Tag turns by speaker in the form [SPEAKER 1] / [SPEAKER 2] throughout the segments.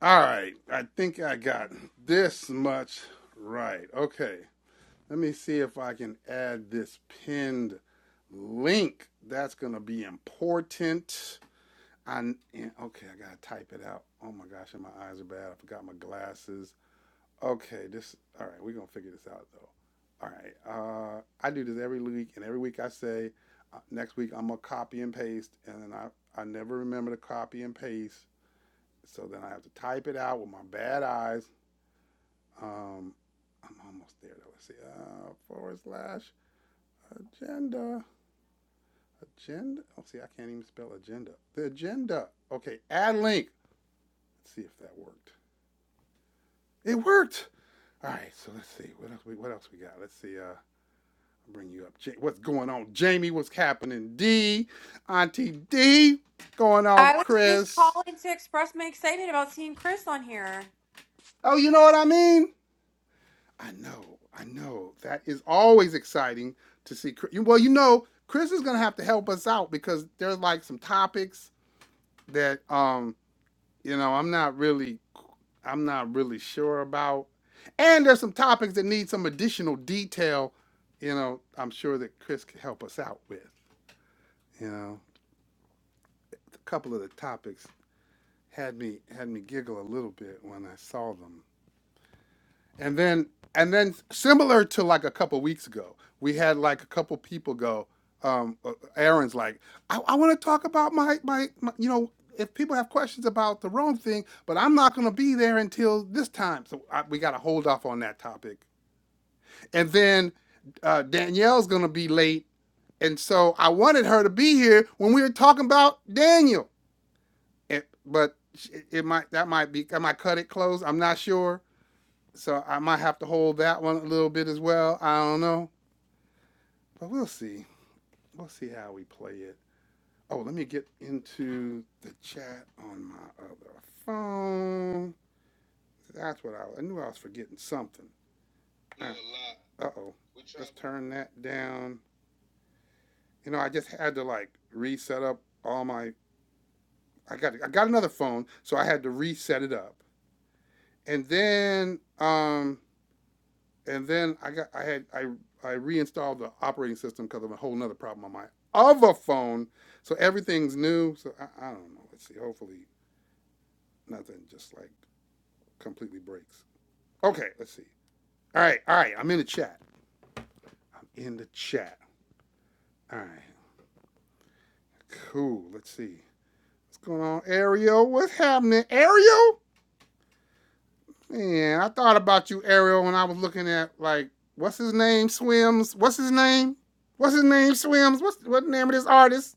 [SPEAKER 1] All right, I think I got this much right. Okay, let me see if I can add this pinned link. That's going to be important. I, okay, I got to type it out. Oh my gosh, and my eyes are bad. I forgot my glasses. Okay, this, all right, we're going to figure this out though. All right, uh, I do this every week, and every week I say, uh, next week I'm going to copy and paste, and then I, I never remember to copy and paste. So then I have to type it out with my bad eyes. Um, I'm almost there though. Let's see. Uh, forward slash agenda. Agenda. Oh, see, I can't even spell agenda. The agenda. Okay, add link. Let's see if that worked. It worked. All right. So let's see. What else? We, what else we got? Let's see. Uh, I'll bring you up. Ja- what's going on, Jamie? What's happening? D, Auntie D. What's going on,
[SPEAKER 2] I was just
[SPEAKER 1] Chris?
[SPEAKER 2] calling to express my excitement about seeing Chris on here.
[SPEAKER 1] Oh, you know what I mean. I know, I know. That is always exciting to see. Well, you know, Chris is gonna have to help us out because there's like some topics that um, you know, I'm not really, I'm not really sure about, and there's some topics that need some additional detail. You know, I'm sure that Chris can help us out with. You know, a couple of the topics had me had me giggle a little bit when I saw them. And then and then similar to like a couple weeks ago, we had like a couple people go. Um, uh, Aaron's like, I, I want to talk about my, my my you know if people have questions about the Rome thing, but I'm not going to be there until this time, so I, we got to hold off on that topic. And then uh, Danielle's going to be late, and so I wanted her to be here when we were talking about Daniel, it, but it, it might that might be I might cut it close. I'm not sure. So I might have to hold that one a little bit as well. I don't know, but we'll see. We'll see how we play it. Oh, let me get into the chat on my other phone. That's what I, was. I knew I was forgetting something. Uh oh. Let's turn that down. You know, I just had to like reset up all my. I got I got another phone, so I had to reset it up, and then um and then I got I had I I reinstalled the operating system because of a whole nother problem on my other phone. So everything's new. So I, I don't know. Let's see. Hopefully nothing just like completely breaks. Okay, let's see. All right, all right. I'm in the chat. I'm in the chat. All right, cool. Let's see. What's going on, Ariel? What's happening, Ariel? Man, I thought about you, Ariel, when I was looking at like what's his name swims. What's his name? What's his name swims? What's what name of this artist?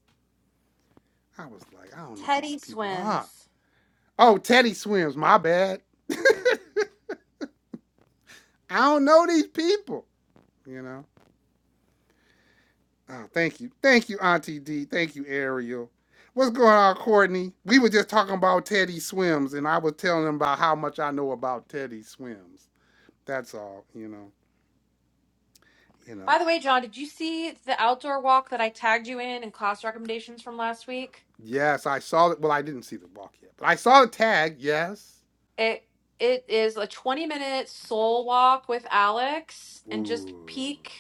[SPEAKER 1] I was like, I don't know who
[SPEAKER 2] Teddy
[SPEAKER 1] these people are.
[SPEAKER 2] swims.
[SPEAKER 1] Oh, Teddy swims. My bad. I don't know these people. You know. Oh, thank you, thank you, Auntie D. Thank you, Ariel. What's going on, Courtney? We were just talking about Teddy swims, and I was telling them about how much I know about Teddy swims. That's all. You know. You
[SPEAKER 2] By
[SPEAKER 1] know.
[SPEAKER 2] the way, John, did you see the outdoor walk that I tagged you in in class recommendations from last week?
[SPEAKER 1] Yes, I saw it. Well, I didn't see the walk yet, but I saw the tag. Yes.
[SPEAKER 2] It it is a 20-minute soul walk with Alex and just
[SPEAKER 1] Ooh.
[SPEAKER 2] peek.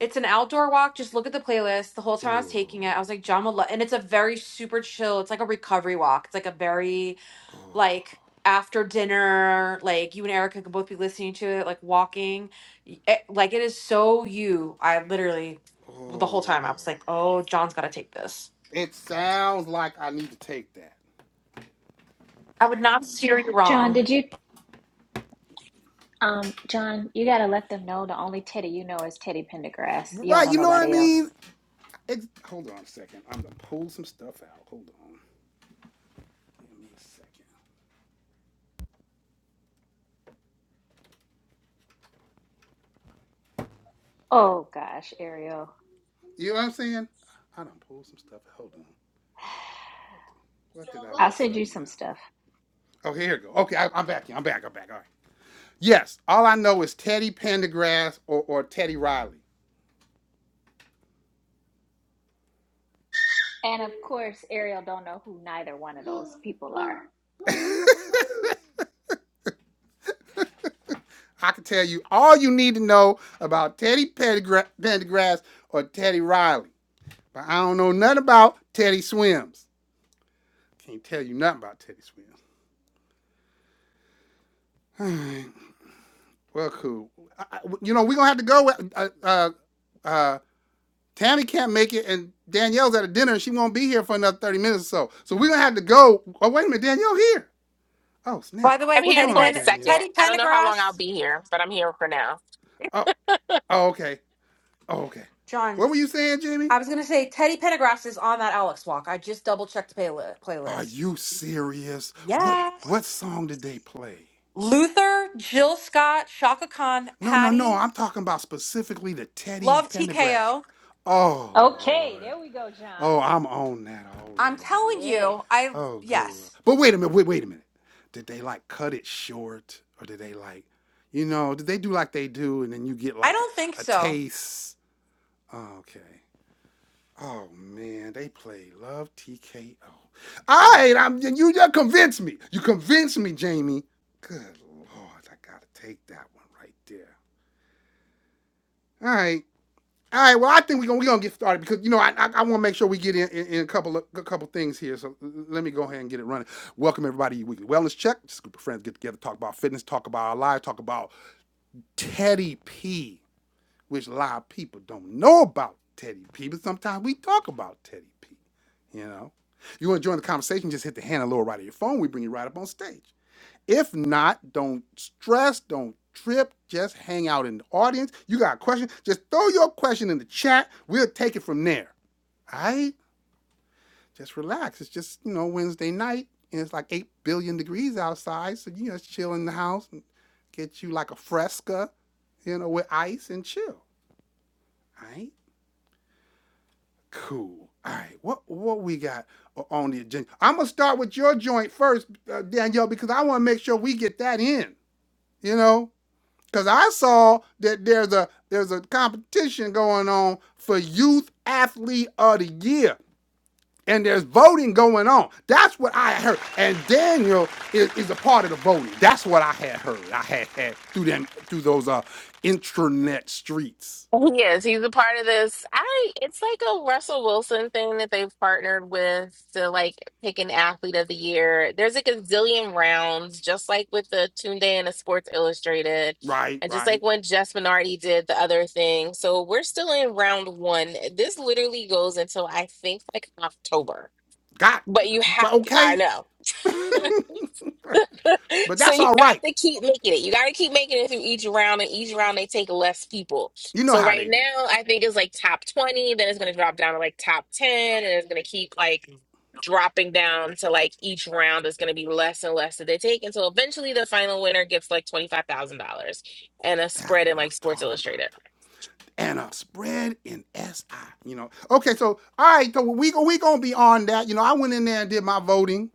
[SPEAKER 2] It's an outdoor walk. Just look at the playlist. The whole time I was taking
[SPEAKER 1] Ooh.
[SPEAKER 2] it, I was like, John would love, and it's a very super chill. It's like a recovery walk. It's like a very
[SPEAKER 1] Ooh.
[SPEAKER 2] like after dinner, like you and Erica could both be listening to it, like walking. Y- It, like it is so you. I literally well, the whole time I
[SPEAKER 1] Ooh.
[SPEAKER 2] was like, oh, John's got to take this.
[SPEAKER 1] It sounds like I need to take that.
[SPEAKER 2] I would not steer you
[SPEAKER 3] John,
[SPEAKER 2] wrong.
[SPEAKER 3] did you? Um, John, you gotta let them know the only Teddy you know is Teddy Pendergrass. You don't
[SPEAKER 1] Right,
[SPEAKER 3] know
[SPEAKER 1] you know what I
[SPEAKER 3] nobody
[SPEAKER 1] mean?
[SPEAKER 3] else.
[SPEAKER 1] Ex- hold on a second. I'm gonna pull some stuff out. Hold on. Give me a second.
[SPEAKER 3] Oh gosh, Ariel,
[SPEAKER 1] You know what I'm saying? I done pulled some stuff. out. Hold on. What, the- what did I
[SPEAKER 3] I'll
[SPEAKER 1] mess
[SPEAKER 3] send
[SPEAKER 1] up
[SPEAKER 3] you
[SPEAKER 1] now?
[SPEAKER 3] some stuff.
[SPEAKER 1] Oh, here we go. Okay, I, I'm back. here. I'm back. I'm back. All right. Yes. All I know is Teddy Pendergrass or, or Teddy Riley.
[SPEAKER 3] And of course, Ariel don't know who neither one of those people are.
[SPEAKER 1] I can tell you all you need to know about Teddy Pendergrass or Teddy Riley, but I don't know nothing about Teddy Swims. Can't tell you nothing about Teddy Swims. All right. Well, cool. I, I- you know, we're going to have to go. With, uh, uh, uh, Tammy can't make it, and Danielle's at a dinner, and she won't be here for another 30 minutes or so. So we're going to have to go. Oh, wait a minute. Danielle here. Oh,
[SPEAKER 2] By
[SPEAKER 1] snap.
[SPEAKER 2] the way,
[SPEAKER 4] I'm
[SPEAKER 1] What's
[SPEAKER 4] here
[SPEAKER 2] Teddy
[SPEAKER 1] going
[SPEAKER 4] for
[SPEAKER 1] on,
[SPEAKER 4] a
[SPEAKER 2] Ben
[SPEAKER 4] second.
[SPEAKER 1] Danielle?
[SPEAKER 2] Teddy
[SPEAKER 4] I don't know how long I'll
[SPEAKER 2] Pendergrass,
[SPEAKER 4] be here, but I'm here for now.
[SPEAKER 1] Oh, oh okay. Oh, okay.
[SPEAKER 2] John.
[SPEAKER 1] What were you saying, Jimmy?
[SPEAKER 2] I was gonna say Teddy Pendergrass is on that Alex walk. I just double checked the playli-
[SPEAKER 1] Are
[SPEAKER 2] playlist.
[SPEAKER 1] you serious? What
[SPEAKER 2] Yeah,
[SPEAKER 1] what song did they play?
[SPEAKER 2] Luther, Jill Scott, Shaka Khan,
[SPEAKER 1] No, no, no.
[SPEAKER 2] Patty,
[SPEAKER 1] I'm talking about specifically the Teddy
[SPEAKER 2] love
[SPEAKER 1] Pendergrass.
[SPEAKER 2] TKO.
[SPEAKER 1] Oh,
[SPEAKER 3] Okay,
[SPEAKER 1] Lord.
[SPEAKER 3] there we go, John.
[SPEAKER 1] Oh, I'm on that
[SPEAKER 2] I'm
[SPEAKER 1] already.
[SPEAKER 2] telling
[SPEAKER 3] Yes.
[SPEAKER 2] you, I
[SPEAKER 1] Oh, good lord.
[SPEAKER 2] yes.
[SPEAKER 1] But wait a minute, wait, wait a minute. Did they like cut it short? Or did they like, you know, did they do like they do and then you get
[SPEAKER 2] I
[SPEAKER 1] like a,
[SPEAKER 2] don't think
[SPEAKER 1] a
[SPEAKER 2] so.
[SPEAKER 1] taste? Oh, okay. Oh man, they play Love TKO. All
[SPEAKER 2] So
[SPEAKER 1] right, I'm you just convinced me. You convinced me, Jamie. Good lord, I gotta take that one right there. All right. All right. Well, I think we're gonna we gonna are get started because you know I I, I want to make sure we get in, in, in a couple of a couple things here. So let me go ahead and get it running. Welcome everybody. to Your weekly wellness check. Just a group of friends get together, talk about fitness, talk about our lives, talk about Teddy P, which a lot of people don't know about Teddy P, but sometimes we talk about Teddy P. You know, you want to join the conversation? Just hit the hand on the lower right of your phone. We bring you right up on stage. If not, don't stress, don't trip, just hang out in the audience. You got a question, just throw your question in the chat. We'll take it from there. All right? Just relax. It's just, you know, Wednesday night and it's like 8 billion degrees outside. So you just chill in the house and get you like a fresca, you know, with ice and chill. All right? Cool. All right. What what we got on the agenda? I'm going to start with your joint first, uh, Danielle, because I want to make sure we get that in, you know? Cause I saw that there's a there's a competition going on for youth athlete of the year. And there's voting going on. That's what I heard. And Daniel is, is a part of the voting. That's what I had heard. I had had through them through those uh intranet streets.
[SPEAKER 4] He is. He's a part of this. I. It's like a Russell Wilson thing that they've partnered with to like pick an athlete of the year. There's like a gazillion rounds, just like with the Tune Day and the Sports Illustrated,
[SPEAKER 1] Right,
[SPEAKER 4] and just like
[SPEAKER 1] right.
[SPEAKER 4] when Jess Minardi did the other thing. So we're still in round one. This literally goes until I think like October.
[SPEAKER 1] Got
[SPEAKER 4] But you have.
[SPEAKER 1] but
[SPEAKER 4] I
[SPEAKER 1] okay.
[SPEAKER 4] know.
[SPEAKER 1] But
[SPEAKER 4] So
[SPEAKER 1] that's
[SPEAKER 4] you
[SPEAKER 1] all
[SPEAKER 4] have
[SPEAKER 1] right.
[SPEAKER 4] to keep making it. You got to keep making it through each round, and each round they take less people.
[SPEAKER 1] You know
[SPEAKER 4] So
[SPEAKER 1] how
[SPEAKER 4] right
[SPEAKER 1] they do.
[SPEAKER 4] now, I think it's like top 20, then it's going to drop down to like top 10, and it's going to keep like dropping down to like each round is going to be less and less that they take. until eventually the final winner gets like $25,000 and a
[SPEAKER 1] That's
[SPEAKER 4] spread in
[SPEAKER 1] what I'm
[SPEAKER 4] like Sports
[SPEAKER 1] talking
[SPEAKER 4] Illustrated.
[SPEAKER 1] about. and a spread in SI. You know. Okay, so all right, so we we gonna be on that. You know, I went in there and did my voting,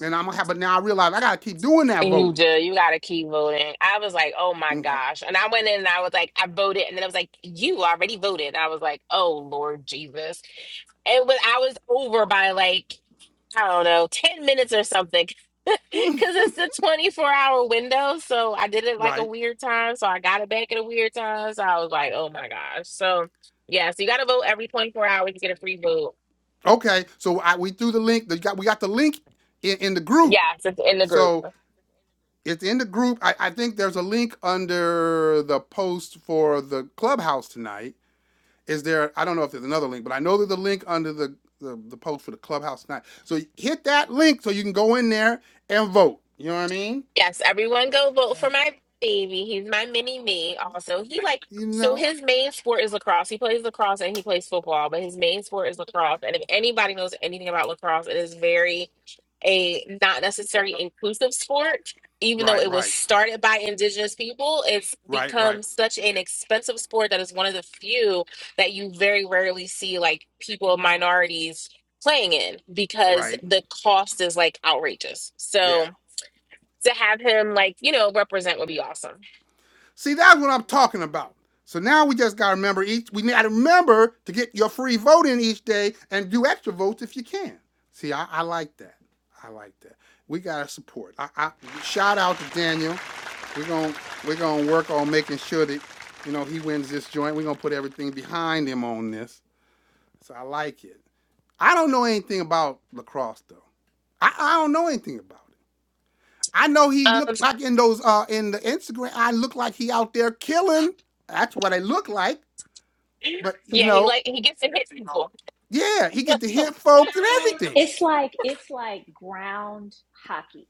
[SPEAKER 1] and I'm gonna have. But now I realize I gotta keep doing that
[SPEAKER 4] You
[SPEAKER 1] voting.
[SPEAKER 4] do. You gotta keep voting. I was like, oh my
[SPEAKER 1] Okay,
[SPEAKER 4] gosh. And I went in and I was like, I voted. And then I was like, you already voted. I was like, oh Lord Jesus. It was I was over by like, I don't know, 10 minutes or something. Cause it's a 24 hour window. So I did it like a
[SPEAKER 1] right.
[SPEAKER 4] weird time. So I got it back at a weird time. So I was like, oh my gosh. So yeah, so you gotta vote every 24 hours to get a free vote.
[SPEAKER 1] Okay, so I, we threw the link. The, got, we got the link in, in the group.
[SPEAKER 4] Yes, it's in the group.
[SPEAKER 1] So it's in the group. I, I think there's a link under the post for the clubhouse tonight. Is there? I don't know if there's another link, but I know there's a link under the the, the post for the clubhouse tonight. So hit that link so you can go in there and vote. You know what I mean?
[SPEAKER 4] Yes, everyone
[SPEAKER 1] So,
[SPEAKER 4] go vote for my baby. He's my mini me also. He like
[SPEAKER 1] you
[SPEAKER 4] so
[SPEAKER 1] know,
[SPEAKER 4] his main sport is lacrosse. He plays lacrosse and he plays football, but his main sport is lacrosse. And if anybody knows anything about lacrosse, it is very a not necessarily inclusive sport. Even though
[SPEAKER 1] right,
[SPEAKER 4] it was
[SPEAKER 1] right,
[SPEAKER 4] started by indigenous people, it's
[SPEAKER 1] right, right,
[SPEAKER 4] become such an expensive sport that is one of the few that you very rarely see like people of minorities playing in because
[SPEAKER 1] right.
[SPEAKER 4] the cost is like outrageous.
[SPEAKER 1] Yeah,
[SPEAKER 4] So to have him like you know represent would be awesome.
[SPEAKER 1] See, that's what I'm talking about. So now we just got to remember each. We got to remember to get your free vote in each day and do extra votes if you can. See, I, I like that. I like that. We got to support. I, I shout out to Daniel. We're gonna we're gonna work on making sure that you know he wins this joint. We're gonna put everything behind him on this. So I like it. I don't know anything about lacrosse though. I, I don't know anything about it. I know he
[SPEAKER 4] Um,
[SPEAKER 1] looked like in those uh in the Instagram. I look like he out there killing. That's what I look like. But you
[SPEAKER 4] yeah, he
[SPEAKER 1] know,
[SPEAKER 4] like he gets to hit people.
[SPEAKER 1] yeah, he get to hit folks and everything.
[SPEAKER 3] It's like it's like ground hockey.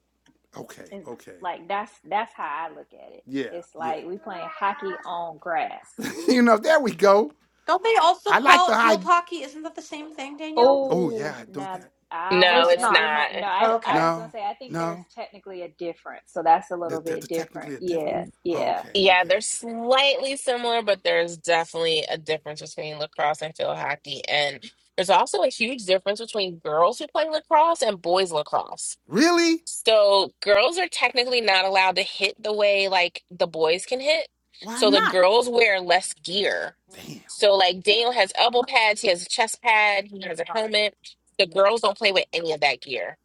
[SPEAKER 1] Okay,
[SPEAKER 3] It's
[SPEAKER 1] okay,
[SPEAKER 3] like that's that's how I look at it.
[SPEAKER 1] yeah,
[SPEAKER 3] It's
[SPEAKER 1] yeah.
[SPEAKER 3] like we playing hockey on grass.
[SPEAKER 1] you know, there we go.
[SPEAKER 2] don't they also
[SPEAKER 1] I like
[SPEAKER 2] call
[SPEAKER 1] the
[SPEAKER 2] it field
[SPEAKER 1] high.
[SPEAKER 2] hockey? Isn't that the same thing, Danielle?
[SPEAKER 1] Oh yeah,
[SPEAKER 3] Oh,
[SPEAKER 1] I don't
[SPEAKER 3] now
[SPEAKER 1] that.
[SPEAKER 3] I don't
[SPEAKER 2] Or
[SPEAKER 4] No,
[SPEAKER 2] is
[SPEAKER 3] know
[SPEAKER 2] it
[SPEAKER 4] it's
[SPEAKER 3] that
[SPEAKER 2] not?
[SPEAKER 3] it
[SPEAKER 4] not.
[SPEAKER 3] might. No, I
[SPEAKER 2] Oh,
[SPEAKER 3] I
[SPEAKER 2] okay.
[SPEAKER 3] was gonna
[SPEAKER 1] No,
[SPEAKER 3] say I think there's
[SPEAKER 1] no.
[SPEAKER 3] technically a difference, so that's a
[SPEAKER 1] There-
[SPEAKER 3] little bit
[SPEAKER 1] There's
[SPEAKER 3] different.
[SPEAKER 1] technically a difference.
[SPEAKER 3] Yeah,
[SPEAKER 1] Oh,
[SPEAKER 3] yeah,
[SPEAKER 1] okay,
[SPEAKER 4] Yeah,
[SPEAKER 1] okay.
[SPEAKER 4] they're slightly similar, but there's definitely a difference between lacrosse and field hockey. And there's also a huge difference between girls who play lacrosse and boys lacrosse.
[SPEAKER 1] Really?
[SPEAKER 4] So girls are technically not allowed to hit the way like the boys can hit.
[SPEAKER 1] Why
[SPEAKER 4] So the
[SPEAKER 1] not?
[SPEAKER 4] girls wear less gear.
[SPEAKER 1] Damn,
[SPEAKER 4] So like Daniel has elbow pads, he has a chest pad, he has a helmet. The girls don't play with any of that gear.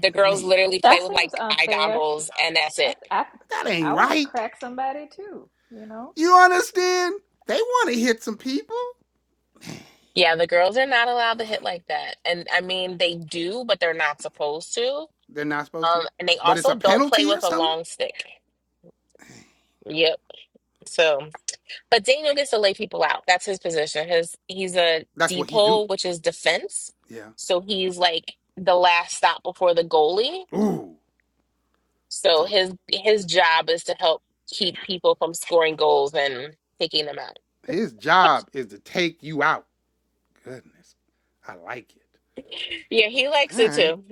[SPEAKER 4] The girls
[SPEAKER 1] man,
[SPEAKER 4] literally play
[SPEAKER 3] that
[SPEAKER 4] with
[SPEAKER 3] seems
[SPEAKER 4] like eye
[SPEAKER 3] unfair.
[SPEAKER 4] goggles and that's
[SPEAKER 3] I
[SPEAKER 4] it.
[SPEAKER 3] I
[SPEAKER 1] that ain't
[SPEAKER 3] I want to
[SPEAKER 1] right.
[SPEAKER 3] crack somebody too, you know.
[SPEAKER 1] You understand? They want to hit some people.
[SPEAKER 4] Yeah, the girls are not allowed to hit like that. And I mean they do, but they're not supposed to.
[SPEAKER 1] They're not supposed to.
[SPEAKER 4] Um and they
[SPEAKER 1] But it's
[SPEAKER 4] also
[SPEAKER 1] a
[SPEAKER 4] don't play
[SPEAKER 1] penalty or
[SPEAKER 4] with a
[SPEAKER 1] something?
[SPEAKER 4] long stick. Yep. So. But Daniel gets to lay people out. That's his position. His he's a
[SPEAKER 1] That's what he do.
[SPEAKER 4] depot, which is defense.
[SPEAKER 1] Yeah.
[SPEAKER 4] So he's like the last stop before the goalie.
[SPEAKER 1] Ooh.
[SPEAKER 4] So
[SPEAKER 1] So
[SPEAKER 4] his his job is to help keep people from scoring goals and taking them out.
[SPEAKER 1] his job is to take you out. Goodness. I like it.
[SPEAKER 4] Yeah, he likes
[SPEAKER 1] All
[SPEAKER 4] it
[SPEAKER 1] right.
[SPEAKER 4] too.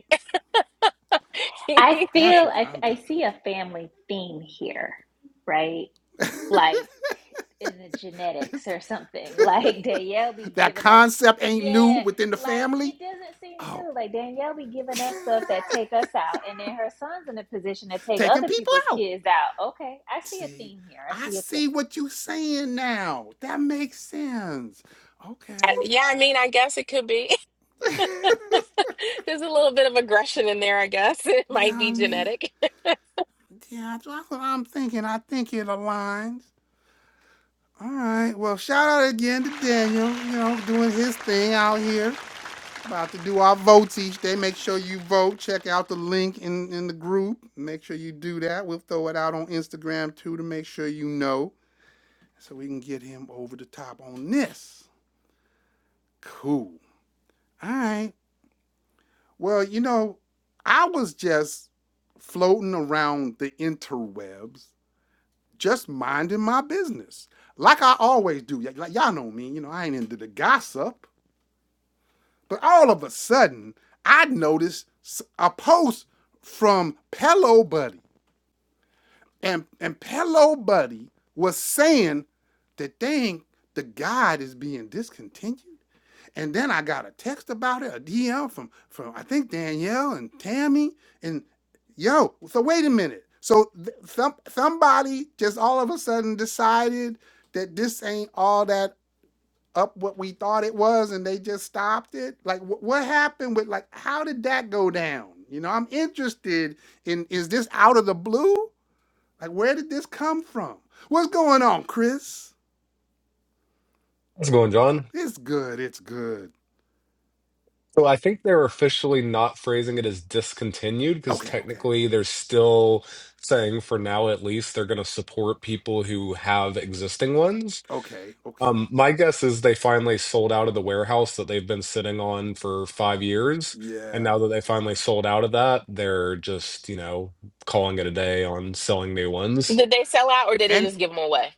[SPEAKER 3] I
[SPEAKER 4] I-
[SPEAKER 1] That's
[SPEAKER 3] feel
[SPEAKER 1] what
[SPEAKER 3] I
[SPEAKER 1] I'm
[SPEAKER 3] I
[SPEAKER 1] talking.
[SPEAKER 3] see a family theme here, right?
[SPEAKER 1] about.
[SPEAKER 3] like in the genetics or something. Like Danielle be
[SPEAKER 1] that
[SPEAKER 3] giving us,
[SPEAKER 1] concept ain't new
[SPEAKER 3] yeah,
[SPEAKER 1] within the
[SPEAKER 3] like
[SPEAKER 1] family.
[SPEAKER 3] it doesn't seem
[SPEAKER 1] Oh,
[SPEAKER 3] new. Like Danielle be giving us stuff that take us out, and then her son's in a position to take
[SPEAKER 1] taking
[SPEAKER 3] other
[SPEAKER 1] people
[SPEAKER 3] people's
[SPEAKER 1] out.
[SPEAKER 3] kids out. Okay, I see a
[SPEAKER 1] See,
[SPEAKER 3] theme here. I
[SPEAKER 1] I
[SPEAKER 3] see a
[SPEAKER 1] see
[SPEAKER 3] theme.
[SPEAKER 1] what you saying now. That makes sense. Okay.
[SPEAKER 4] yeah, I mean, I guess it could be. There's a little bit of aggression in there, I guess. It
[SPEAKER 1] yeah,
[SPEAKER 4] might
[SPEAKER 1] I
[SPEAKER 4] be
[SPEAKER 1] mean,
[SPEAKER 4] genetic.
[SPEAKER 1] yeah, that's what I'm thinking. I think it aligns. All right. Well, shout out again to Daniel, you know, doing his thing out here. About to do our votes each day. Make sure you vote. Check out the link in, in the group. Make sure you do that. We'll throw it out on Instagram too to make sure you know so we can get him over the top on this. Cool. All right. Well, you know, I was just floating around the interwebs, just minding my business like I always do. Like y'all know me, you know, I ain't into the gossip. But all of a sudden, I noticed a post from Pillow Buddy, and and Pillow Buddy was saying that dang, the guide is being discontinued. And then I got a text about it, a DM from from I think Danielle and Tammy, and yo, so wait a minute. So th- some somebody just all of a sudden decided that this ain't all that up what we thought it was and they just stopped it like wh- what happened with like how did that go down you know i'm interested in is this out of the blue like where did this come from what's going on chris
[SPEAKER 5] How's it going, John?
[SPEAKER 1] it's good it's good
[SPEAKER 5] So I think they're officially not phrasing it as discontinued because
[SPEAKER 1] okay okay
[SPEAKER 5] technically they're still saying, for now at least, they're going to support people who have existing ones.
[SPEAKER 1] okay okay
[SPEAKER 5] Um, my guess is they finally sold out of the warehouse that they've been sitting on for five years. And
[SPEAKER 1] yeah
[SPEAKER 5] now that they finally sold out of that, they're just, you know, calling it a day on selling new ones.
[SPEAKER 4] Did they sell out or did they just
[SPEAKER 1] and
[SPEAKER 4] give them away?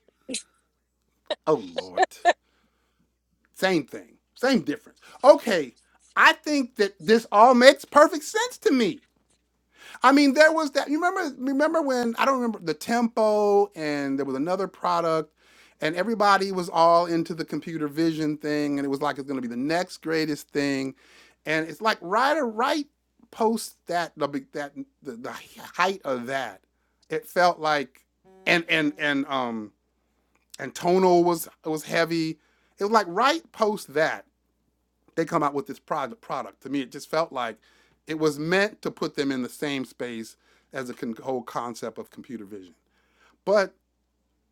[SPEAKER 1] oh lord same thing same difference okay i think that this all makes perfect sense to me I mean, there was that. You remember? Remember when I don't remember the tempo, and there was another product, and everybody was all into the computer vision thing, and it was like it's going to be the next greatest thing, and it's like Ryder Wright post that the big- that the, the height of that, it felt like, and and and um and tonal was was heavy. It was like Wright post that they come out with this product product to me it just felt like it was meant to put them in the same space as the con- whole concept of computer vision but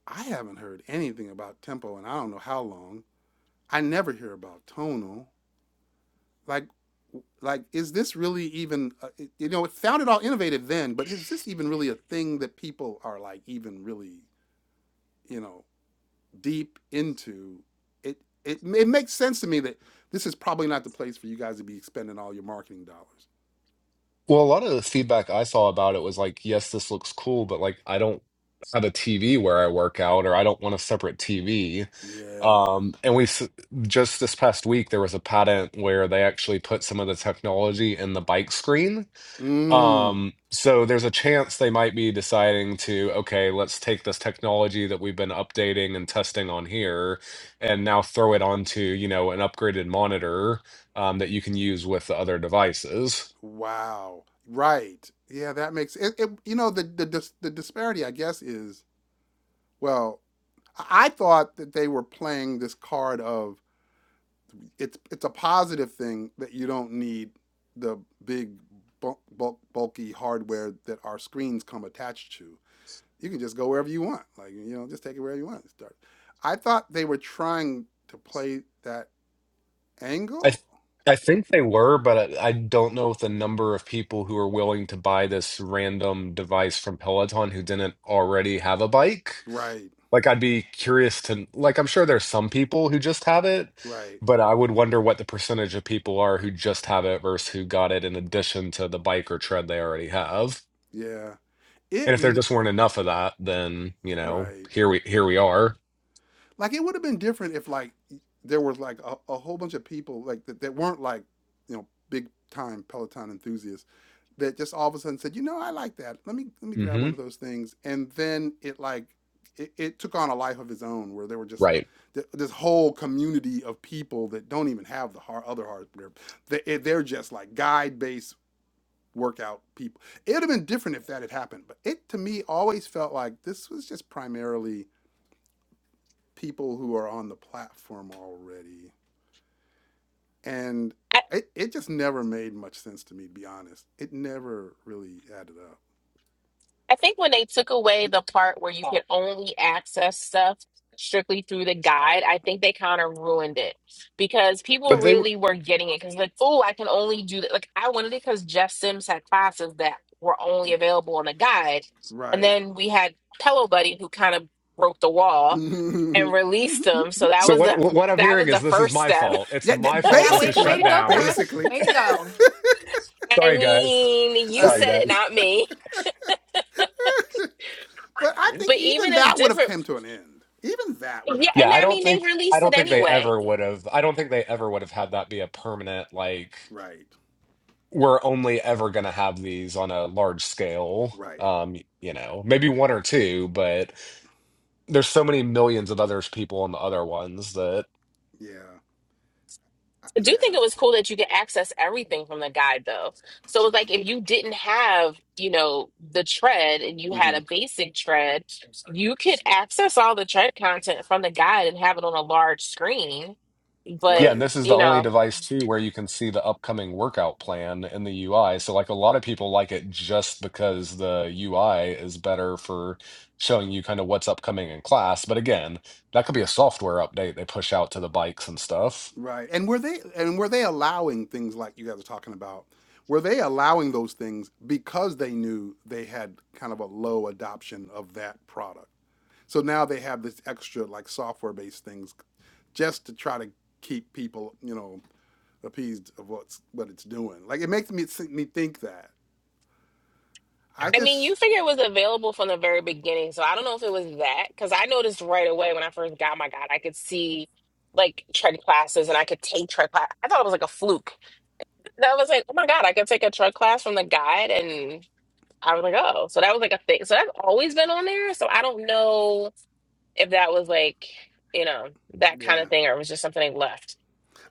[SPEAKER 1] i haven't heard anything about tempo and i don't know how long i never hear about tonal like like is this really even uh, you know it sounded all innovative then but is this even really a thing that people are like even really you know deep into it it, it makes sense to me that this is probably not the place for you guys to be spending all your marketing dollars
[SPEAKER 5] Well, a lot of the feedback I saw about it was like, yes, this looks cool, but like I don't have a TV where I work out or I don't want a separate TV.
[SPEAKER 1] Yeah.
[SPEAKER 5] Um, and we s- just this past week there was a patent where they actually put some of the technology in the bike screen.
[SPEAKER 1] Mm.
[SPEAKER 5] Um, so there's a chance they might be deciding to, okay, let's take this technology that we've been updating and testing on here and now throw it onto, you know, an upgraded monitor um, that you can use with the other devices.
[SPEAKER 1] Wow. Right. Yeah, that makes it. it you know, the the dis, the disparity, I guess, is well. I I thought that they were playing this card of it's it's a positive thing that you don't need the big bulk, bulk, bulky hardware that our screens come attached to. You can just go wherever you want. Like you know, just take it wherever you want. and Start. I thought they were trying to play that
[SPEAKER 5] I th-
[SPEAKER 1] angle.
[SPEAKER 5] I think they were, but I, I don't know if the number of people who are willing to buy this random device from Peloton who didn't already have a bike.
[SPEAKER 1] Right.
[SPEAKER 5] Like, I'd be curious to, like, I'm sure there's some people who just have it,
[SPEAKER 1] Right.
[SPEAKER 5] but I would wonder what the percentage of people are who just have it versus who got it in addition to the bike or tread they already have.
[SPEAKER 1] Yeah.
[SPEAKER 5] And
[SPEAKER 1] It
[SPEAKER 5] if there just weren't enough of that, then, you know,
[SPEAKER 1] Right.
[SPEAKER 5] here we here we are.
[SPEAKER 1] Like it would have been different if like there was like a, a whole bunch of people like that, that weren't like, you know, big time Peloton enthusiasts that just all of a sudden said, you know, I like that. Let me let me grab
[SPEAKER 5] hmm
[SPEAKER 1] one of those things. And then it like it, it took on a life of its own where there were just
[SPEAKER 5] Right.
[SPEAKER 1] th- this whole community of people that don't even have the hard, other hard they, they're just like guide based workout people it would have been different if that had happened but it to me always felt like this was just primarily people who are on the platform already. And it, it just never made much sense to me, to be honest. It never really added up.
[SPEAKER 4] I think when they took away the part where you could only access stuff strictly through the guide, I think they kind of ruined it because people
[SPEAKER 5] But they
[SPEAKER 1] Yeah,
[SPEAKER 5] were,
[SPEAKER 4] really were getting it because like, oh, I can only do that. Like I wanted it because Jeff Sims had classes that were only available on the guide, and
[SPEAKER 1] right.
[SPEAKER 4] then we had Pillow Buddy who kind of broke the wall and released them. So that
[SPEAKER 5] so
[SPEAKER 4] was
[SPEAKER 5] what
[SPEAKER 4] the
[SPEAKER 5] what I'm
[SPEAKER 4] that
[SPEAKER 5] hearing
[SPEAKER 4] was the
[SPEAKER 5] is this is
[SPEAKER 4] first
[SPEAKER 5] my
[SPEAKER 4] step.
[SPEAKER 5] fault. It's
[SPEAKER 1] yeah,
[SPEAKER 5] my
[SPEAKER 1] that-
[SPEAKER 5] fault
[SPEAKER 2] Yeah,
[SPEAKER 5] this is
[SPEAKER 2] way way
[SPEAKER 5] shut
[SPEAKER 2] to
[SPEAKER 1] basically,
[SPEAKER 2] go,
[SPEAKER 5] down.
[SPEAKER 2] Chris.
[SPEAKER 1] basically.
[SPEAKER 2] Way to go.
[SPEAKER 4] I
[SPEAKER 5] Sorry, guys.
[SPEAKER 4] mean, you
[SPEAKER 5] Sorry,
[SPEAKER 4] said it,
[SPEAKER 5] guys.
[SPEAKER 4] not me.
[SPEAKER 1] But I think
[SPEAKER 4] But even
[SPEAKER 1] even
[SPEAKER 4] a
[SPEAKER 1] that would have
[SPEAKER 4] different
[SPEAKER 1] come to an end. Even that would
[SPEAKER 4] yeah,
[SPEAKER 1] have
[SPEAKER 5] Yeah,
[SPEAKER 4] and
[SPEAKER 5] I
[SPEAKER 4] I
[SPEAKER 1] died.
[SPEAKER 5] don't
[SPEAKER 4] mean
[SPEAKER 5] think
[SPEAKER 4] they
[SPEAKER 5] I
[SPEAKER 4] released it
[SPEAKER 5] don't think they
[SPEAKER 4] anyway
[SPEAKER 5] ever would have. I don't think they ever would have had that be a permanent like
[SPEAKER 1] Right,
[SPEAKER 5] we're only ever going to have these on a large scale.
[SPEAKER 1] right.
[SPEAKER 5] Um, you know, maybe one or two, but there's so many millions of others people on the other ones that
[SPEAKER 1] Yeah, I-
[SPEAKER 4] I do think
[SPEAKER 1] yeah.
[SPEAKER 4] it was cool that you could access everything from the guide though. So it was like if you didn't have, you know, the tread and you had
[SPEAKER 1] hmm
[SPEAKER 4] a basic tread, you could access all the tread content from the guide and have it on a large screen.
[SPEAKER 5] Yeah,
[SPEAKER 4] But,
[SPEAKER 5] and
[SPEAKER 1] Right.
[SPEAKER 5] this is the
[SPEAKER 4] you
[SPEAKER 5] only
[SPEAKER 4] know,
[SPEAKER 5] device too where you can see the upcoming workout plan in the UI. So like a lot of people like it just because the UI is better for showing you kind of what's upcoming in class. But again, that could be a software update they push out to the bikes and stuff.
[SPEAKER 1] Right. And were they and were they allowing things like you guys are talking about? Were they allowing those things because they knew they had kind of a low adoption of that product? So now they have this extra like software based things just to try to keep people, you know, appeased of what's what it's doing. Like it makes me me think that. I
[SPEAKER 4] I mean,
[SPEAKER 1] just
[SPEAKER 4] you figure it was available from the very beginning. So I don't know if it was that because I noticed right away when I first got my guide, I could see like tread classes and I could take tread class. I thought it was like a fluke. that was like, oh my God, I could take a tread class from the guide and I was like, oh, so that was like a thing. So that's always been on there. So I don't know if that was like, you know, that kind
[SPEAKER 1] yeah.
[SPEAKER 4] of thing or it was just something they left.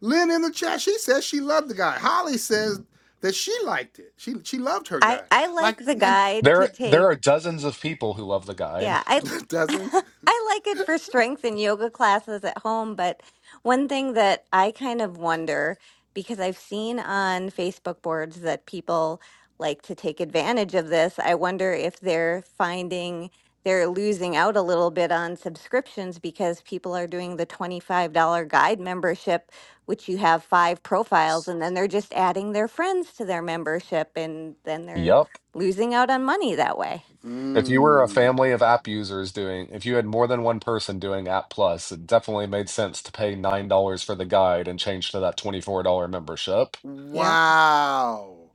[SPEAKER 1] Lynn in the chat, she says she loved the guy. Holly says that she liked it. She she loved her
[SPEAKER 6] I
[SPEAKER 1] guy.
[SPEAKER 6] I
[SPEAKER 1] Like
[SPEAKER 6] like the
[SPEAKER 1] and,
[SPEAKER 6] guide to
[SPEAKER 5] There there
[SPEAKER 6] take.
[SPEAKER 5] are dozens of people who love the guide.
[SPEAKER 6] Yeah, I
[SPEAKER 1] and dozens.
[SPEAKER 6] I like it for strength and yoga classes at home, but one thing that I kind of wonder because I've seen on Facebook boards that people like to take advantage of this, I wonder if they're finding they're losing out a little bit on subscriptions because people are doing the $25 guide membership, which you have five profiles, and then they're just adding their friends to their membership, and then they're
[SPEAKER 5] Yep.
[SPEAKER 6] losing out on money that way.
[SPEAKER 5] If you were a
[SPEAKER 1] Mm.
[SPEAKER 5] family of app users doing, if you had more than one person doing App Plus, it definitely made sense to pay $9 for the guide and change to that $24 membership.
[SPEAKER 1] Wow.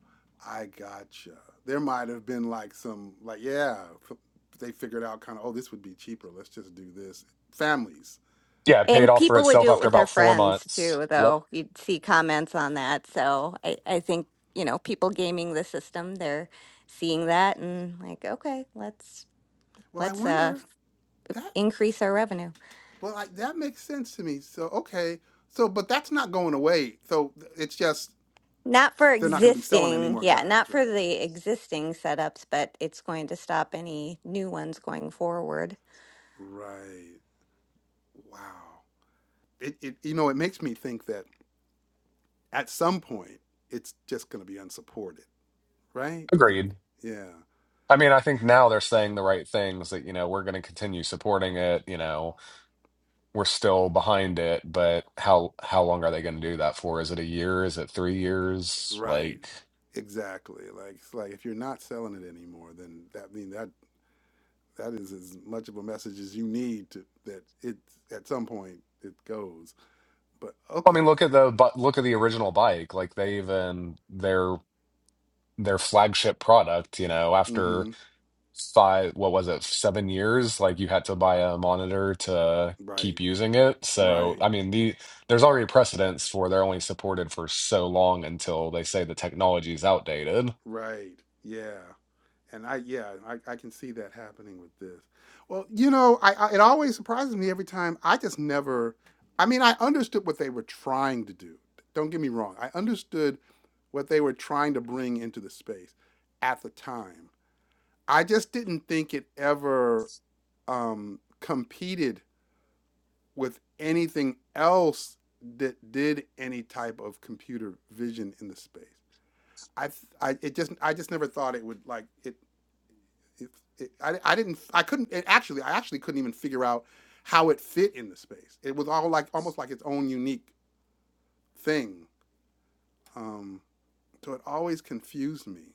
[SPEAKER 1] I gotcha. There might have been like some, like, yeah, f- they figured out kind of, oh, this would be cheaper. Let's just do this. Families.
[SPEAKER 5] Yeah, it paid
[SPEAKER 6] And
[SPEAKER 5] off for
[SPEAKER 6] people would
[SPEAKER 5] itself
[SPEAKER 6] do it
[SPEAKER 5] after
[SPEAKER 6] with their
[SPEAKER 5] about four
[SPEAKER 6] friends
[SPEAKER 5] months.
[SPEAKER 6] too,
[SPEAKER 5] Yep.
[SPEAKER 6] though. You'd see comments on that. So I, I think, you know, people gaming the system, they're seeing that and like, okay, let's
[SPEAKER 1] Well, I
[SPEAKER 6] let's uh
[SPEAKER 1] wonder that,
[SPEAKER 6] increase our revenue.
[SPEAKER 1] well, like, that makes sense to me. So, okay. So, but that's not going away. So th- it's just,
[SPEAKER 6] Not for
[SPEAKER 1] they're not going to be selling any
[SPEAKER 6] existing,
[SPEAKER 1] more
[SPEAKER 6] yeah, not
[SPEAKER 1] guides, right?
[SPEAKER 6] for the existing setups, but it's going to stop any new ones going forward.
[SPEAKER 1] Right. Wow. It, it, you know, it makes me think that at some point it's just going to be unsupported, right? You,
[SPEAKER 5] Agreed.
[SPEAKER 1] yeah.
[SPEAKER 5] I mean, I think now they're saying the right things that, you know, we're going to continue supporting it, you know, we're still behind it, but how how long are they going to do that for? Is it a year? Is it 3 years?
[SPEAKER 1] Right.
[SPEAKER 5] Like
[SPEAKER 1] Exactly. Like it's like if you're not selling it anymore, then that I mean that that is as much of a message as you need to that it at some point it goes. But
[SPEAKER 5] I
[SPEAKER 1] okay.
[SPEAKER 5] mean, look at the but look at the original bike. Like they even their their flagship product, you know, after
[SPEAKER 1] Mhm.
[SPEAKER 5] five, what was it, seven years, like you had to buy a monitor to keep
[SPEAKER 1] Right.
[SPEAKER 5] using it. So,
[SPEAKER 1] Right.
[SPEAKER 5] I mean, the there's already precedents for they're only supported for so long until they say the technology is outdated.
[SPEAKER 1] Right. Yeah. And I, yeah, I, I can see that happening with this. Well, you know, I, I it always surprises me every time. I just never. I mean, I understood what they were trying to do. Don't get me wrong. I understood what they were trying to bring into the space at the time. I just didn't think it ever um, competed with anything else that did any type of computer vision in the space. I, I, it just, I just never thought it would like it it, it, I, I didn't I couldn't it actually I actually couldn't even figure out how it fit in the space. It was all like almost like its own unique thing. Um, so it always confused me.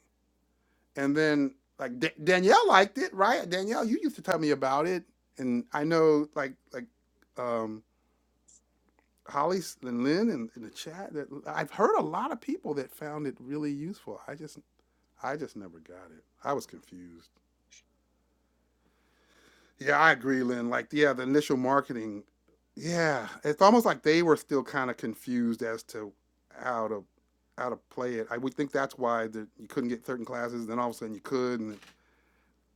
[SPEAKER 1] And then like Da- Danielle liked it, right? Danielle, you used to tell me about it, and I know like like um, Holly and Lynn in, in the chat that I've heard a lot of people that found it really useful. I just I just never got it. I was confused. Yeah, I agree, Lynn. Like, yeah, the initial marketing, yeah, it's almost like they were still kind of confused as to how to how to play it. I would think that's why that you couldn't get certain classes, then all of a sudden you could, and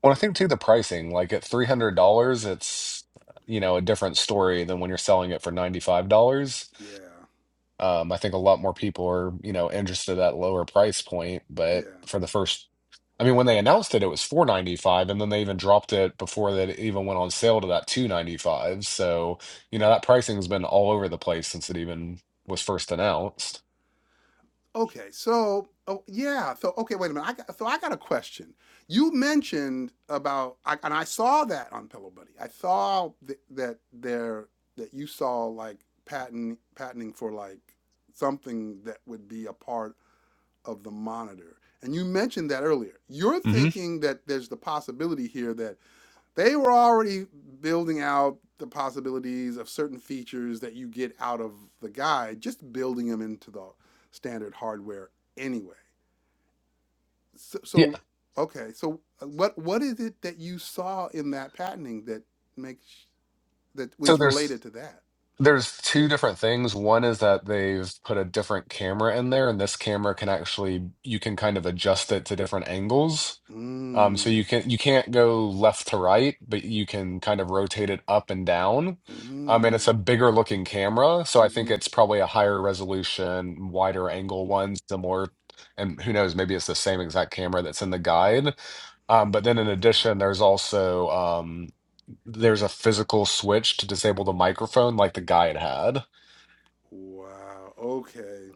[SPEAKER 5] Well, I
[SPEAKER 1] like,
[SPEAKER 5] think too the pricing, like at $300, it's, you know, a different story than when you're selling it for $95.
[SPEAKER 1] yeah,
[SPEAKER 5] Um, I think a lot more people are, you know, interested at lower price point,
[SPEAKER 1] yeah.
[SPEAKER 5] but for the first, I mean, when they announced it, it was 495, and then they even dropped it before that it even went on sale to that 295. So, you know, that pricing's been all over the place since it even was first announced.
[SPEAKER 1] Okay, so oh yeah, so okay, wait a minute. I got, so I got a question. You mentioned about, I, and I saw that on Pillow Buddy. I saw th- that there that you saw like patent patenting for like something that would be a part of the monitor. And you mentioned that earlier. You're
[SPEAKER 5] hmm
[SPEAKER 1] thinking that there's the possibility here that they were already building out the possibilities of certain features that you get out of the guide, just building them into the standard hardware anyway. So,
[SPEAKER 5] Yeah.
[SPEAKER 1] so okay, so what what is it that you saw in that patenting that makes that
[SPEAKER 5] So
[SPEAKER 1] was
[SPEAKER 5] there's
[SPEAKER 1] related to that?
[SPEAKER 5] there's two different things. One is that they've put a different camera in there, and this camera can actually you can kind of adjust it to different angles. Um, so
[SPEAKER 1] Mm.
[SPEAKER 5] you can you can't go left to right, but you can kind of rotate it up and down. Um, and it's a
[SPEAKER 1] Mm.
[SPEAKER 5] bigger looking camera, so I think
[SPEAKER 1] Mm-hmm.
[SPEAKER 5] it's probably a higher resolution, wider angle one, similar, and who knows, maybe it's the same exact camera that's in the guide. Um, but then in addition,
[SPEAKER 1] Mm.
[SPEAKER 5] there's also um, there's a physical switch to disable the microphone like the guide had.
[SPEAKER 1] Wow. Okay.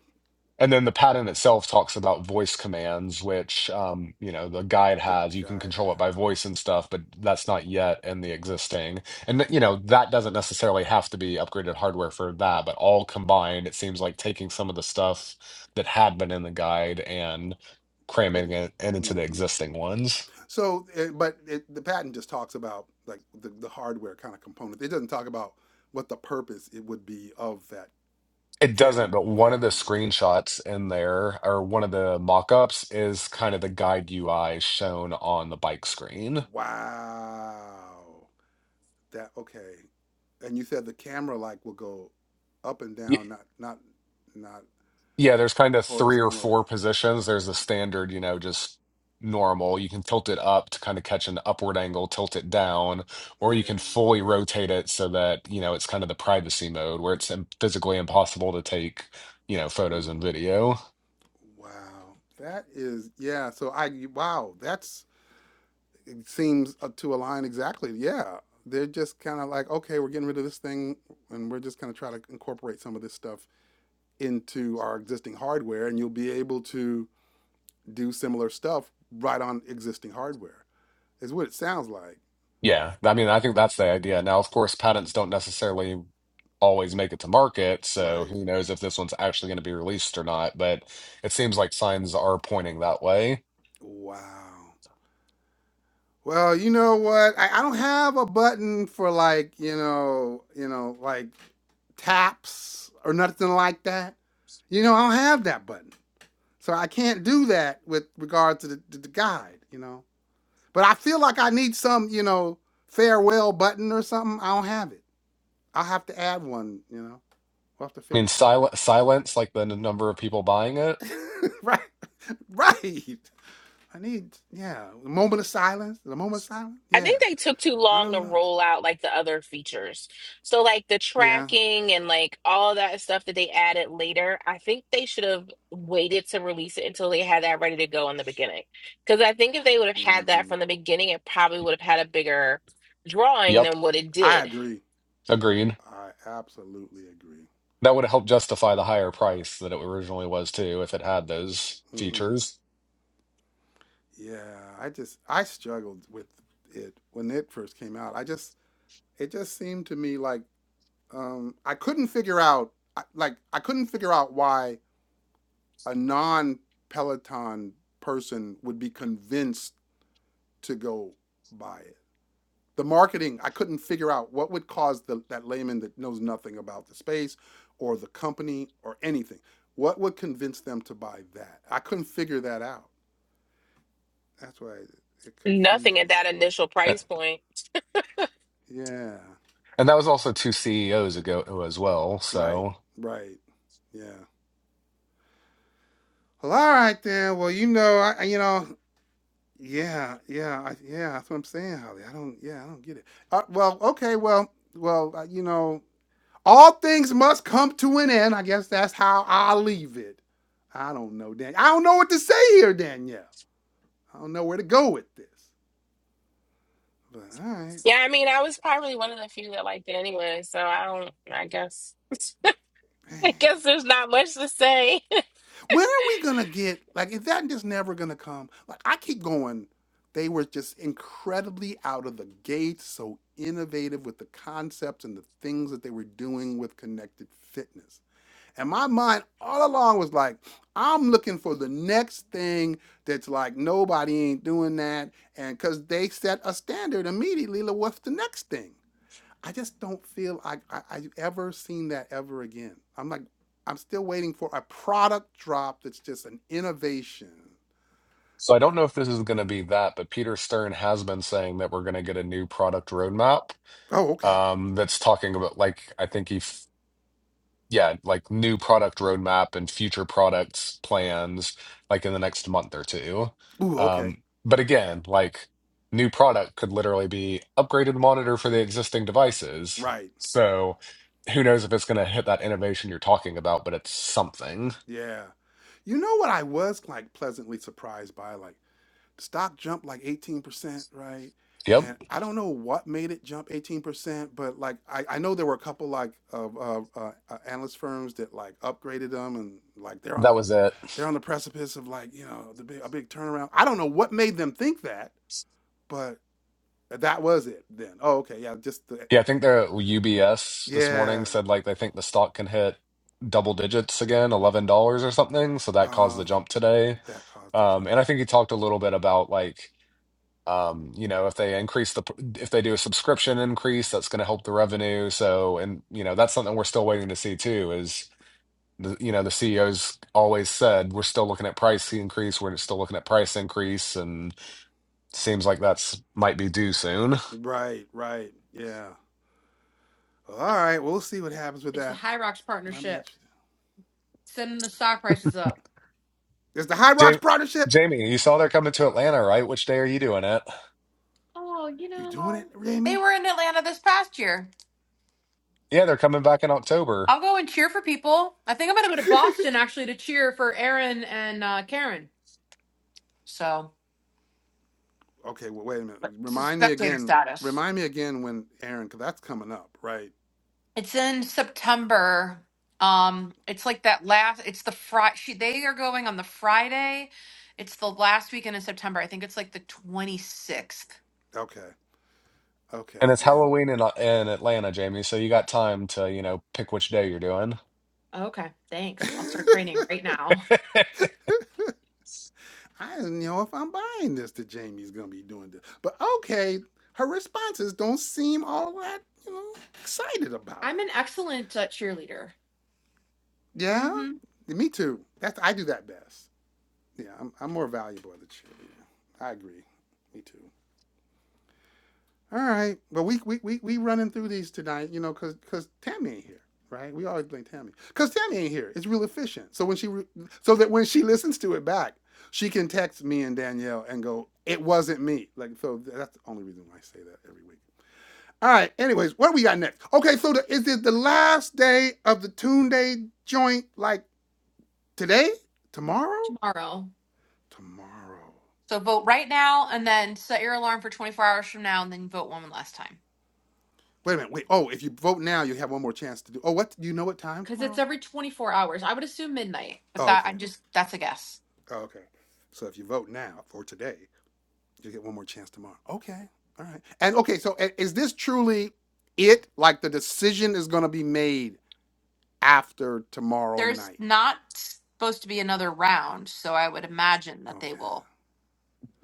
[SPEAKER 5] And then the pattern itself talks about voice commands, which um, you know the guide
[SPEAKER 1] the
[SPEAKER 5] has. You can
[SPEAKER 1] guide
[SPEAKER 5] control it by
[SPEAKER 1] had
[SPEAKER 5] voice and stuff, but that's not yet in the existing. And th- you know that doesn't necessarily have to be upgraded hardware for that, but all combined, it seems like taking some of the stuff that had been in the guide and
[SPEAKER 1] put
[SPEAKER 5] cramming
[SPEAKER 1] it.
[SPEAKER 5] it into the
[SPEAKER 1] hmm
[SPEAKER 5] existing ones.
[SPEAKER 1] So, it, but it, the patent just talks about like the, the hardware kind of component. It doesn't talk about what the purpose it would be of that
[SPEAKER 5] It
[SPEAKER 1] cam
[SPEAKER 5] doesn't, but one of the
[SPEAKER 1] camera.
[SPEAKER 5] screenshots in there, or one of the mock-ups, is kind of the guide UI shown on the bike screen.
[SPEAKER 1] Wow, that okay. And you said the camera like will go up and down, not not not
[SPEAKER 5] Yeah, there's kind of three or
[SPEAKER 1] horizontally.
[SPEAKER 5] four positions. There's the standard, you know, just normal. You can tilt it up to kind of catch an upward angle, tilt it down, or
[SPEAKER 1] Yeah.
[SPEAKER 5] you can fully rotate it so that, you know, it's kind of the privacy mode where it's im- physically impossible to take, you know, photos
[SPEAKER 1] hmm
[SPEAKER 5] and video.
[SPEAKER 1] Wow, that is yeah. So I wow, that's it seems uh, to align exactly. Yeah, they're just kind of like, okay, we're getting rid of this thing, and we're just going to try to incorporate some of this stuff into our existing hardware, and you'll be able to do similar stuff right on existing hardware. Is what it sounds like,
[SPEAKER 5] Yeah, I mean, I think that's the idea. Now, of course, patents don't necessarily. always make it to market. So
[SPEAKER 1] right?
[SPEAKER 5] who knows if this one's actually going to be released or not. But it seems like signs are pointing that way.
[SPEAKER 1] Wow. Well, you know what? I, I don't have a button for like, you know, you know, like taps or nothing like that. You know, I don't have that button. So I can't do that with regard to the, to the guide, you know. But I feel like I need some, you know, farewell button or something. I don't have it. I'll have to add one, you know. We'll have to
[SPEAKER 5] I mean,
[SPEAKER 1] figure something.
[SPEAKER 5] sil silence, like the n- number of people buying it.
[SPEAKER 1] right, right. I need, yeah, a moment of silence. A moment of silence.
[SPEAKER 4] I
[SPEAKER 1] Yeah,
[SPEAKER 4] think they took too
[SPEAKER 1] I
[SPEAKER 4] long
[SPEAKER 1] don't
[SPEAKER 4] to
[SPEAKER 1] know.
[SPEAKER 4] roll out like the other features. So like the
[SPEAKER 1] Yeah.
[SPEAKER 4] tracking and like all that stuff that they added later, I think they should have waited to release it until they had that ready to go in the beginning. Because I think if they would have had that
[SPEAKER 1] hmm
[SPEAKER 4] from the beginning, it probably would have had a bigger drawing
[SPEAKER 5] Yep,
[SPEAKER 4] than what it
[SPEAKER 1] I
[SPEAKER 4] did.
[SPEAKER 1] agree.
[SPEAKER 5] agreed.
[SPEAKER 1] I absolutely agree.
[SPEAKER 5] That would help justify the higher price that it originally was too, if it had those
[SPEAKER 1] hmm
[SPEAKER 5] features.
[SPEAKER 1] Yeah, I just I struggled with it when it first came out. I just it just seemed to me like um, I couldn't figure out like I couldn't figure out why a non Peloton person would be convinced to go buy it. The marketing, I couldn't figure out what would cause the, that layman that knows nothing about the space or the company or anything. What would convince them to buy that? I couldn't figure that out. That's why it, it confused
[SPEAKER 4] Nothing at
[SPEAKER 1] me.
[SPEAKER 4] that initial
[SPEAKER 5] Eh,
[SPEAKER 4] price point
[SPEAKER 1] Yeah.
[SPEAKER 5] And that was also two CEOs ago as well.
[SPEAKER 1] Right.
[SPEAKER 5] So,
[SPEAKER 1] Right. Yeah. Well, all right then. Well, you know, I, you know, Yeah, yeah, I, yeah. That's what I'm saying, Holly. I don't. Yeah, I don't get it. Uh, well, okay. Well, well. Uh, you know, all things must come to an end. I guess that's how I leave it. I don't know, Dan. I don't know what to say here, Danielle. I don't know where to go with this. But all right,
[SPEAKER 4] Yeah, I mean, I was probably one of the few that liked it anyway, so I don't. I guess. I
[SPEAKER 1] man.
[SPEAKER 4] guess there's not much to say. and
[SPEAKER 1] When are we gonna get like? Is that just never gonna come? Like I keep going. They were just incredibly out of the gate, so innovative with the concepts and the things that they were doing with connected fitness And my mind all along was like, I'm looking for the next thing that's like nobody ain't doing that. And because they set a standard immediately, like, what's the next thing? I just don't feel like I, I, I've ever seen that ever again. I'm like, I'm still waiting for a product drop that's just an innovation.
[SPEAKER 5] so I
[SPEAKER 1] Like,
[SPEAKER 5] don't know if this is going to be that, but Peter Stern has been saying that we're going to get a new product roadmap.
[SPEAKER 1] oh, okay.
[SPEAKER 5] Um, that's talking about like I think he, f- yeah, like new product roadmap and future products plans, like in the next month or two.
[SPEAKER 1] Ooh, okay.
[SPEAKER 5] Um, but again, like new product could literally be upgraded monitor for the existing devices.
[SPEAKER 1] Right.
[SPEAKER 5] So, who knows if it's going to hit that innovation you're talking about? But it's something.
[SPEAKER 1] Yeah. You know what I was like pleasantly surprised by? Like, stock jumped like 18%, right?
[SPEAKER 5] Yep.
[SPEAKER 1] And I don't know what made it jump 18%, but like I, I know there were a couple like of uh, uh, uh, analyst firms that like upgraded them and like they're on
[SPEAKER 5] That
[SPEAKER 1] the
[SPEAKER 5] was it.
[SPEAKER 1] they're on the precipice of like you know the big a big turnaround. I don't know what made them think that, but that was it then. Oh, okay, yeah, just the
[SPEAKER 5] Yeah, I think the UBS this
[SPEAKER 1] yeah,
[SPEAKER 5] morning said like they think the stock can hit double digits again, eleven dollars or something. So that caused the
[SPEAKER 1] um,
[SPEAKER 5] jump today.
[SPEAKER 1] that caused the
[SPEAKER 5] Um,
[SPEAKER 1] jump.
[SPEAKER 5] and I think he talked a little bit about like um, you know, if they increase the if they do a subscription increase, that's going to help the revenue. So and you know, that's something we're still waiting to see too. Is the, you know the CEO's always said we're still looking at price increase, we're still looking at price increase, and seems like that's might be due soon.
[SPEAKER 1] Right, right, yeah. All right, we'll see what happens with
[SPEAKER 2] It's the
[SPEAKER 1] that.
[SPEAKER 2] High Rocks
[SPEAKER 1] I'm
[SPEAKER 2] partnership
[SPEAKER 1] interested.
[SPEAKER 2] sending the stock prices up.
[SPEAKER 1] Is the High Rocks
[SPEAKER 5] Jamie,
[SPEAKER 1] partnership?
[SPEAKER 5] Jamie, you saw they're coming to Atlanta, right? Which day are you doing it?
[SPEAKER 2] Oh, you
[SPEAKER 1] You doing
[SPEAKER 2] know,
[SPEAKER 1] it, Remy?
[SPEAKER 2] they were in Atlanta this past year.
[SPEAKER 5] Yeah, they're coming back in October,
[SPEAKER 2] I'll go and cheer for people. I think I'm gonna go to Boston actually to cheer for Aaron and uh, Karen. So
[SPEAKER 1] okay, well, wait a minute.
[SPEAKER 2] it's a
[SPEAKER 1] Remind me
[SPEAKER 2] spectator
[SPEAKER 1] again.
[SPEAKER 2] status.
[SPEAKER 1] Remind me again when Aaron, because that's coming up, right?
[SPEAKER 2] It's in September. Um, it's like that last. It's the Friday. She they are going on the Friday. It's the last weekend in September. I think it's like the twenty sixth.
[SPEAKER 1] Okay.
[SPEAKER 5] and
[SPEAKER 1] Okay.
[SPEAKER 5] it's
[SPEAKER 1] Yeah.
[SPEAKER 5] Halloween in in Atlanta, Jamie. So you got time to, you know, pick which day you're doing.
[SPEAKER 2] Okay, thanks. I'll start training right now.
[SPEAKER 1] I don't know if I'm buying this that Jamie's gonna be doing this, but okay. Her responses don't seem all that you know excited about
[SPEAKER 2] I'm an
[SPEAKER 1] it.
[SPEAKER 2] excellent uh, cheerleader
[SPEAKER 1] Yeah.
[SPEAKER 2] Mm-hmm.
[SPEAKER 1] Me too. That's I do that best. Yeah. I'm, I'm more valuable as a cheerleader. I agree. Me too. All right. But we we we we running through these tonight, you know, cause cause Tammy ain't here, right? We always blame Tammy, cause Tammy ain't here. It's real efficient. So when she re- so that when she listens to it back, she can text me and Danielle and go, "It wasn't me." Like so, that's the only reason why I say that every week. All right. Anyways, what do we got next? Okay. So the, is it the last day of the Toon Day joint? Like today? Tomorrow?
[SPEAKER 2] tomorrow
[SPEAKER 1] Tomorrow.
[SPEAKER 2] So vote right now, and then set your alarm for twenty four hours from now, and then vote one last time.
[SPEAKER 1] Wait a minute. Wait. Oh, if you vote now, you have one more chance to do. Oh, what? You know what time
[SPEAKER 2] because it's
[SPEAKER 1] tomorrow?
[SPEAKER 2] every 24 hours. I would assume midnight. But
[SPEAKER 1] Oh,
[SPEAKER 2] that
[SPEAKER 1] okay.
[SPEAKER 2] I'm just that's a guess.
[SPEAKER 1] Oh, okay. So if you vote now for today, you get one more chance tomorrow. Okay. All right. And okay, so is this truly it? Like the decision is going to be made after tomorrow
[SPEAKER 2] There's
[SPEAKER 1] night.
[SPEAKER 2] not supposed to be another round, so I would imagine that
[SPEAKER 1] Okay.
[SPEAKER 2] they will.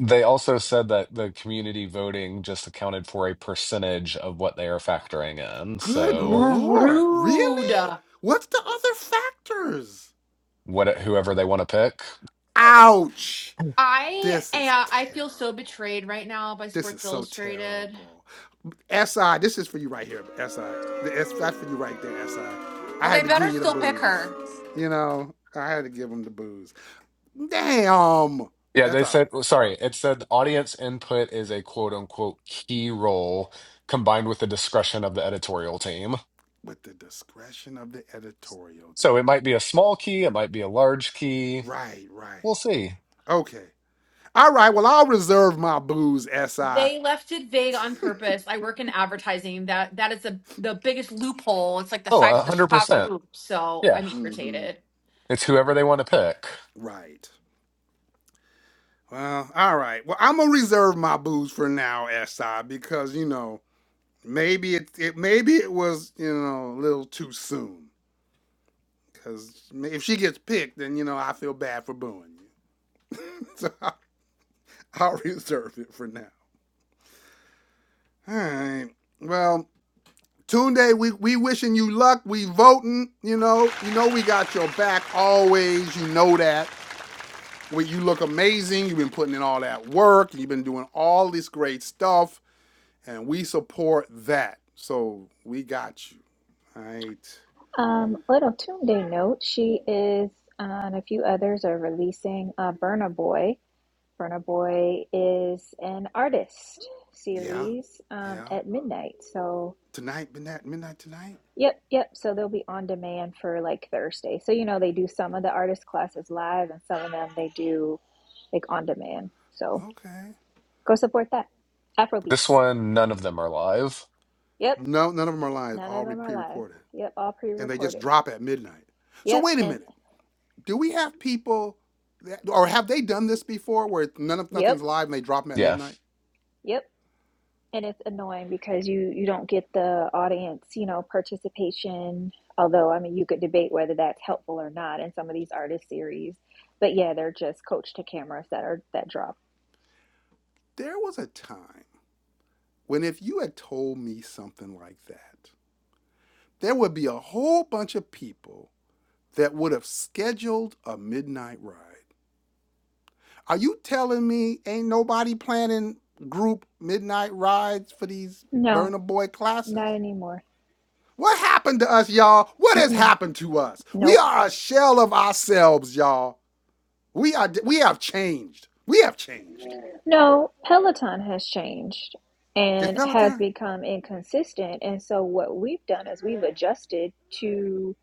[SPEAKER 5] They also said that the community voting just accounted for a percentage of what they are factoring in.
[SPEAKER 1] Good
[SPEAKER 5] So
[SPEAKER 1] Lord.
[SPEAKER 2] Rude.
[SPEAKER 1] Really? What's the other factors?
[SPEAKER 5] what whoever they want to pick.
[SPEAKER 1] Ouch.
[SPEAKER 2] I
[SPEAKER 1] This is
[SPEAKER 2] uh, I
[SPEAKER 1] terrible.
[SPEAKER 2] feel so betrayed right now by
[SPEAKER 1] This
[SPEAKER 2] Sports
[SPEAKER 1] is so
[SPEAKER 2] Illustrated.
[SPEAKER 1] terrible. SI, this is for you right here, SI. that's for you right there, SI. I I
[SPEAKER 2] Well, they
[SPEAKER 1] had to
[SPEAKER 2] better
[SPEAKER 1] give you the
[SPEAKER 2] still pick
[SPEAKER 1] booze.
[SPEAKER 2] her.
[SPEAKER 1] You know, I had to give him the booze. Damn.
[SPEAKER 5] Yeah, they
[SPEAKER 1] That's all right.
[SPEAKER 5] said, well, sorry, it said audience input is a quote unquote key role combined with the discretion of the editorial team.
[SPEAKER 1] With the discretion of the editorial
[SPEAKER 5] So it
[SPEAKER 1] team.
[SPEAKER 5] might be a small key, it might be a large key.
[SPEAKER 1] Right, right.
[SPEAKER 5] We'll see.
[SPEAKER 1] Okay. All right. Well, I'll reserve my booze, SI.
[SPEAKER 2] They left it vague on purpose. I work in advertising. That that is the the biggest loophole. It's like the
[SPEAKER 5] Oh,
[SPEAKER 2] size of the Chicago
[SPEAKER 5] 100%.
[SPEAKER 2] Loop. So
[SPEAKER 5] Yeah.
[SPEAKER 2] I'm
[SPEAKER 1] Mm-hmm.
[SPEAKER 2] irritated.
[SPEAKER 5] It's whoever they want to pick.
[SPEAKER 1] Right. Well, all right. Well, I'm gonna reserve my booze for now, SI, because you know, maybe it, it maybe it was, you know, a little too soon. Because if she gets picked, then, you know, I feel bad for booing you. so I'll, reserve it for now. All right. Well, Tunde, we, we wishing you luck. We voting, you know. You know we got your back always. You know that. We, you look amazing. You've been putting in all that work. You've been doing all this great stuff. And we support that. So we got you. All right.
[SPEAKER 3] Um, little Tune Day note: She is, uh, and a few others are releasing uh, Burna Boy. Burna Boy is an artist
[SPEAKER 1] Yeah.
[SPEAKER 3] series um,
[SPEAKER 1] Yeah.
[SPEAKER 3] at midnight, so.
[SPEAKER 1] Tonight, midnight, midnight tonight?
[SPEAKER 3] Yep, yep. So they'll be on demand for like Thursday. So, you know, they do some of the artist classes live and some of them they do like on demand. So
[SPEAKER 1] Okay.
[SPEAKER 3] go support that.
[SPEAKER 5] This
[SPEAKER 3] Afrobeats.
[SPEAKER 5] one none of them are live.
[SPEAKER 3] Yep.
[SPEAKER 1] No, none of them are live.
[SPEAKER 3] None of
[SPEAKER 1] All
[SPEAKER 3] them are live.
[SPEAKER 1] pre-recorded.
[SPEAKER 3] Yep. All
[SPEAKER 1] and they just
[SPEAKER 3] pre-recorded.
[SPEAKER 1] drop at midnight. So
[SPEAKER 3] Yep.
[SPEAKER 1] wait a
[SPEAKER 3] And
[SPEAKER 1] minute. Do we have people that, or have they done this before where none of
[SPEAKER 3] yep,
[SPEAKER 1] nothing's live and they drop them at
[SPEAKER 5] Yeah.
[SPEAKER 1] midnight?
[SPEAKER 3] yep. And it's annoying because you you don't get the audience, you know, participation. Although, I mean, you could debate whether that's helpful or not in some of these artist series. But yeah, they're just coach to cameras that are that drop.
[SPEAKER 1] There was a time when if you had told me something like that, there would be a whole bunch of people that would have scheduled a midnight ride. Are you telling me ain't nobody planning group midnight rides for these
[SPEAKER 3] No,
[SPEAKER 1] Burner Boy classes?
[SPEAKER 3] not anymore.
[SPEAKER 1] What happened to us, y'all? What has
[SPEAKER 3] Mm-mm.
[SPEAKER 1] happened to us? We
[SPEAKER 3] Nope.
[SPEAKER 1] are a shell of ourselves, y'all. We are we have changed. We have changed.
[SPEAKER 3] No, Peloton has changed
[SPEAKER 1] Is
[SPEAKER 3] and has
[SPEAKER 1] Peloton?
[SPEAKER 3] become inconsistent. And so, what we've done is we've adjusted to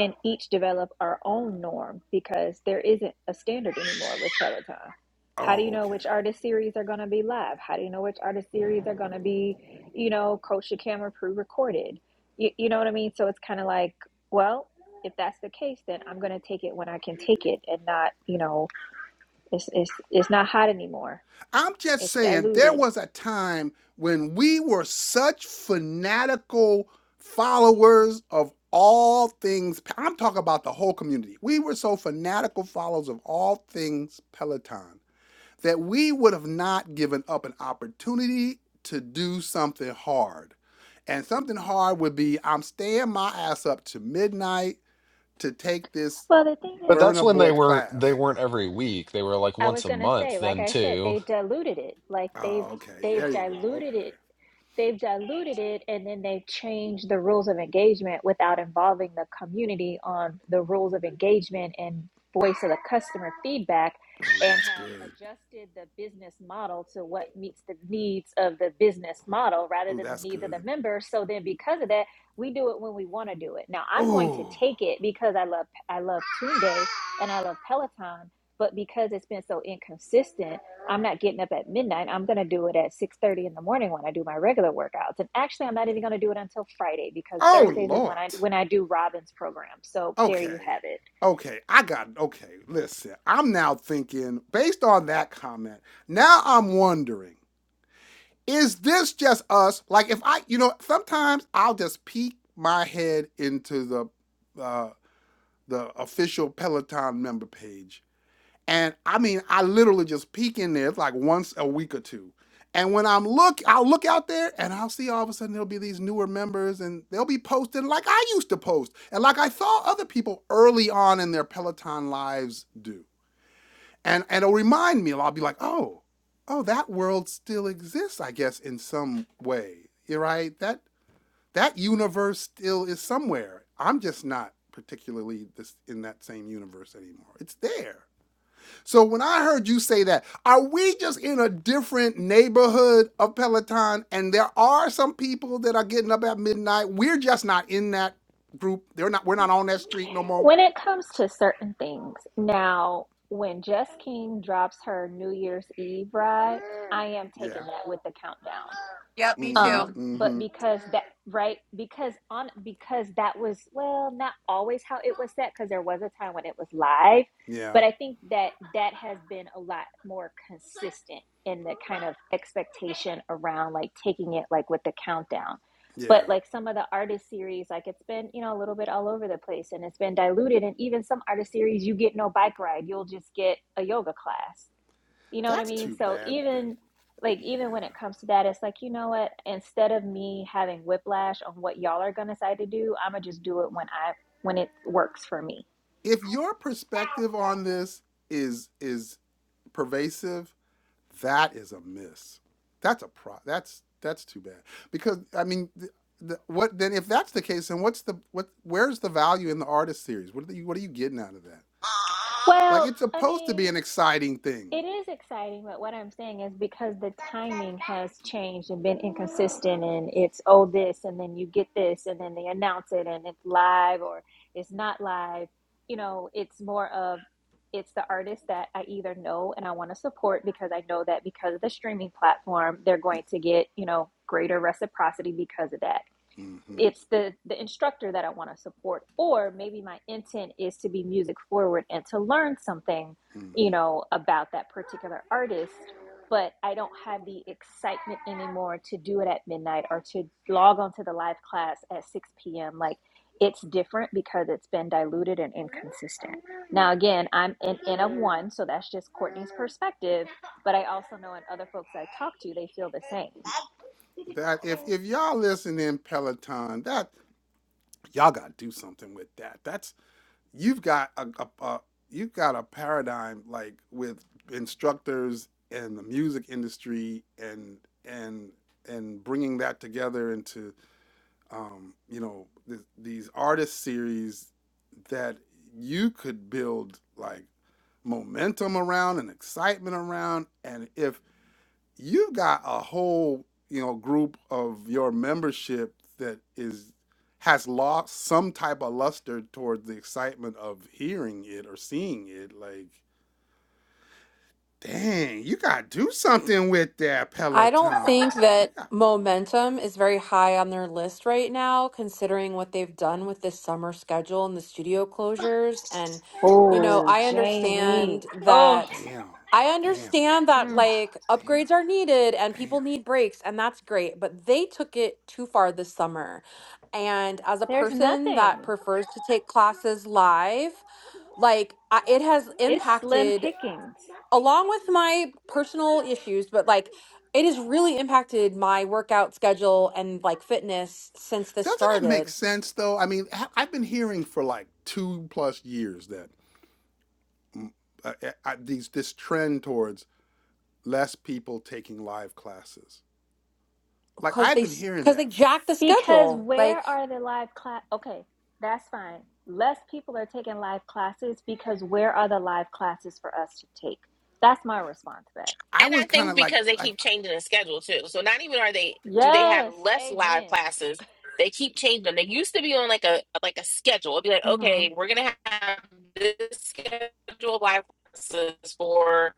[SPEAKER 3] and each develop our own norm because there isn't a standard anymore with Peloton. How do you
[SPEAKER 1] Oh,
[SPEAKER 3] know
[SPEAKER 1] okay.
[SPEAKER 3] which artist series are going to be live? How do you know which artist series are going to be, you know, coach to camera pre recorded? You, you know what I mean? So, it's kind of like, well, if that's the case, then I'm going to take it when I can take it and not, you know, it's, it's, it's not hot anymore
[SPEAKER 1] I'm just
[SPEAKER 3] It's
[SPEAKER 1] saying there
[SPEAKER 3] diluted.
[SPEAKER 1] was a time when we were such fanatical followers of all things. I'm talking about the whole community. We were so fanatical followers of all things Peloton that we would have not given up an opportunity to do something hard. And something hard would be I'm staying my ass up to midnight to take this
[SPEAKER 3] Well, the thing
[SPEAKER 5] But
[SPEAKER 3] is,
[SPEAKER 5] that's
[SPEAKER 1] burner
[SPEAKER 5] when they
[SPEAKER 1] boy
[SPEAKER 5] were they
[SPEAKER 1] class.
[SPEAKER 5] weren't every week. They were like
[SPEAKER 3] I
[SPEAKER 5] once
[SPEAKER 3] was
[SPEAKER 5] a
[SPEAKER 3] gonna
[SPEAKER 5] month
[SPEAKER 3] say, like
[SPEAKER 5] then
[SPEAKER 3] I said,
[SPEAKER 5] too.
[SPEAKER 3] they diluted it. Like they've
[SPEAKER 1] Oh, okay.
[SPEAKER 3] they've
[SPEAKER 1] There you go.
[SPEAKER 3] diluted
[SPEAKER 1] Okay.
[SPEAKER 3] it they've diluted it and then they've changed the rules of engagement without involving the community on the rules of engagement and voice of the customer feedback
[SPEAKER 1] Ooh,
[SPEAKER 3] and
[SPEAKER 1] that's
[SPEAKER 3] have
[SPEAKER 1] good.
[SPEAKER 3] adjusted the business model to what meets the needs of the business model rather
[SPEAKER 1] Ooh,
[SPEAKER 3] than the
[SPEAKER 1] that's
[SPEAKER 3] needs of the
[SPEAKER 1] good.
[SPEAKER 3] member so then because of that we do it when we want to do it now i'm going to
[SPEAKER 1] Ooh.
[SPEAKER 3] take it because i love i love Tunde and i love peloton but because it's been so inconsistent i'm not getting up at midnight i'm going to do it at 6.30 in the morning when i do my regular workouts and actually i'm not even going to do it until friday because
[SPEAKER 1] Oh,
[SPEAKER 3] thursdays is when
[SPEAKER 1] Lord.
[SPEAKER 3] i when i do robin's program so there you
[SPEAKER 1] Okay.
[SPEAKER 3] have it
[SPEAKER 1] Okay. I got it. Okay. Listen, I'm now thinking, based on that comment, now I'm wondering is this just us? Like if I, you know, sometimes I'll just peek my head into the uh, the official Peloton member page, and I mean, I literally just peek in there like once a week or two. And when I'm look, I'll look out there and I'll see all of a sudden there'll be these newer members and they'll be posting like I used to post and like I saw other people early on in their Peloton lives do and and it'll remind me. I'll be like, oh, oh, that world still exists, I guess, in some way. You're right. That that universe still is somewhere. I'm just not particularly this in that same universe anymore. It's there. So when I heard you say that, are we just in a different neighborhood of Peloton? And there are some people that are getting up at midnight. We're just not in that group. They're not. We're not on that street no more.
[SPEAKER 3] when it comes to certain things now when jess king drops her new year's eve ride i am taking
[SPEAKER 1] Yeah.
[SPEAKER 3] that with the countdown
[SPEAKER 2] Yep, me
[SPEAKER 1] Mm-hmm.
[SPEAKER 2] too.
[SPEAKER 3] um but
[SPEAKER 1] Mm-hmm.
[SPEAKER 3] because Yeah. that right because on because that was well not always how it was set because there was a time when it was live
[SPEAKER 1] Yeah.
[SPEAKER 3] but i think that that has been a lot more consistent in the kind of expectation around like taking it like with the countdown
[SPEAKER 1] Yeah.
[SPEAKER 3] but like some of the artist series like it's been you know a little bit all over the place and it's been diluted and even some artist series you get no bike ride you'll just get a yoga class you know what I
[SPEAKER 1] That's
[SPEAKER 3] mean?
[SPEAKER 1] too
[SPEAKER 3] So
[SPEAKER 1] bad that
[SPEAKER 3] even like even when it
[SPEAKER 1] yeah.
[SPEAKER 3] comes to that, it's like, you know what? Instead of me having whiplash on what y'all are gonna decide to do, I'ma just do it when I when it works for me.
[SPEAKER 1] If your perspective on this is is pervasive, that is a miss. That's a pro. That's that's too bad. Because I mean, th the, what then? If that's the case, then what's the what? Where's the value in the artist series? What are you What are you getting out of that? Like
[SPEAKER 3] Well,
[SPEAKER 1] it's
[SPEAKER 3] I
[SPEAKER 1] supposed to
[SPEAKER 3] mean,
[SPEAKER 1] be an exciting thing.
[SPEAKER 3] It is exciting, but what I'm saying is because the timing has changed and been inconsistent, and it's oh this, and then you get this, and then they announce it, and it's live or it's not live. You know, it's more of it's the artist that I either know and I want to support because I know that because of the streaming platform, they're going to get you know greater reciprocity because of that
[SPEAKER 1] Mm-hmm.
[SPEAKER 3] it's the the instructor that I want to support or maybe my intent is to be music forward and to learn something
[SPEAKER 1] Mm-hmm.
[SPEAKER 3] you know about that particular artist but I don't have the excitement anymore to do it at midnight or to log onto the live class at 6 p.m. like it's different because it's been diluted and inconsistent. Now again, I'm an N of one, so that's just Courtney's perspective, but I also know in other folks I talk to, they feel the same.
[SPEAKER 1] That if if y'all listening Peloton, that y'all gotta do something with that. That's. you've got a, a, a you've got a paradigm like with instructors and the music industry and and and bringing that together into um, you know th- these artist series that you could build like momentum around and excitement around and if you've got a whole you know group of your membership that is has lost some type of luster towards the excitement of hearing it or seeing it like dang you gotta do something with that
[SPEAKER 2] I don't think
[SPEAKER 1] peloton you
[SPEAKER 2] that
[SPEAKER 1] got
[SPEAKER 2] momentum is very high on their list right now, considering what they've done with this summer schedule and the studio closures. And, you know,
[SPEAKER 3] Oh,
[SPEAKER 2] I
[SPEAKER 3] Jamie.
[SPEAKER 2] understand
[SPEAKER 3] Oh.
[SPEAKER 2] that.
[SPEAKER 1] damn
[SPEAKER 2] I
[SPEAKER 1] damn
[SPEAKER 2] understand that
[SPEAKER 3] Mm,
[SPEAKER 2] like
[SPEAKER 1] damn
[SPEAKER 2] upgrades are needed and
[SPEAKER 1] damn
[SPEAKER 2] people need breaks, and that's great, but they took it too far this summer. And as a
[SPEAKER 3] there's
[SPEAKER 2] person
[SPEAKER 3] nothing.
[SPEAKER 2] that prefers to take classes live, like I, it has
[SPEAKER 3] It's slim
[SPEAKER 2] impacted
[SPEAKER 3] pickings.
[SPEAKER 2] along with my personal issues, but like it has really impacted my workout schedule and like fitness since this
[SPEAKER 1] doesn't that make
[SPEAKER 2] started
[SPEAKER 1] sense though i mean I- i've been hearing for like two plus years that uh, uh, uh, these this trend towards less people taking live classes Like
[SPEAKER 2] because
[SPEAKER 1] I've
[SPEAKER 2] they
[SPEAKER 1] been hearing
[SPEAKER 2] because they
[SPEAKER 1] that.
[SPEAKER 2] jacked the
[SPEAKER 3] Because
[SPEAKER 2] schedule.
[SPEAKER 3] where
[SPEAKER 2] Like,
[SPEAKER 3] are the live class? Okay, that's fine. Less people are taking live classes because where are the live classes for us to take? That's my response back.
[SPEAKER 1] I was
[SPEAKER 4] I
[SPEAKER 1] kind
[SPEAKER 4] think
[SPEAKER 1] of like
[SPEAKER 4] because they keep
[SPEAKER 1] like,
[SPEAKER 4] changing the schedule too, so not even are they do they have
[SPEAKER 3] Yes,
[SPEAKER 4] less live
[SPEAKER 3] amen.
[SPEAKER 4] classes? They keep changing them. They used to be on like a like a schedule. It'd be like, okay, we're gonna have this schedule of live classes for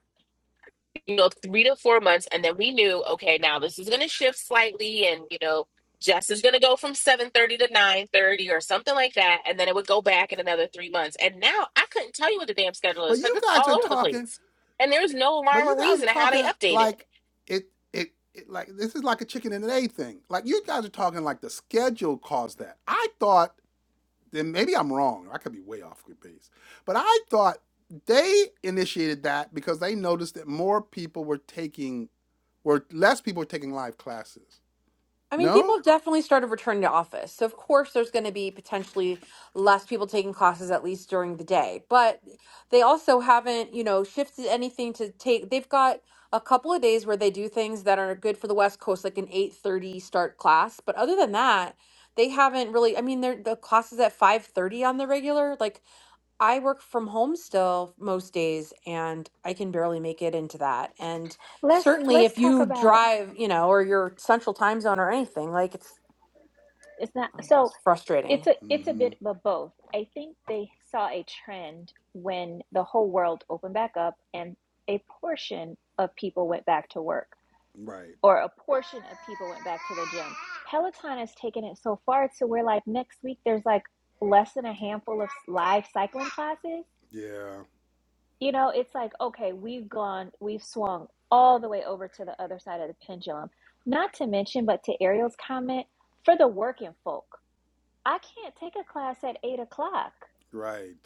[SPEAKER 4] you know, three to four months. And then we knew, okay, now this is going to shift slightly. And, you know, Jess is going to go from 7.30 to 9.30 or something like that. And then it would go back in another three months. And now I couldn't tell you what the damn schedule
[SPEAKER 1] but
[SPEAKER 4] is
[SPEAKER 1] you
[SPEAKER 4] because it's
[SPEAKER 1] guys
[SPEAKER 4] all
[SPEAKER 1] are
[SPEAKER 4] over the
[SPEAKER 1] talking,
[SPEAKER 4] place. And there's no
[SPEAKER 1] but
[SPEAKER 4] rhyme
[SPEAKER 1] you
[SPEAKER 4] or
[SPEAKER 1] guys are
[SPEAKER 4] reason to how they
[SPEAKER 1] talking
[SPEAKER 4] update it.
[SPEAKER 1] like it it. It, like this is like a chicken and an egg thing. Like you guys are talking like the schedule caused that. I thought then maybe I'm wrong. I could be way off with base. But I thought they initiated that because they noticed that more people were taking were less people were taking live classes.
[SPEAKER 2] I mean, people
[SPEAKER 1] No?
[SPEAKER 2] have definitely started returning to office. So, of course, there's going to be potentially less people taking classes, at least during the day. But they also haven't, you know, shifted anything to take. They've got a couple of days where they do things that are good for the West Coast, like an 8:30 start class. But other than that, they haven't really. I mean, they're the classes at 5:30 on the regular. Like I work from home still most days and I can barely make it into that. And
[SPEAKER 3] Let's
[SPEAKER 2] certainly
[SPEAKER 3] let's
[SPEAKER 2] if
[SPEAKER 3] talk
[SPEAKER 2] you
[SPEAKER 3] about
[SPEAKER 2] drive, you know, or you're central time zone or anything, like it's,
[SPEAKER 3] it's not
[SPEAKER 2] um,
[SPEAKER 3] so
[SPEAKER 2] it's frustrating.
[SPEAKER 3] it's a it's a
[SPEAKER 1] Mm-hmm.
[SPEAKER 3] bit of both. I think they saw a trend when the whole world opened back up and a portion of people went back to work
[SPEAKER 1] Right.
[SPEAKER 3] or a portion of people went back to the gym. Peloton has taken it so far to where like next week there's like less than a handful of live cycling classes.
[SPEAKER 1] Yeah.
[SPEAKER 3] You know, it's like okay, we've gone, we've swung all the way over to the other side of the pendulum. Not to mention, but to Ariel's comment, for the working folk, I can't take a class at eight o'clock.
[SPEAKER 1] Right.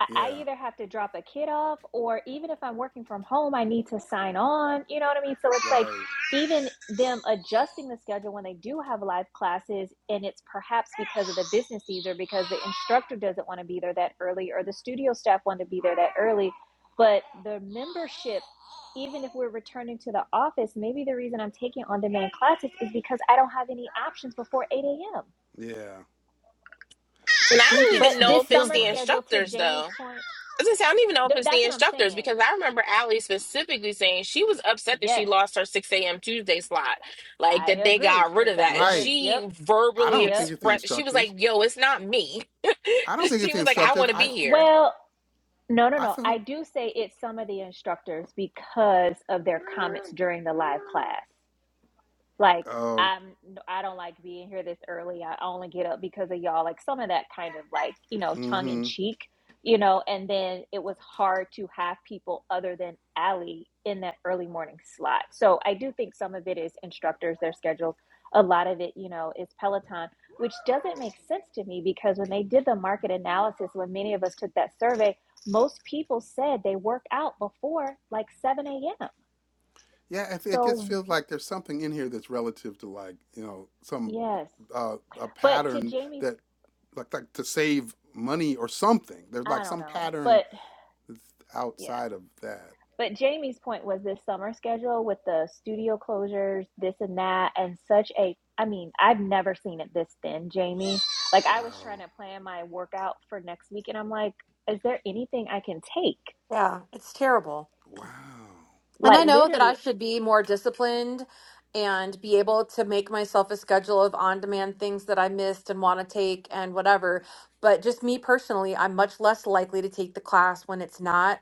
[SPEAKER 3] I I
[SPEAKER 1] Yeah.
[SPEAKER 3] either have to drop a kid off or even if I'm working from home, I need to sign on. You know what I mean? So it's like
[SPEAKER 1] Right.
[SPEAKER 3] even them adjusting the schedule when they do have live classes and it's perhaps because of the business needs or because the instructor doesn't want to be there that early or the studio staff want to be there that early. But the membership, even if we're returning to the office, maybe the reason I'm taking on demand classes is because I don't have any options before 8 a.m.
[SPEAKER 1] Yeah. I
[SPEAKER 4] And I
[SPEAKER 1] think
[SPEAKER 4] don't
[SPEAKER 3] But
[SPEAKER 4] even
[SPEAKER 1] it's it
[SPEAKER 4] know
[SPEAKER 3] this
[SPEAKER 4] if it's
[SPEAKER 1] feels
[SPEAKER 3] summer
[SPEAKER 4] the
[SPEAKER 1] like
[SPEAKER 3] schedule, to
[SPEAKER 4] instructors,
[SPEAKER 3] Jamie's
[SPEAKER 4] though.
[SPEAKER 3] point,
[SPEAKER 4] As I say, I don't even know if
[SPEAKER 3] th-
[SPEAKER 4] it's
[SPEAKER 3] that's
[SPEAKER 4] the
[SPEAKER 3] what I'm
[SPEAKER 4] instructors
[SPEAKER 3] saying.
[SPEAKER 4] because I remember Allie specifically saying she was upset that she
[SPEAKER 3] Yes,
[SPEAKER 4] lost her 6 a.m. Tuesday slot, like
[SPEAKER 3] I
[SPEAKER 4] that they
[SPEAKER 3] agree
[SPEAKER 4] got rid
[SPEAKER 3] because
[SPEAKER 4] of
[SPEAKER 3] that
[SPEAKER 4] that. And
[SPEAKER 3] was a
[SPEAKER 1] right.
[SPEAKER 3] yep,
[SPEAKER 4] she
[SPEAKER 1] I
[SPEAKER 4] verbally
[SPEAKER 1] don't think
[SPEAKER 3] yep.
[SPEAKER 1] it's the
[SPEAKER 4] expressed, she was like,
[SPEAKER 1] instructors.
[SPEAKER 4] yo, it's not me.
[SPEAKER 1] I don't think it's
[SPEAKER 4] she
[SPEAKER 1] the
[SPEAKER 4] was like, I
[SPEAKER 1] instructors.
[SPEAKER 4] want to
[SPEAKER 1] I
[SPEAKER 4] be here.
[SPEAKER 3] Well, no, no,
[SPEAKER 1] I
[SPEAKER 3] no. I
[SPEAKER 1] feel
[SPEAKER 3] do say it's some of the instructors because of their comments during the live class. Like
[SPEAKER 1] oh
[SPEAKER 3] I'm, I don't like being here this early. I only get up because of y'all. Like some of that kind of like you know tongue in
[SPEAKER 1] mm-hmm.
[SPEAKER 3] cheek, you know. And then it was hard to have people other than Allie in that early morning slot. So I do think some of it is instructors, their schedules. A lot of it, you know, is Peloton, which doesn't make sense to me because when they did the market analysis, when many of us took that survey, most people said they work out before like 7 a.m.
[SPEAKER 1] Yeah, if it just
[SPEAKER 3] So,
[SPEAKER 1] feels like there's something in here that's relative to like, you know, some
[SPEAKER 3] yes.
[SPEAKER 1] uh, a
[SPEAKER 3] But to
[SPEAKER 1] pattern
[SPEAKER 3] Jamie's
[SPEAKER 1] that like like to save money or something. There's like
[SPEAKER 3] I don't
[SPEAKER 1] some
[SPEAKER 3] know.
[SPEAKER 1] pattern
[SPEAKER 3] But
[SPEAKER 1] that's
[SPEAKER 3] yeah.
[SPEAKER 1] outside of that.
[SPEAKER 3] But Jamie's point was this summer schedule with the studio closures, this and that, and such a I mean, I've never seen it this thin, Jamie. Like I was trying
[SPEAKER 1] Wow.
[SPEAKER 3] to plan my workout for next week and I'm like, is there anything I can take?
[SPEAKER 2] Yeah, it's terrible.
[SPEAKER 1] Wow.
[SPEAKER 2] And I
[SPEAKER 3] Like
[SPEAKER 2] know that I
[SPEAKER 3] literally.
[SPEAKER 2] should be more disciplined and be able to make myself a schedule of on demand things that I missed and want to take and whatever. But just me personally, I'm much less likely to take the class when it's not.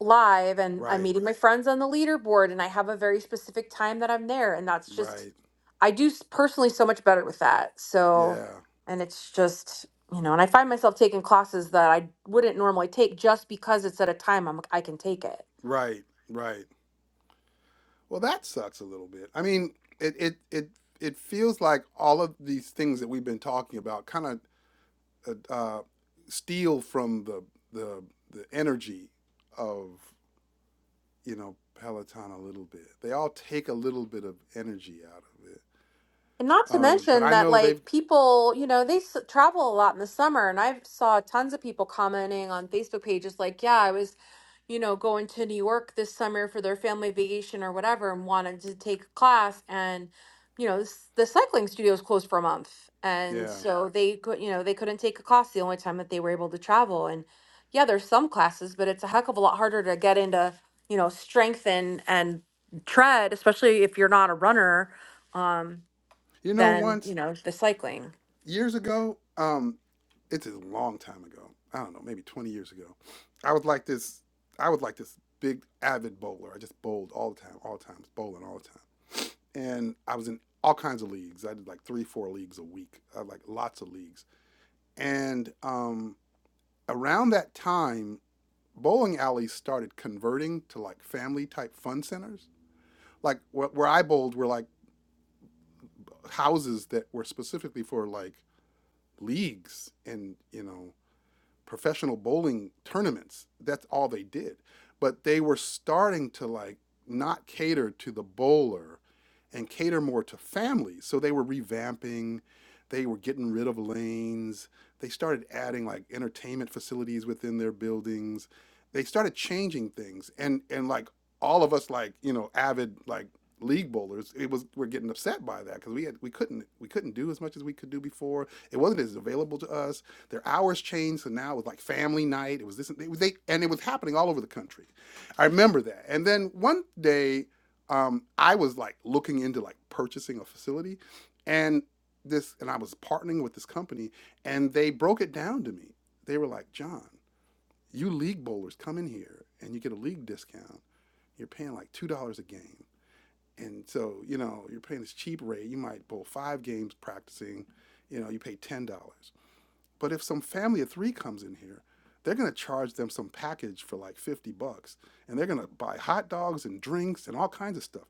[SPEAKER 2] live and I'm
[SPEAKER 1] Right.
[SPEAKER 2] meeting my friends on the leaderboard and I have a very specific time that I'm there and that's just
[SPEAKER 1] Right.
[SPEAKER 2] I do s- personally so much better with that. So
[SPEAKER 1] Yeah.
[SPEAKER 2] and it's just, you know, and I find myself taking classes that I wouldn't normally take just because it's at a time I'm I can take it.
[SPEAKER 1] Right. Right. Well, that sucks a little bit. I mean, it it it it feels like all of these things that we've been talking about kind of uh, uh, steal from the the the energy of you know Peloton a little bit. They all take a little bit of energy out of it.
[SPEAKER 2] And not to
[SPEAKER 1] Um, but
[SPEAKER 2] mention
[SPEAKER 1] I
[SPEAKER 2] that
[SPEAKER 1] know they've
[SPEAKER 2] like people, you know, they s- travel a lot in the summer and I saw tons of people commenting on Facebook pages like, yeah, I was you know, going to New York this summer for their family vacation or whatever and wanted to take a class and you know, s- the cycling studio was closed for a month. And
[SPEAKER 1] yeah.
[SPEAKER 2] so they could, you know, they couldn't take a class the only time that they were able to travel. And yeah, there's some classes, but it's a heck of a lot harder to get into, you know, strength and and tread, especially if you're not a runner, um,
[SPEAKER 1] You know,
[SPEAKER 2] than, you
[SPEAKER 1] once
[SPEAKER 2] know, the cycling.
[SPEAKER 1] years ago, um, it's a long time ago. I don't know, maybe twenty years ago. I was like this. I was like this big avid bowler. I just bowled all the time, all the time, bowling all the time. and I was in all kinds of leagues. I did like three, four leagues a week. I had, like lots of leagues. And um, around that time, bowling alleys started converting to like family type fun centers. Like where, where I bowled were like houses that were specifically for like leagues and you know professional bowling tournaments. That's all they did. But they were starting to like not cater to the bowler and cater more to families. So they were revamping, they were getting rid of lanes, they started adding like entertainment facilities within their buildings. They started changing things and and like all of us like, you know, avid like league bowlers, it was we're getting upset by that cuz we had we couldn't we couldn't do as much as we could do before. It wasn't as available to us their hours changed, so now it was like family night. It was this, they, they, and it was happening all over the country. I remember that. And then one day, um, I was like looking into like purchasing a facility, and this, and I was partnering with this company, and they broke it down to me. They were like, John, you league bowlers come in here and you get a league discount. You're paying like two dollars a game, and so you know you're paying this cheap rate. You might bowl five games practicing. You know, you pay ten dollars. But if some family of three comes in here, they're going to charge them some package for like 50 bucks and they're going to buy hot dogs and drinks and all kinds of stuff.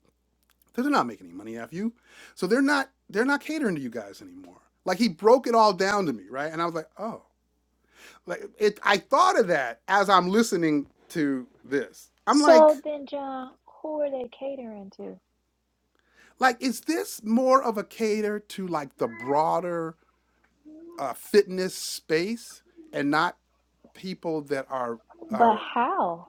[SPEAKER 1] They're not making any money off you. So they're not they're not catering to you guys anymore. Like he broke it all down to me, right? And I was like, "Oh." Like it I thought of that as I'm listening to this. I'm like
[SPEAKER 3] So then John, who are they catering to?
[SPEAKER 1] like is this more of a cater to like the broader uh, fitness space and not people that are
[SPEAKER 3] But
[SPEAKER 1] are
[SPEAKER 3] how?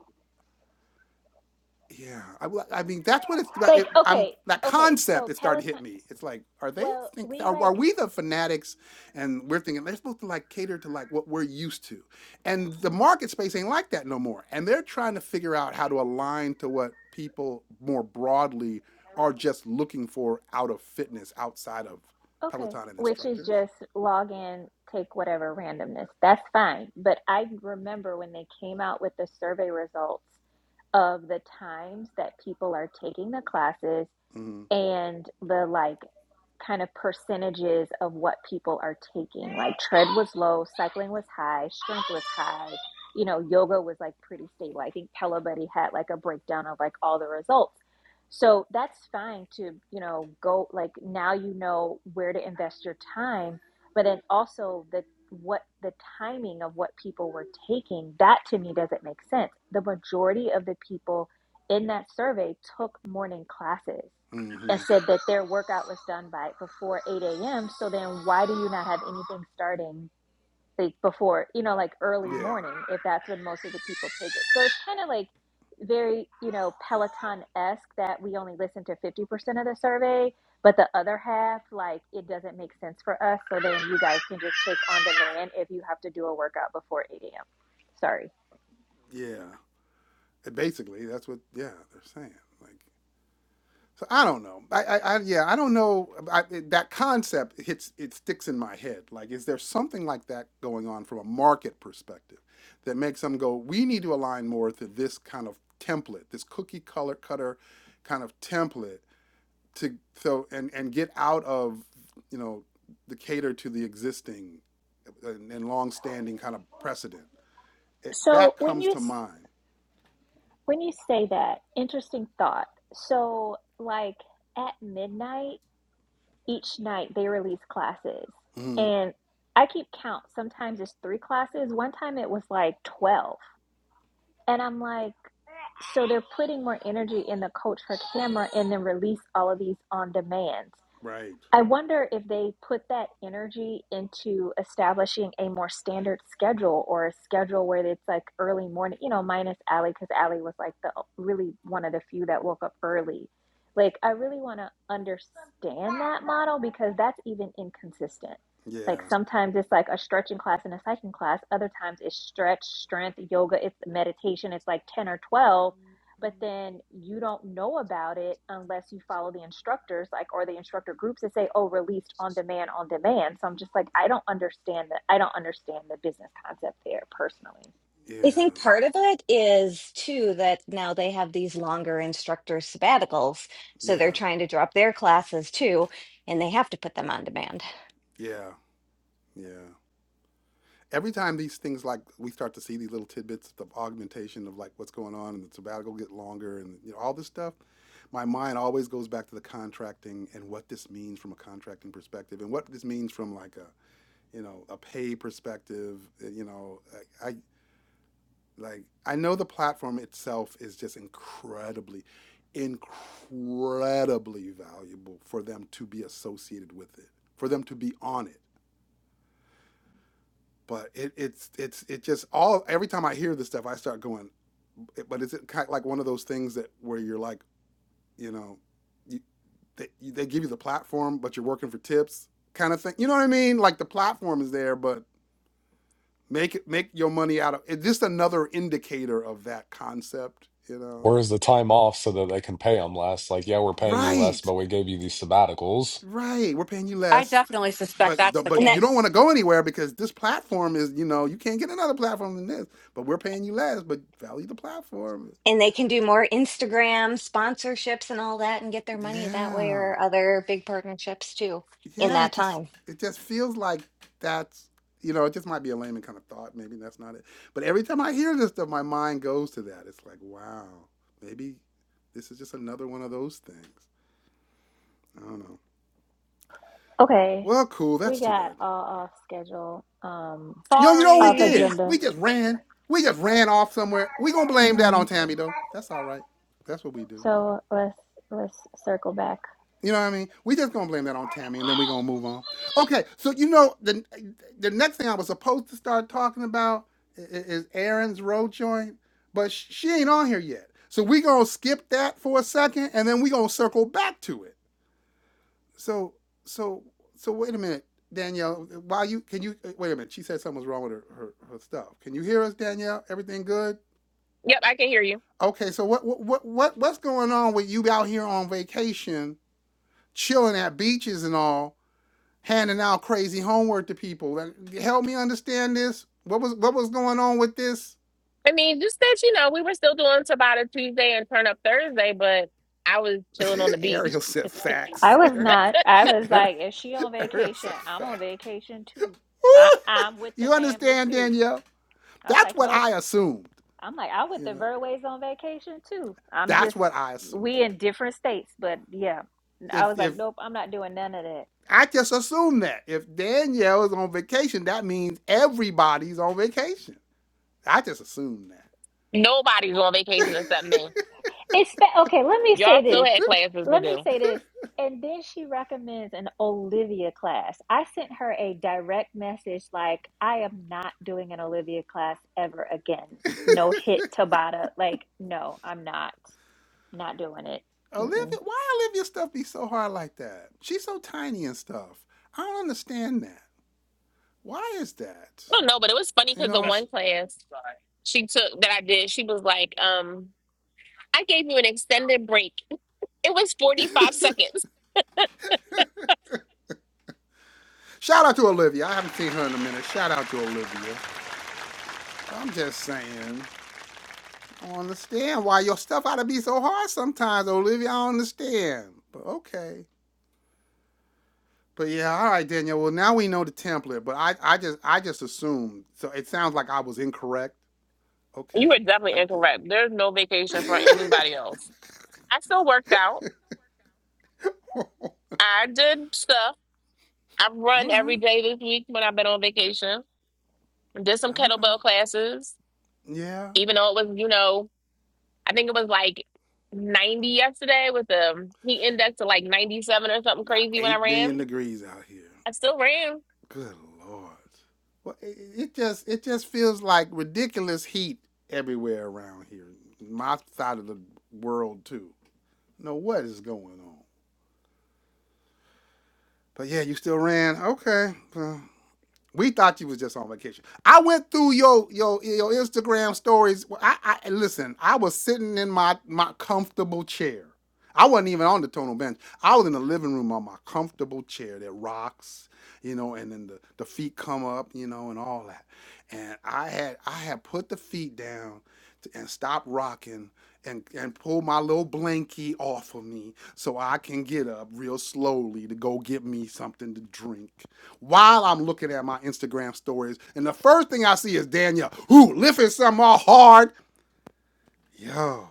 [SPEAKER 1] Yeah, I I mean that's what it's about.
[SPEAKER 3] Like,
[SPEAKER 1] It, I'm
[SPEAKER 3] okay,
[SPEAKER 1] that
[SPEAKER 3] okay,
[SPEAKER 1] concept
[SPEAKER 3] so
[SPEAKER 1] is starting to
[SPEAKER 3] Peloton
[SPEAKER 1] hit me. It's like, are they
[SPEAKER 3] well,
[SPEAKER 1] think
[SPEAKER 3] we
[SPEAKER 1] are, are
[SPEAKER 3] like
[SPEAKER 1] we the fanatics, and we're thinking they're supposed to like cater to like what we're used to, and the market space ain't like that no more. And they're trying to figure out how to align to what people more broadly are just looking for out of fitness, outside of
[SPEAKER 3] Okay,
[SPEAKER 1] Peloton and
[SPEAKER 3] which is
[SPEAKER 1] instructors.
[SPEAKER 3] just log in, take whatever randomness. That's fine. But I remember when they came out with the survey results of the times that people are taking the classes
[SPEAKER 1] Mm-hmm.
[SPEAKER 3] and the like kind of percentages of what people are taking. Like tread was low, cycling was high, strength was high. You know, yoga was like pretty stable. I think Pella Buddy had like a breakdown of like all the results. So that's fine to, you know, go like now you know where to invest your time, but then also the what the timing of what people were taking, that to me doesn't make sense. The majority of the people in that survey took morning classes that
[SPEAKER 1] hmm
[SPEAKER 3] said that their workout was done by before 8 a.m. So then why do you not have anything starting like before, you know, like early
[SPEAKER 1] Yeah,
[SPEAKER 3] morning if that's when most of the people take it? So it's kind of like very, you know, Peloton esque that we only listen to 50% of the survey, but the other half, like it doesn't make sense for us. So then you guys can just take on demand if you have to do a workout before 8 a.m. Sorry.
[SPEAKER 1] yeah. Basically, that's what yeah they're saying. Like So I don't know. I, I, I yeah, I don't know. I, it- that concept it hits, it sticks in my head. Like, is there something like that going on from a market perspective that makes them go, we need to align more to this kind of template, this cookie color cutter kind of template to so and and get out of you know the cater to the existing and, and long-standing kind of precedent. It,
[SPEAKER 3] So
[SPEAKER 1] that
[SPEAKER 3] when
[SPEAKER 1] comes
[SPEAKER 3] you
[SPEAKER 1] to
[SPEAKER 3] s-
[SPEAKER 1] mind.
[SPEAKER 3] when you say that, interesting thought. So like at midnight each night they release classes
[SPEAKER 1] hmm
[SPEAKER 3] and i keep count sometimes it's three classes one time it was like 12 and i'm like so they're putting more energy in the coach for camera and then release all of these on demand
[SPEAKER 1] Right.
[SPEAKER 3] I wonder if they put that energy into establishing a more standard schedule or a schedule where it's like early morning, you know, minus Allie, because Allie was like the really one of the few that woke up early. Like, I really want to understand that model because that's even inconsistent. Like,
[SPEAKER 1] Yeah.
[SPEAKER 3] sometimes it's like a stretching class and a cycling class, other times it's stretch, strength, yoga, it's meditation, it's like 10 or 12 but then you don't know about it unless you follow the instructors like or the instructor groups that say oh released on demand on demand so i'm just like i don't understand that i don't understand the business concept there personally
[SPEAKER 1] Yeah.
[SPEAKER 6] I think part of it is too that now they have these longer instructor sabbaticals, so they're
[SPEAKER 1] Yeah.
[SPEAKER 6] trying to drop their classes too, and they have to put them on demand.
[SPEAKER 1] Yeah. Yeah. every time these things like we start to see these little tidbits of augmentation of like what's going on and the sabbatical get longer and you know all this stuff my mind always goes back to the contracting and what this means from a contracting perspective and what this means from like a you know a pay perspective uh, you know I, I like i know the platform itself is just incredibly incredibly valuable for them to be associated with it for them to be on it but it, it's it's it just all every time I hear this stuff, I start going. But is it kind of like one of those things that where you're like, you know, you, they, they give you the platform, but you're working for tips, kind of thing. You know what I mean? Like the platform is there, but make it make your money out of. It's just another indicator of that concept. You know,
[SPEAKER 5] Where's the time off so that they can pay them less? Like, yeah, we're paying you less,
[SPEAKER 1] right,
[SPEAKER 5] but we gave you these sabbaticals.
[SPEAKER 1] right. We're paying you
[SPEAKER 2] I
[SPEAKER 1] less,
[SPEAKER 2] definitely suspect
[SPEAKER 1] but
[SPEAKER 2] that's the
[SPEAKER 6] And
[SPEAKER 1] but
[SPEAKER 6] that
[SPEAKER 1] you don't
[SPEAKER 2] case.
[SPEAKER 1] want to go anywhere because this platform is you know you can't get another platform than this. But we're paying you less, but value the platform.
[SPEAKER 6] and they can do more Instagram sponsorships and all that and get their money that way
[SPEAKER 1] Yeah.
[SPEAKER 6] or other big partnerships too in
[SPEAKER 1] Yeah,
[SPEAKER 6] that
[SPEAKER 1] it
[SPEAKER 6] time.
[SPEAKER 1] just it just feels like that's you know, it just might be a layman kind of thought, maybe that's not it. But every time I hear this stuff, my mind goes to that. It's like, wow, maybe this is just another one of those things. I don't know.
[SPEAKER 3] okay
[SPEAKER 1] Well, cool,
[SPEAKER 3] we
[SPEAKER 1] that's too
[SPEAKER 3] got
[SPEAKER 1] bad.
[SPEAKER 3] all off schedule um
[SPEAKER 1] You know, you know what we
[SPEAKER 3] off
[SPEAKER 2] Sorry.
[SPEAKER 1] did?
[SPEAKER 3] agenda
[SPEAKER 1] We just ran. We just ran off somewhere. We gonna blame that
[SPEAKER 3] hmm
[SPEAKER 1] on Tammy though. That's all right. That's what we do.
[SPEAKER 3] so let's let's circle back
[SPEAKER 1] You know what I mean? We just gonna blame that on Tammy, and then we gonna move on. Okay, so you know the the next thing I was supposed to start talking about i- i- is Aaron's road joint, but sh- she ain't on here yet. So we gonna skip that for a second, and then we gonna circle back to it. So so so wait a minute, Danielle. While you can you uh, wait a minute? She said something was wrong with her, her her stuff. Can you hear us, Danielle? Everything good?
[SPEAKER 4] Yep, I can hear you.
[SPEAKER 1] Okay, so what what what what what's going on with you out here on vacation, chilling at beaches and all? handing out crazy homework to people. And help me understand this. What was what was going on with this?
[SPEAKER 4] I mean, just that, you know, we were still doing Tabata Tuesday and Turn Up Thursday, but I was chilling on the beach.
[SPEAKER 1] Ariel said
[SPEAKER 3] i
[SPEAKER 1] facts.
[SPEAKER 3] was
[SPEAKER 1] Ariel,
[SPEAKER 3] not i was
[SPEAKER 1] Ariel,
[SPEAKER 3] like if she on
[SPEAKER 1] Ariel
[SPEAKER 3] vacation
[SPEAKER 1] said
[SPEAKER 3] i'm on
[SPEAKER 1] facts.
[SPEAKER 3] vacation too i i'm with the
[SPEAKER 1] you
[SPEAKER 3] family
[SPEAKER 1] understand,
[SPEAKER 3] too
[SPEAKER 1] Danielle?
[SPEAKER 3] i was
[SPEAKER 1] That's
[SPEAKER 3] like
[SPEAKER 1] what
[SPEAKER 3] nope
[SPEAKER 1] I assumed.
[SPEAKER 3] I'm like, I went
[SPEAKER 1] You
[SPEAKER 3] to
[SPEAKER 1] know,
[SPEAKER 3] Verways on vacation too. I'm
[SPEAKER 1] that's
[SPEAKER 3] just,
[SPEAKER 1] what I assumed.
[SPEAKER 3] we in different states, but yeah. I
[SPEAKER 1] If
[SPEAKER 3] was like,
[SPEAKER 1] if
[SPEAKER 3] nope, I'm not doing none of that.
[SPEAKER 1] I just assumed that if Danielle is on vacation, that means everybody's on vacation. I just assumed that.
[SPEAKER 4] Nobody's on vacation except me.
[SPEAKER 3] It's okay. Let me say
[SPEAKER 4] Y'all still
[SPEAKER 3] this.
[SPEAKER 4] had classes to
[SPEAKER 3] Let
[SPEAKER 4] do.
[SPEAKER 3] me say this. And then she recommends an Olivia class. I sent her a direct message like, I am not doing an Olivia class ever again. No hit Tabata. Like, no, I'm not. Not doing it. Mm-mm.
[SPEAKER 1] Olivia, why Olivia's stuff be so hard like that? She's so tiny and stuff. I don't understand that. Why is that?
[SPEAKER 4] I don't know, but it was funny
[SPEAKER 1] You
[SPEAKER 4] because the
[SPEAKER 1] know, sh-
[SPEAKER 4] one class she took that I did, she was like, um, I gave you an extended break. It was 45 seconds.
[SPEAKER 1] shout out to Olivia. I haven't seen her in a minute. Shout out to Olivia. I'm just saying, I don't understand why your stuff ought to be so hard sometimes, Olivia. I don't understand. But okay. But yeah, all right, Danielle. Well, now we know the template. But I, I just, I just assumed. So it sounds like I was incorrect.
[SPEAKER 4] You
[SPEAKER 1] Okay,
[SPEAKER 4] were definitely
[SPEAKER 1] I did.
[SPEAKER 4] incorrect. There's no vacation for anybody else. I still worked out. I did stuff. I've run
[SPEAKER 1] all right.
[SPEAKER 4] every day this week when I've been on vacation. Did some
[SPEAKER 1] Okay.
[SPEAKER 4] kettlebell classes,
[SPEAKER 1] Yeah,
[SPEAKER 4] even though it was, you know, I think it was like 90 yesterday with the heat index to like 97 or something
[SPEAKER 1] about
[SPEAKER 4] crazy when I
[SPEAKER 1] eight billion
[SPEAKER 4] ran.
[SPEAKER 1] degrees out here.
[SPEAKER 4] I still ran.
[SPEAKER 1] Good lord. Well, it, it just it just feels like ridiculous heat everywhere around here. My side of the world too. No, what is going on? But yeah, you still ran. Okay, uh, We thought you was just on vacation. I went through your your your Instagram stories. Well, I, I listen. I was sitting in my my comfortable chair. I wasn't even on the tonal bench. I was in the living room on my comfortable chair that rocks, you know, and then the, the feet come up, you know, and all that. And I had I had put the feet down to, and stopped rocking and and pull my little blankie off of me so I can get up real slowly to go get me something to drink while I'm looking at my Instagram stories, and the first thing I see is Danielle, who lifting something all hard. Yo,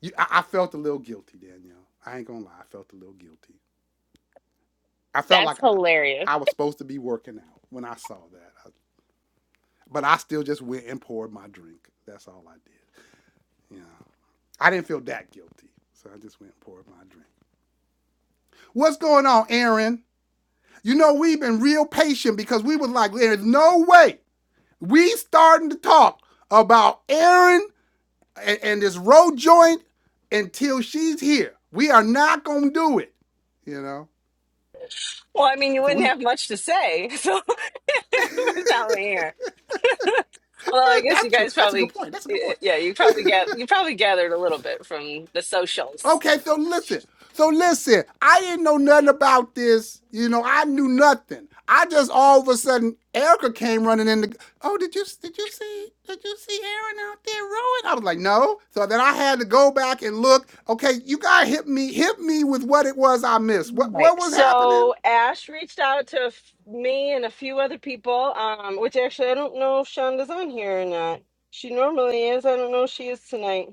[SPEAKER 1] you, I, I felt a little guilty, Danielle. I ain't gonna lie, I felt a little guilty. I felt
[SPEAKER 4] That's
[SPEAKER 1] like I,
[SPEAKER 4] hilarious.
[SPEAKER 1] I was supposed to be working out when I saw that, I- but I still just went and poured my drink. That's all I did. Yeah, I didn't feel that guilty, so I just went and poured my drink. What's going on, Aaron? You know we've been real patient because we was like, there's no way we starting to talk about Aaron and, and this road joint until she's here. We are not gonna do it. You know.
[SPEAKER 7] Well, I mean, you
[SPEAKER 1] So we
[SPEAKER 7] wouldn't have much to say so without me here. Although I
[SPEAKER 1] eh,
[SPEAKER 7] guess you
[SPEAKER 1] that's true.
[SPEAKER 7] guys
[SPEAKER 1] That's a good
[SPEAKER 7] probably,
[SPEAKER 1] point. That's a good point.
[SPEAKER 7] yeah, you probably get you probably gathered a little bit from the socials.
[SPEAKER 1] Okay, so listen. So listen, I didn't know nothing about this. You know, I knew nothing. I just all of a sudden Erica came running in the Oh, did you did you see did you see Aaron out there rowing? I was like, no. So then I had to go back and look. Okay, you gotta hit me, hit me with what it was I missed. What
[SPEAKER 7] Right.
[SPEAKER 1] what was happening?
[SPEAKER 7] So Ash reached out to f- me and a few other people, um, which actually I don't know if Shonda's on here or not. She normally is. I don't know if she is tonight.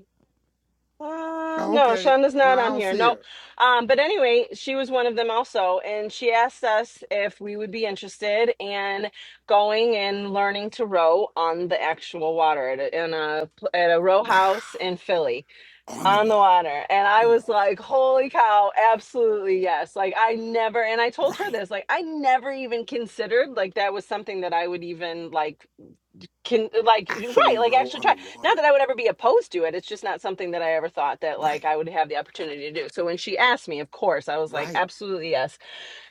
[SPEAKER 7] Uh,
[SPEAKER 1] Oh,
[SPEAKER 7] no,
[SPEAKER 1] okay.
[SPEAKER 7] Shonda's
[SPEAKER 1] No,
[SPEAKER 7] not
[SPEAKER 1] I
[SPEAKER 7] on
[SPEAKER 1] don't
[SPEAKER 7] here.
[SPEAKER 1] see
[SPEAKER 7] Nope.
[SPEAKER 1] her.
[SPEAKER 7] Um, but anyway, she was one of them also, and she asked us if we would be interested in going and learning to row on the actual water at a, in a pl- at a row
[SPEAKER 1] Wow.
[SPEAKER 7] house in Philly
[SPEAKER 1] On the
[SPEAKER 7] on the
[SPEAKER 1] water.
[SPEAKER 7] water. And I
[SPEAKER 1] Ooh,
[SPEAKER 7] was like, "Holy cow, absolutely yes!" Like I never, and I told her
[SPEAKER 1] right.
[SPEAKER 7] this, like I never even considered like that was something that I would even like can uh, like right
[SPEAKER 1] Actually
[SPEAKER 7] like
[SPEAKER 1] row
[SPEAKER 7] actually
[SPEAKER 1] on the
[SPEAKER 7] try not
[SPEAKER 1] water.
[SPEAKER 7] that i would ever be opposed to it it's just not something that i ever thought that like
[SPEAKER 1] Right.
[SPEAKER 7] i would have the opportunity to do so when she asked me of course i was like
[SPEAKER 1] Right.
[SPEAKER 7] absolutely yes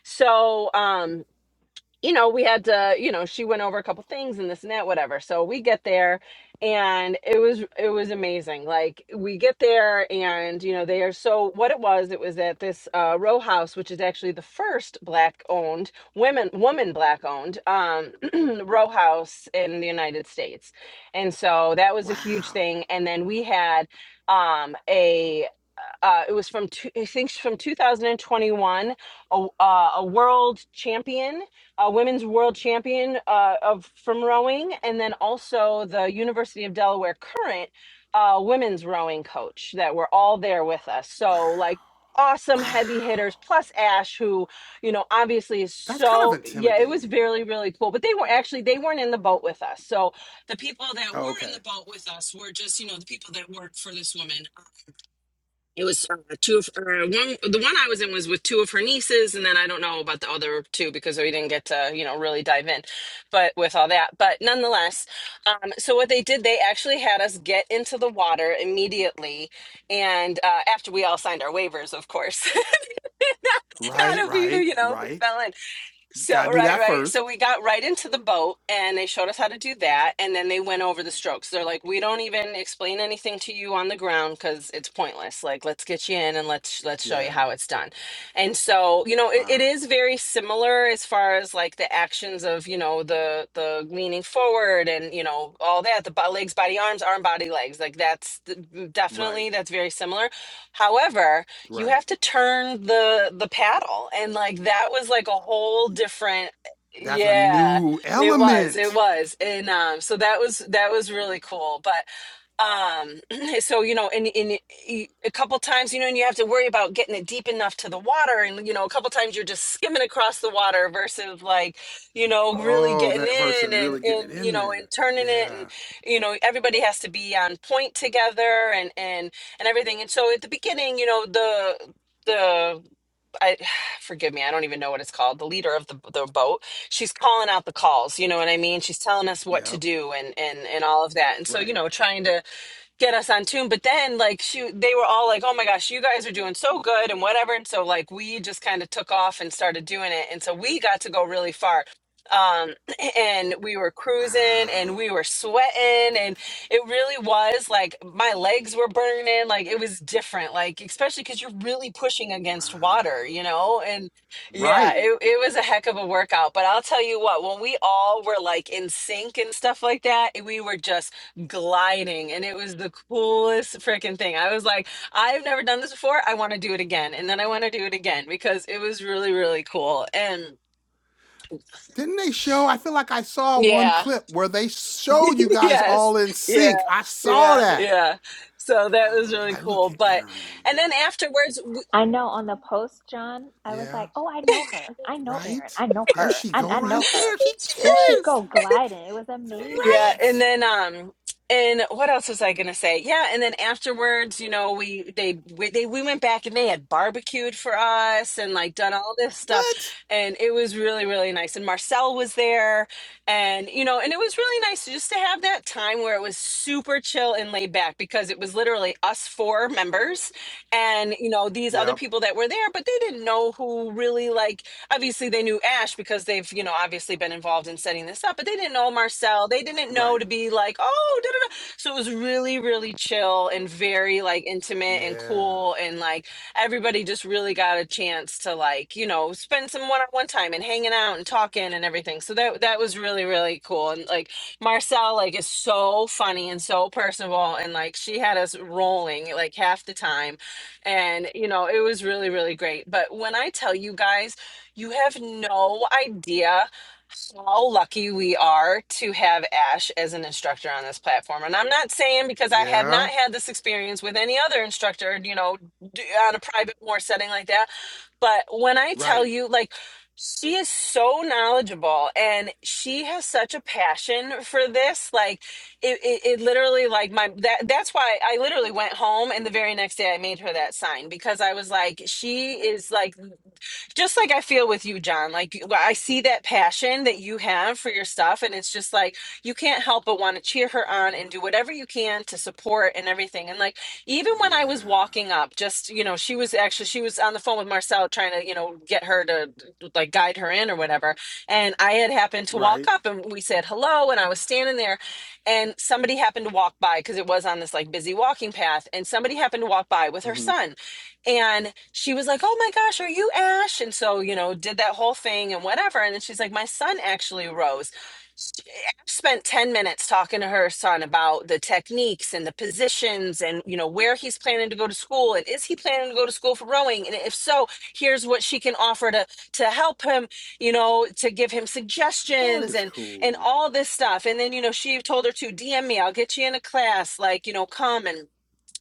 [SPEAKER 7] so um you know, we had to, you know, she went over a couple things and this and that, whatever. So we get there and it was it was amazing. Like we get there and you know, they are so what it was, it was at this uh row house, which is actually the first black owned women woman black owned um row house in the United States. And so that was a huge
[SPEAKER 1] Wow.
[SPEAKER 7] thing. And then we had um a uh, it was from two, I think it's from 2021, a, uh, a world champion, a women's world champion uh, of from rowing, and then also the University of Delaware current uh, women's rowing coach that were all there with us. So like awesome
[SPEAKER 1] Wow.
[SPEAKER 7] heavy hitters plus ash who you know obviously is
[SPEAKER 1] That's kind of
[SPEAKER 7] so yeah it was
[SPEAKER 1] intimidating.
[SPEAKER 7] really really cool but they were actually they weren't in the boat with us so the people that
[SPEAKER 1] Oh,
[SPEAKER 7] were in
[SPEAKER 1] okay.
[SPEAKER 7] the boat with us were just you know the people that worked for this woman it was uh, two of or one. The one I was in was with two of her nieces, and then I don't know about the other two because we didn't get to you know really dive in, but with all that. But nonetheless, um, so what they did, they actually had us get into the water immediately, and uh, after we all signed our waivers, of course. not
[SPEAKER 1] Right,
[SPEAKER 7] if we
[SPEAKER 1] right,
[SPEAKER 7] you know we
[SPEAKER 1] right.
[SPEAKER 7] fell in so
[SPEAKER 1] Gotta do
[SPEAKER 7] right,
[SPEAKER 1] that
[SPEAKER 7] right. So
[SPEAKER 1] first.
[SPEAKER 7] we got right into the boat and they showed us how to do that and then they went over the strokes. They're like, "We don't even explain anything to you on the ground cuz it's pointless. Like, let's get you in and let's let's show you
[SPEAKER 1] Yeah.
[SPEAKER 7] how it's done." And so, you know, it, it
[SPEAKER 1] Wow.
[SPEAKER 7] is very similar as far as like the actions of, you know, the the leaning forward and, you know, all that, the bo- legs, body, arms, arm, body, legs. Like that's the,
[SPEAKER 1] Right.
[SPEAKER 7] definitely that's very similar. However, you
[SPEAKER 1] Right.
[SPEAKER 7] have to turn the the paddle and like that was like a whole different
[SPEAKER 1] That's a
[SPEAKER 7] yeah
[SPEAKER 1] new
[SPEAKER 7] it was it
[SPEAKER 1] element.
[SPEAKER 7] was and um so that was that was really cool but um so you know and in a couple times you know and you have to worry about getting it deep enough to the water and you know a couple times you're just skimming across the water versus like you know really
[SPEAKER 1] Oh,
[SPEAKER 7] getting
[SPEAKER 1] that verse
[SPEAKER 7] in
[SPEAKER 1] is
[SPEAKER 7] and
[SPEAKER 1] really getting
[SPEAKER 7] and
[SPEAKER 1] it
[SPEAKER 7] you
[SPEAKER 1] in
[SPEAKER 7] know and
[SPEAKER 1] there.
[SPEAKER 7] turning it and
[SPEAKER 1] Yeah.
[SPEAKER 7] you know everybody has to be on point together and and and everything. And so at the beginning, you know, the the I forgive me, I don't even know what it's called. The leader of the the boat, she's calling out the calls. You know what I mean? She's telling us what to
[SPEAKER 1] Yep.
[SPEAKER 7] do and and and all of that. And so you
[SPEAKER 1] Right.
[SPEAKER 7] know, trying to get us on tune. But then like she they were all like, Oh my gosh, you guys are doing so good and whatever. And so like we just kind of took off and started doing it. And so we got to go really far. Um and we were cruising and
[SPEAKER 1] Wow.
[SPEAKER 7] we were sweating and it really was like my legs were burning like it was different like especially cuz you're really pushing against water,
[SPEAKER 1] Wow.
[SPEAKER 7] you know? And yeah,
[SPEAKER 1] Right.
[SPEAKER 7] it, it was a heck of a workout. But I'll tell you what, when we all were like in sync and stuff like that, we were just gliding and it was the coolest freaking thing. I was like, I've never done this before. I want to do it again. And then I want to do it again because it was really, really cool. And
[SPEAKER 1] Didn't they show? I feel like I saw one
[SPEAKER 7] yeah,
[SPEAKER 1] clip where they showed you guys
[SPEAKER 7] yes,
[SPEAKER 1] all in
[SPEAKER 7] yeah.
[SPEAKER 1] sync. I saw
[SPEAKER 7] Yeah,
[SPEAKER 1] that.
[SPEAKER 7] yeah. So
[SPEAKER 1] I
[SPEAKER 7] that was
[SPEAKER 1] was
[SPEAKER 7] really
[SPEAKER 1] like, look
[SPEAKER 7] cool.
[SPEAKER 1] at
[SPEAKER 7] But,
[SPEAKER 1] Aaron in
[SPEAKER 7] and then
[SPEAKER 1] there.
[SPEAKER 7] afterwards, w-
[SPEAKER 3] I know on the post, John, I was
[SPEAKER 1] Yeah,
[SPEAKER 3] like, oh, I know her. I know Erin.
[SPEAKER 1] right?
[SPEAKER 3] I know
[SPEAKER 1] There
[SPEAKER 3] her.
[SPEAKER 1] she
[SPEAKER 3] I,
[SPEAKER 1] go
[SPEAKER 3] I know
[SPEAKER 1] right
[SPEAKER 3] her.
[SPEAKER 1] there. She
[SPEAKER 3] There she
[SPEAKER 1] killing.
[SPEAKER 3] go gliding. It was
[SPEAKER 7] Yeah,
[SPEAKER 3] amazing.
[SPEAKER 7] and
[SPEAKER 1] Right?
[SPEAKER 7] then um and what else was I gonna say? Yeah, and then afterwards, you know, we they we, they we went back and they had barbecued for us and like done all this stuff,
[SPEAKER 1] What?
[SPEAKER 7] and it was really really nice. And Marcel was there, and you know, and it was really nice just to have that time where it was super chill and laid back because it was literally us four members, and you know these other
[SPEAKER 1] Yep.
[SPEAKER 7] people that were there, but they didn't know who really like obviously they knew Ash because they've, you know, obviously been involved in setting this up, but they didn't know Marcel. They didn't know
[SPEAKER 1] Right.
[SPEAKER 7] to be like, oh, da, da, da. so it was really, really chill and very like intimate and
[SPEAKER 1] Yeah.
[SPEAKER 7] cool. And like everybody just really got a chance to like, you know, spend some one on one time and hanging out and talking and everything. So that, that was really, really cool. And like Marcel, like, is so funny and so personable. And like she had us rolling like half the time and you know it was really really great but when i tell you guys you have no idea how lucky we are to have Ash as an instructor on this platform. And I'm not saying because I have
[SPEAKER 1] Yeah.
[SPEAKER 7] not had this experience with any other instructor, you know, d- on a private, more setting like that. But when I tell
[SPEAKER 1] Right.
[SPEAKER 7] you, like, she is so knowledgeable and she has such a passion for this like it, it, it literally like my that that's why i literally went home and the very next day i made her that sign because i was like she is like just like I feel with you, John. Like you- I see that passion that you have for your stuff, and it's just like you can't help but want to cheer her on and do whatever you can to support and everything. And like even when I was
[SPEAKER 1] Yeah.
[SPEAKER 7] walking up, just you know, she was actually she was on the phone with Marcel trying to you know get her to like guide her in or whatever. And I had happened to walk
[SPEAKER 1] Right.
[SPEAKER 7] up, and we said hello, and I was standing there, and somebody happened to walk by because it was on this like busy walking path, and somebody happened to walk by with her
[SPEAKER 1] hmm
[SPEAKER 7] son and she was like, Oh my gosh, are you Ash? And so, you know, did that whole thing and whatever. And then she's like, My son actually rose. spent 10 minutes talking to her son about the techniques and the positions and, you know, where he's planning to go to school and is he planning to go to school for rowing? And if so, here's what she can offer to to help him, you know, to give him
[SPEAKER 1] That
[SPEAKER 7] suggestions
[SPEAKER 1] is
[SPEAKER 7] and and
[SPEAKER 1] cool.
[SPEAKER 7] all this stuff. And then, you know, she told her to DM me, I'll get you in a class, like, you know, come and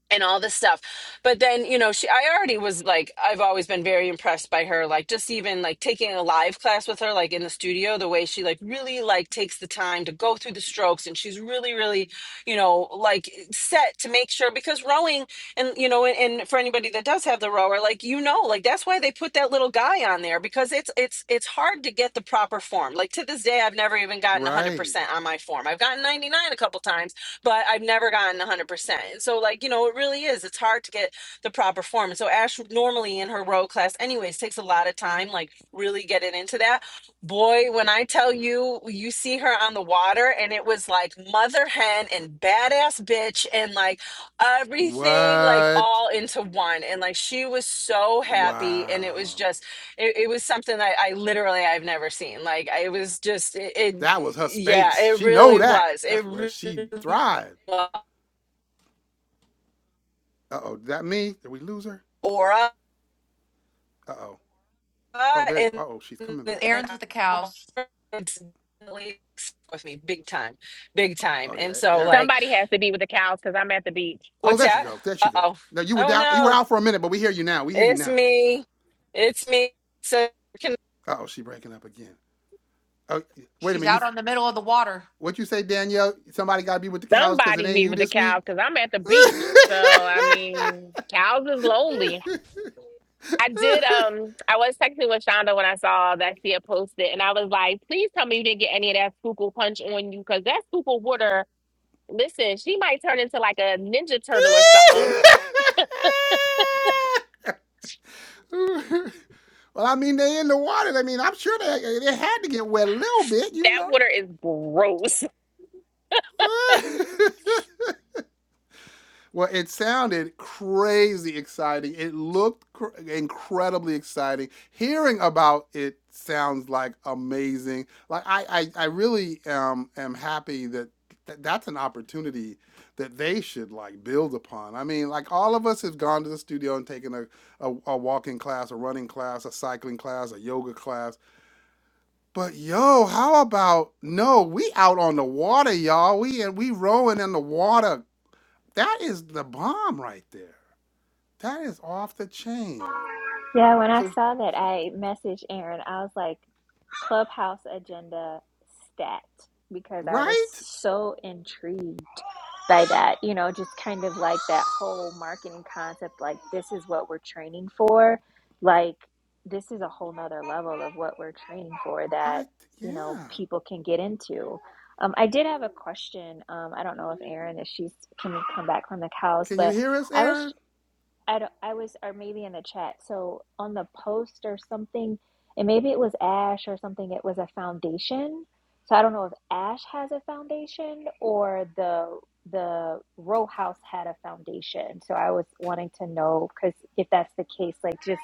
[SPEAKER 7] and all this stuff. But then, you know, she I already was like I've always been very impressed by her like just even like taking a live class with her like in the studio the way she like really like takes the time to go through the strokes and she's really really, you know, like set to make sure because rowing and you know and, and for anybody that does have the rower like you know like that's why they put that little guy on there because it's it's it's hard to get the proper form. Like to this day I've never even gotten 100%
[SPEAKER 1] Right.
[SPEAKER 7] on my form. I've gotten 99 a couple times but I've never gotten 100%. So, like, you know, it really is. It's hard to get the proper form. And so, Ash would normally in her row class, anyways, takes a lot of time, like, really getting into that. Boy, when I tell you, you see her on the water, and it was like mother hen and badass bitch, and like everything, like,
[SPEAKER 1] What?
[SPEAKER 7] all into one. And like, she was so happy, and
[SPEAKER 1] Wow.
[SPEAKER 7] it was just, it, it was something that I literally I've never seen. Like I- it was just it, it
[SPEAKER 1] That was her
[SPEAKER 7] yeah,
[SPEAKER 1] space.
[SPEAKER 7] it
[SPEAKER 1] She know
[SPEAKER 7] really
[SPEAKER 1] that.
[SPEAKER 7] was. It
[SPEAKER 1] That's where she
[SPEAKER 7] really
[SPEAKER 1] thrived. Uh oh, that me? Did we lose her?
[SPEAKER 7] Aura
[SPEAKER 1] Uh oh. Oh there.
[SPEAKER 7] and,
[SPEAKER 1] Uh oh, she's coming back.
[SPEAKER 7] and
[SPEAKER 2] Aaron's with the
[SPEAKER 7] i
[SPEAKER 2] cows.
[SPEAKER 7] with me big time, big time.
[SPEAKER 1] Oh
[SPEAKER 7] And
[SPEAKER 1] yeah.
[SPEAKER 7] so
[SPEAKER 1] Aaron.
[SPEAKER 7] like,
[SPEAKER 4] Somebody has to be with the cows because I'm at the beach.
[SPEAKER 1] Oh,
[SPEAKER 7] what's
[SPEAKER 1] there she
[SPEAKER 7] that?
[SPEAKER 1] go. There
[SPEAKER 7] Uh
[SPEAKER 1] she go.
[SPEAKER 7] oh.
[SPEAKER 1] No, you were
[SPEAKER 7] Oh
[SPEAKER 1] down. You were
[SPEAKER 7] no,
[SPEAKER 1] out for a minute, but we hear you now. We hear you
[SPEAKER 7] it's
[SPEAKER 1] now.
[SPEAKER 7] me. It's me. So can
[SPEAKER 1] Uh oh, she breaking up again. Oh, wait a
[SPEAKER 2] She's
[SPEAKER 1] minute. You
[SPEAKER 2] out on the middle of the water.
[SPEAKER 1] what you say, Danielle? Somebody got to be with the cows because it
[SPEAKER 4] Somebody
[SPEAKER 1] ain't
[SPEAKER 4] be
[SPEAKER 1] you
[SPEAKER 4] with the
[SPEAKER 1] this week.
[SPEAKER 4] cows because I'm at the beach. So I mean, cows is lonely. I did. Um, I was texting with Shonda when I saw that she had posted, and I was like, "Please tell me you didn't get any of that schuylkill punch on you, because that schuylkill water. Listen, she might turn into like a ninja turtle or something.
[SPEAKER 1] well, I mean, they in the water. I mean, I'm sure they, they had to get wet a little bit, you
[SPEAKER 4] That water is gross."
[SPEAKER 1] know. Well, it sounded crazy exciting. It looked cr- incredibly exciting. Hearing about it sounds like amazing. Like I, I, I really am am happy that th- that's an opportunity that they should like build upon. I mean, like all of us have gone to the studio and taken a, a, a walking class, a running class, a cycling class, a yoga class. But yo, how about no? We out on the water, y'all. We and we rowing in the water. That is the bomb right there. That is off the chain.
[SPEAKER 3] Yeah, when I
[SPEAKER 1] So
[SPEAKER 3] saw that, I messaged Erin. I was like, Clubhouse agenda stat because I was
[SPEAKER 1] right?
[SPEAKER 3] so intrigued by that, you know, just kind of like that whole marketing concept like, this is what we're training for. Like, this is a whole nother level of what we're training for
[SPEAKER 1] I
[SPEAKER 3] that, you know,
[SPEAKER 1] yeah.
[SPEAKER 3] people can get into. Um, I did have a question. Um, I don't know if Erin, if she's can come back from the cows,
[SPEAKER 1] Can you
[SPEAKER 3] but
[SPEAKER 1] hear us,
[SPEAKER 3] I was
[SPEAKER 1] Aaron?
[SPEAKER 3] I don't, I was, or maybe in the chat. So on the post or something, and maybe it was Ash or something, it was a foundation. So I don't know if Ash has a foundation or the the row house had a foundation. So I was wanting to know because if that's the case, like just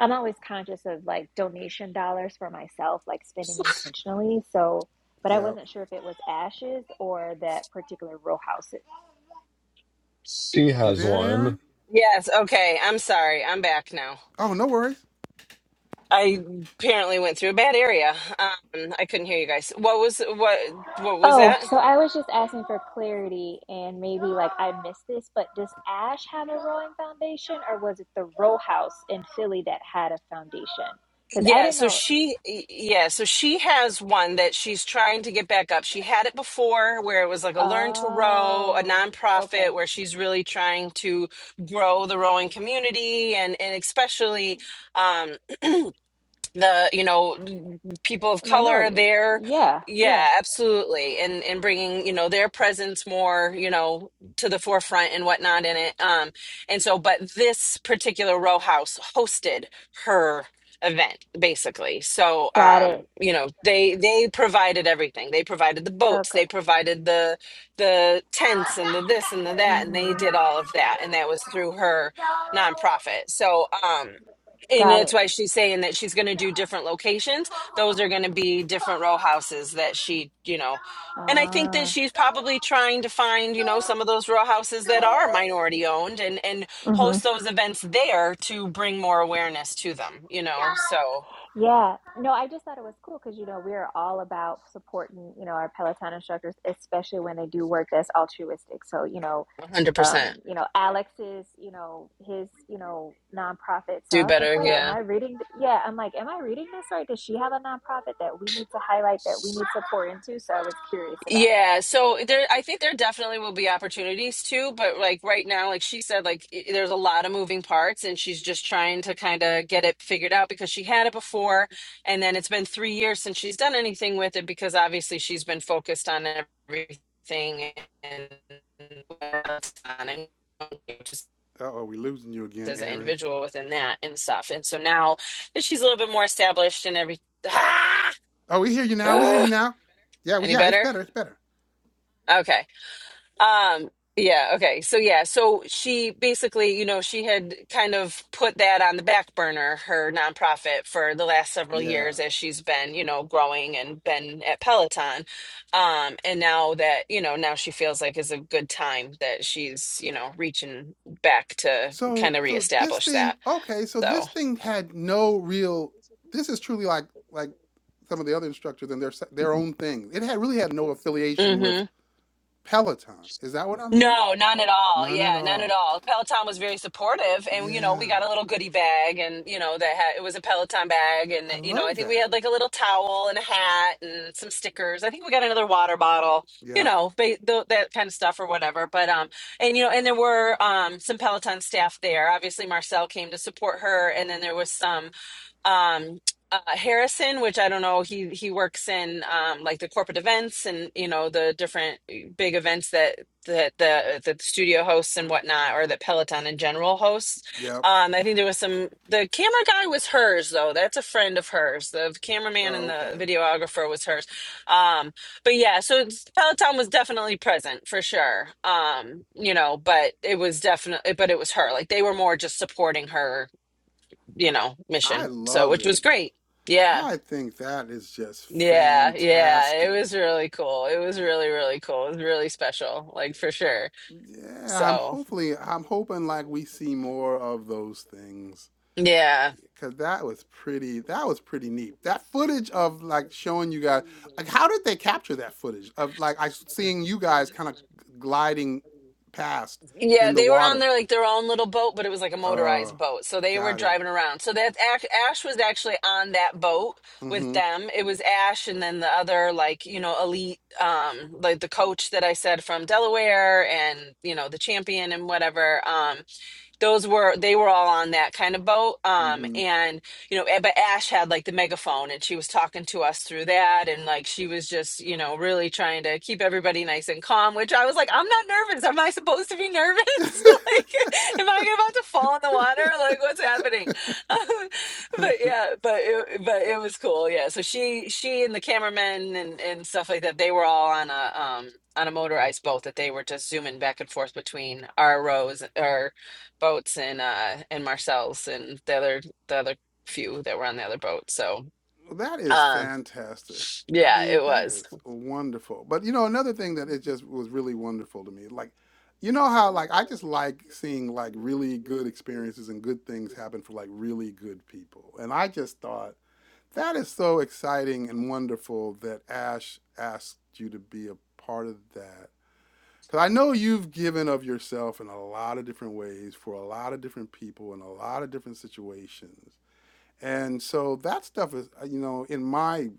[SPEAKER 3] I'm always conscious of like donation dollars for myself, like spending intentionally. So, but I
[SPEAKER 1] Yeah.
[SPEAKER 3] wasn't sure if it was Ash's or that particular row house.
[SPEAKER 5] She
[SPEAKER 1] You
[SPEAKER 5] has
[SPEAKER 1] there,
[SPEAKER 5] one.
[SPEAKER 1] Aaron?
[SPEAKER 7] yes, okay. I'm sorry. I'm back now.
[SPEAKER 1] Oh, no worries.
[SPEAKER 7] I apparently went through a bad area. Um, I couldn't hear you guys. What was what? What was
[SPEAKER 3] Oh,
[SPEAKER 7] that?
[SPEAKER 3] so I was just asking for clarity, and maybe like I missed this, but does Ash have a rowing foundation, or was it the row house in Philly that had a foundation? Because I
[SPEAKER 7] Yeah,
[SPEAKER 3] didn't
[SPEAKER 7] so
[SPEAKER 3] know.
[SPEAKER 7] she yeah, so she has one that she's trying to get back up. She had it before where it was like a learn to row, a
[SPEAKER 3] Oh,
[SPEAKER 7] nonprofit
[SPEAKER 3] okay.
[SPEAKER 7] where she's really trying to grow the rowing community and and especially um, the you know people of color
[SPEAKER 3] Minorities.
[SPEAKER 7] there
[SPEAKER 3] Yeah, yeah.
[SPEAKER 7] yeah absolutely and and bringing you know their presence more you know to the forefront and whatnot in it um and so but this particular row house hosted her event basically so
[SPEAKER 3] Got
[SPEAKER 7] um
[SPEAKER 3] it.
[SPEAKER 7] you know they they provided everything they provided the boats
[SPEAKER 3] Okay.
[SPEAKER 7] they provided the the tents and the this and the that and they
[SPEAKER 3] Mm-hmm.
[SPEAKER 7] did all of that and that was through her nonprofit so um. And
[SPEAKER 3] Got
[SPEAKER 7] that's
[SPEAKER 3] it.
[SPEAKER 7] why she's saying that she's going to do different locations. Those are going to be different row houses that she, you know. And I think that
[SPEAKER 3] Ah.
[SPEAKER 7] she's probably trying to find, you know, some of those row houses that are minority owned and and
[SPEAKER 3] hmm
[SPEAKER 7] host those events there to bring more awareness to them, you know. So
[SPEAKER 3] Yeah. No, I just thought it was cool because, you know, we're all about supporting, you know, our Peloton instructors, especially when they do work that's altruistic. So, you know,
[SPEAKER 7] 100%.
[SPEAKER 3] um, you know, Alex's, you know, his, you know, nonprofit. So
[SPEAKER 7] Do
[SPEAKER 3] I was like,
[SPEAKER 7] better,
[SPEAKER 3] wait, am
[SPEAKER 7] yeah.
[SPEAKER 3] I reading? th- Yeah. I'm like, am I reading this right? Does she have a nonprofit that we need to highlight that we need to pour into? So I was curious about that.
[SPEAKER 7] Yeah, so there, I think there definitely will be opportunities too, but like right now, like she said, like i there's a lot of moving parts, and she's just trying to kind of get it figured out because she had it before, and then it's been three years since she's done anything with it because obviously she's been focused on everything and what's on and just
[SPEAKER 1] Uh oh, we losing you again,
[SPEAKER 7] as an
[SPEAKER 1] Aaron.
[SPEAKER 7] individual within that and stuff, and so now that she's a little bit more established and every. Ah!
[SPEAKER 1] Oh, we hear you now. We hear you
[SPEAKER 7] Ugh!
[SPEAKER 1] now. Yeah, well,
[SPEAKER 7] any
[SPEAKER 1] yeah, it's
[SPEAKER 7] better?
[SPEAKER 1] better. It's better.
[SPEAKER 7] Okay. Um, yeah, okay. So yeah, so she basically, you know, she had kind of put that on the back burner, her nonprofit for the last several
[SPEAKER 1] Yeah.
[SPEAKER 7] years as she's been, you know, growing and been at Peloton. Um, and now that, you know, now she feels like is a good time that she's, you know, reaching back to
[SPEAKER 1] So
[SPEAKER 7] kind of
[SPEAKER 1] so this
[SPEAKER 7] reestablish
[SPEAKER 1] thing
[SPEAKER 7] that.
[SPEAKER 1] okay, so
[SPEAKER 7] So,
[SPEAKER 1] this thing had no real this is truly like like some of the other instructors and their their own thing. It had really had no affiliation
[SPEAKER 7] mhm.
[SPEAKER 1] with Peloton. Is that what I'm hearing?
[SPEAKER 7] No, none at all.
[SPEAKER 1] None at
[SPEAKER 7] Yeah, none
[SPEAKER 1] all.
[SPEAKER 7] at all. Peloton was very supportive, and you know, we
[SPEAKER 1] Yeah.
[SPEAKER 7] got a little goodie bag, and you know, that had, it was a Peloton bag, and
[SPEAKER 1] I
[SPEAKER 7] you know, I
[SPEAKER 1] love
[SPEAKER 7] think we
[SPEAKER 1] that.
[SPEAKER 7] had like a little towel and a hat and some stickers. I think we got another water bottle, you
[SPEAKER 1] Yep.
[SPEAKER 7] know, ba- tho- that kind of stuff or whatever. But um, and you know, and there were um some Peloton staff there. Obviously, Marcel came to support her, and then there was some um uh, Harrison, which I don't know, he he works in um, like the corporate events and you know the different uh, big events that that the that the studio hosts and whatnot, or that Peloton in general hosts.
[SPEAKER 1] Yep.
[SPEAKER 7] Um, I think there was some. The camera guy was hers though. That's a friend of hers. The
[SPEAKER 1] Oh,
[SPEAKER 7] cameraman and the
[SPEAKER 1] okay.
[SPEAKER 7] videographer was hers. Um, but yeah, so it's- Peloton was definitely present for sure. Um, you know, but it was definitely, but it was her. Like they were more just supporting her you know,
[SPEAKER 1] I
[SPEAKER 7] mission. So,
[SPEAKER 1] love
[SPEAKER 7] which was
[SPEAKER 1] it.
[SPEAKER 7] great. Yeah.
[SPEAKER 1] I think that is just
[SPEAKER 7] Yeah. Yeah. It
[SPEAKER 1] fantastic.
[SPEAKER 7] was really cool. It was really, really cool. It was really special, like for sure.
[SPEAKER 1] Yeah, I'm
[SPEAKER 7] So,
[SPEAKER 1] hopefully I'm hoping like we see more of those things
[SPEAKER 7] yeah.
[SPEAKER 1] cuz that was pretty that was pretty neat. That footage of like showing you guys like how did they capture that footage of like I seeing you guys kind of gliding past
[SPEAKER 7] Yeah.
[SPEAKER 1] in the
[SPEAKER 7] They were on
[SPEAKER 1] water.
[SPEAKER 7] their like their own little boat, but it was like a motorized
[SPEAKER 1] Oh,
[SPEAKER 7] boat. So they were
[SPEAKER 1] got it.
[SPEAKER 7] driving around. So that Ash, Ash was actually on that boat with them. It was Ash and then the other, like, you know, elite, um, like the coach that I said from Delaware and, you know, the champion and whatever. Um, those were they were all on that kind of boat um
[SPEAKER 1] Mhm.
[SPEAKER 7] and you know eh, but ash had like the megaphone and she was talking to us through that and like she was just you know really trying to keep everybody nice and calm which i was like i'm not nervous am i supposed to be nervous like am i about to fall in the water like what's happening but yeah but it, but it was cool yeah so she she and the cameramen and and stuff like that they were all on a um on a motorized boat that they were just zooming back and forth between our rows or boats and uh and Marcel's and the other the other few that were on the other boat. So
[SPEAKER 1] Well, that is
[SPEAKER 7] um
[SPEAKER 1] fantastic. I
[SPEAKER 7] yeah, it
[SPEAKER 1] mean, that
[SPEAKER 7] was.
[SPEAKER 1] is wonderful. But you know, another thing that it just was really wonderful to me, like, you know how like I just like seeing like really good experiences and good things happen for like really good people. And I just thought that is so exciting and wonderful that Ash asked you to be a part of that. Because I know you've given of yourself in a lot of different ways for a lot of different people in a lot of different situations. And so that stuff is, uh, you know, in my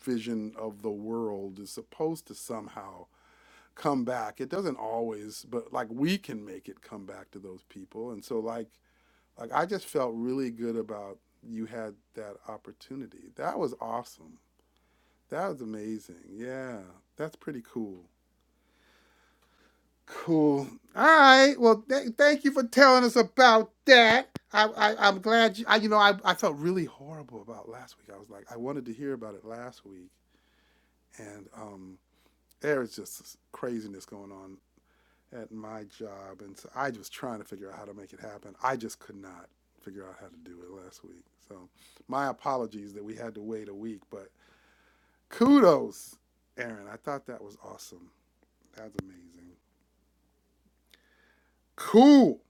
[SPEAKER 1] vision of the world, is supposed to somehow come back. It doesn't always, but like we can make it come back to those people. And so, like, like I just felt really good about you had that opportunity. That was awesome. That was amazing. Yeah, that's pretty cool. Cool. All right. Well, th- thank you for telling us about that. I, I I'm glad you. I, you know, I I felt really horrible about last week. I was like, I wanted to hear about it last week, and um, there is just this craziness going on at my job, and so I was trying to figure out how to make it happen. I just could not figure out how to do it last week. So, my apologies that we had to wait a week, but kudos, Aaron. I thought that was awesome. That's amazing. Cool.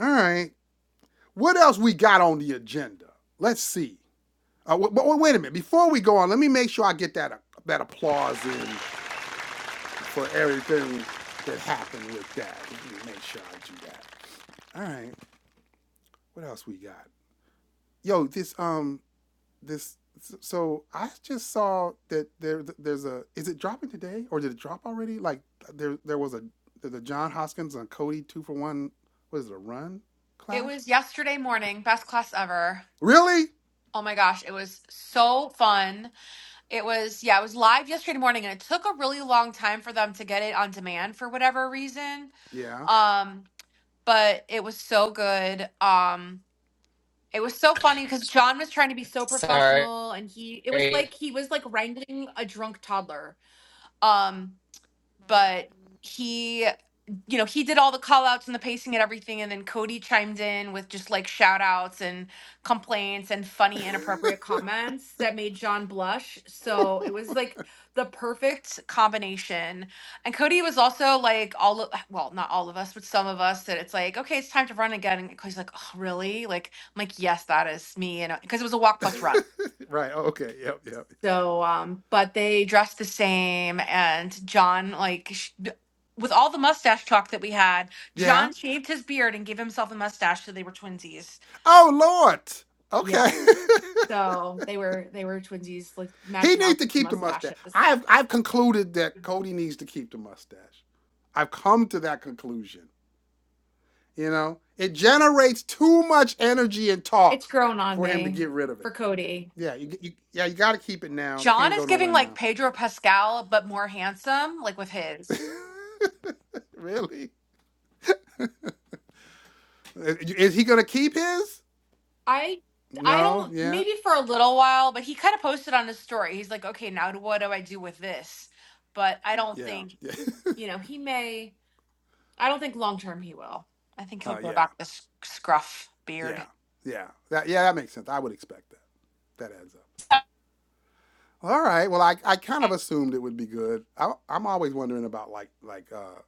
[SPEAKER 1] All right. What else we got on the agenda? Let's see. Uh, w- but wait a minute. Before we go on, let me make sure I get that uh, that applause in for everything that happened with that. Let me make sure I do that. All right. What else we got? Yo, this um this so I just saw that there there's a is it dropping today or did it drop already? Like uh, there there was a the John Hoskins and Cody two for one. What is it? A run
[SPEAKER 2] It
[SPEAKER 1] class?
[SPEAKER 2] was yesterday morning, best class ever.
[SPEAKER 1] Really?
[SPEAKER 2] Oh my gosh, it was so fun. It was, yeah, it was live yesterday morning and it took a really long time for them to get it on demand for whatever reason.
[SPEAKER 1] Yeah.
[SPEAKER 2] Um, but it was so good. Um, it was so funny because John was trying to be so
[SPEAKER 7] Sorry.
[SPEAKER 2] professional and he it was like
[SPEAKER 7] I
[SPEAKER 2] he was like wrangling a drunk toddler. Um, but he you know, he did all the call outs and the pacing and everything. And then Cody chimed in with just like shout outs and complaints and funny, inappropriate comments that made John blush. So it was like the perfect combination. And Cody was also like, all of, well, not all of us, but some of us that it's like, okay, it's time to run again. And Cody's like, oh, really? Like, I'm like, yes, that is me. And because it was a walk plus run.
[SPEAKER 1] Right. Oh, okay. Yep. Yep.
[SPEAKER 2] So, um, but they dressed the same, and John, like, sh- with all the mustache talk that we had,
[SPEAKER 1] Yeah.
[SPEAKER 2] John shaved his beard and gave himself a mustache, so they were twinsies.
[SPEAKER 1] Oh Lord.
[SPEAKER 2] Yeah,
[SPEAKER 1] Okay.
[SPEAKER 2] so they were they were twinsies, like
[SPEAKER 1] he
[SPEAKER 2] matching
[SPEAKER 1] needs to
[SPEAKER 2] outfits and
[SPEAKER 1] keep the mustache.
[SPEAKER 2] mustaches.
[SPEAKER 1] I've I've concluded that Cody needs to keep the mustache. I've come to that conclusion. You know, it generates too much energy and
[SPEAKER 2] It's
[SPEAKER 1] talk
[SPEAKER 2] grown on
[SPEAKER 1] for him to
[SPEAKER 2] me
[SPEAKER 1] get rid of
[SPEAKER 2] for
[SPEAKER 1] it.
[SPEAKER 2] Cody.
[SPEAKER 1] Yeah, you, you yeah you got to keep it now.
[SPEAKER 2] John
[SPEAKER 1] Can't
[SPEAKER 2] is
[SPEAKER 1] go
[SPEAKER 2] giving
[SPEAKER 1] nowhere
[SPEAKER 2] like
[SPEAKER 1] now.
[SPEAKER 2] Pedro Pascal, but more handsome, like with his.
[SPEAKER 1] really? Is he gonna keep his?
[SPEAKER 2] I I
[SPEAKER 1] No.
[SPEAKER 2] don't
[SPEAKER 1] Yeah.
[SPEAKER 2] maybe for a little while, but he kind of posted on his story. He's like, okay, now what do I do with this? But I don't
[SPEAKER 1] Yeah.
[SPEAKER 2] think
[SPEAKER 1] Yeah.
[SPEAKER 2] you know, he may, I don't think long term he will. I think he'll
[SPEAKER 1] uh,
[SPEAKER 2] grow
[SPEAKER 1] yeah.
[SPEAKER 2] back this scruff beard.
[SPEAKER 1] Yeah. Yeah. That yeah that makes sense. I would expect that. That adds up. All right. Well, I, I kind of assumed it would be good. I, I'm always wondering about like like uh,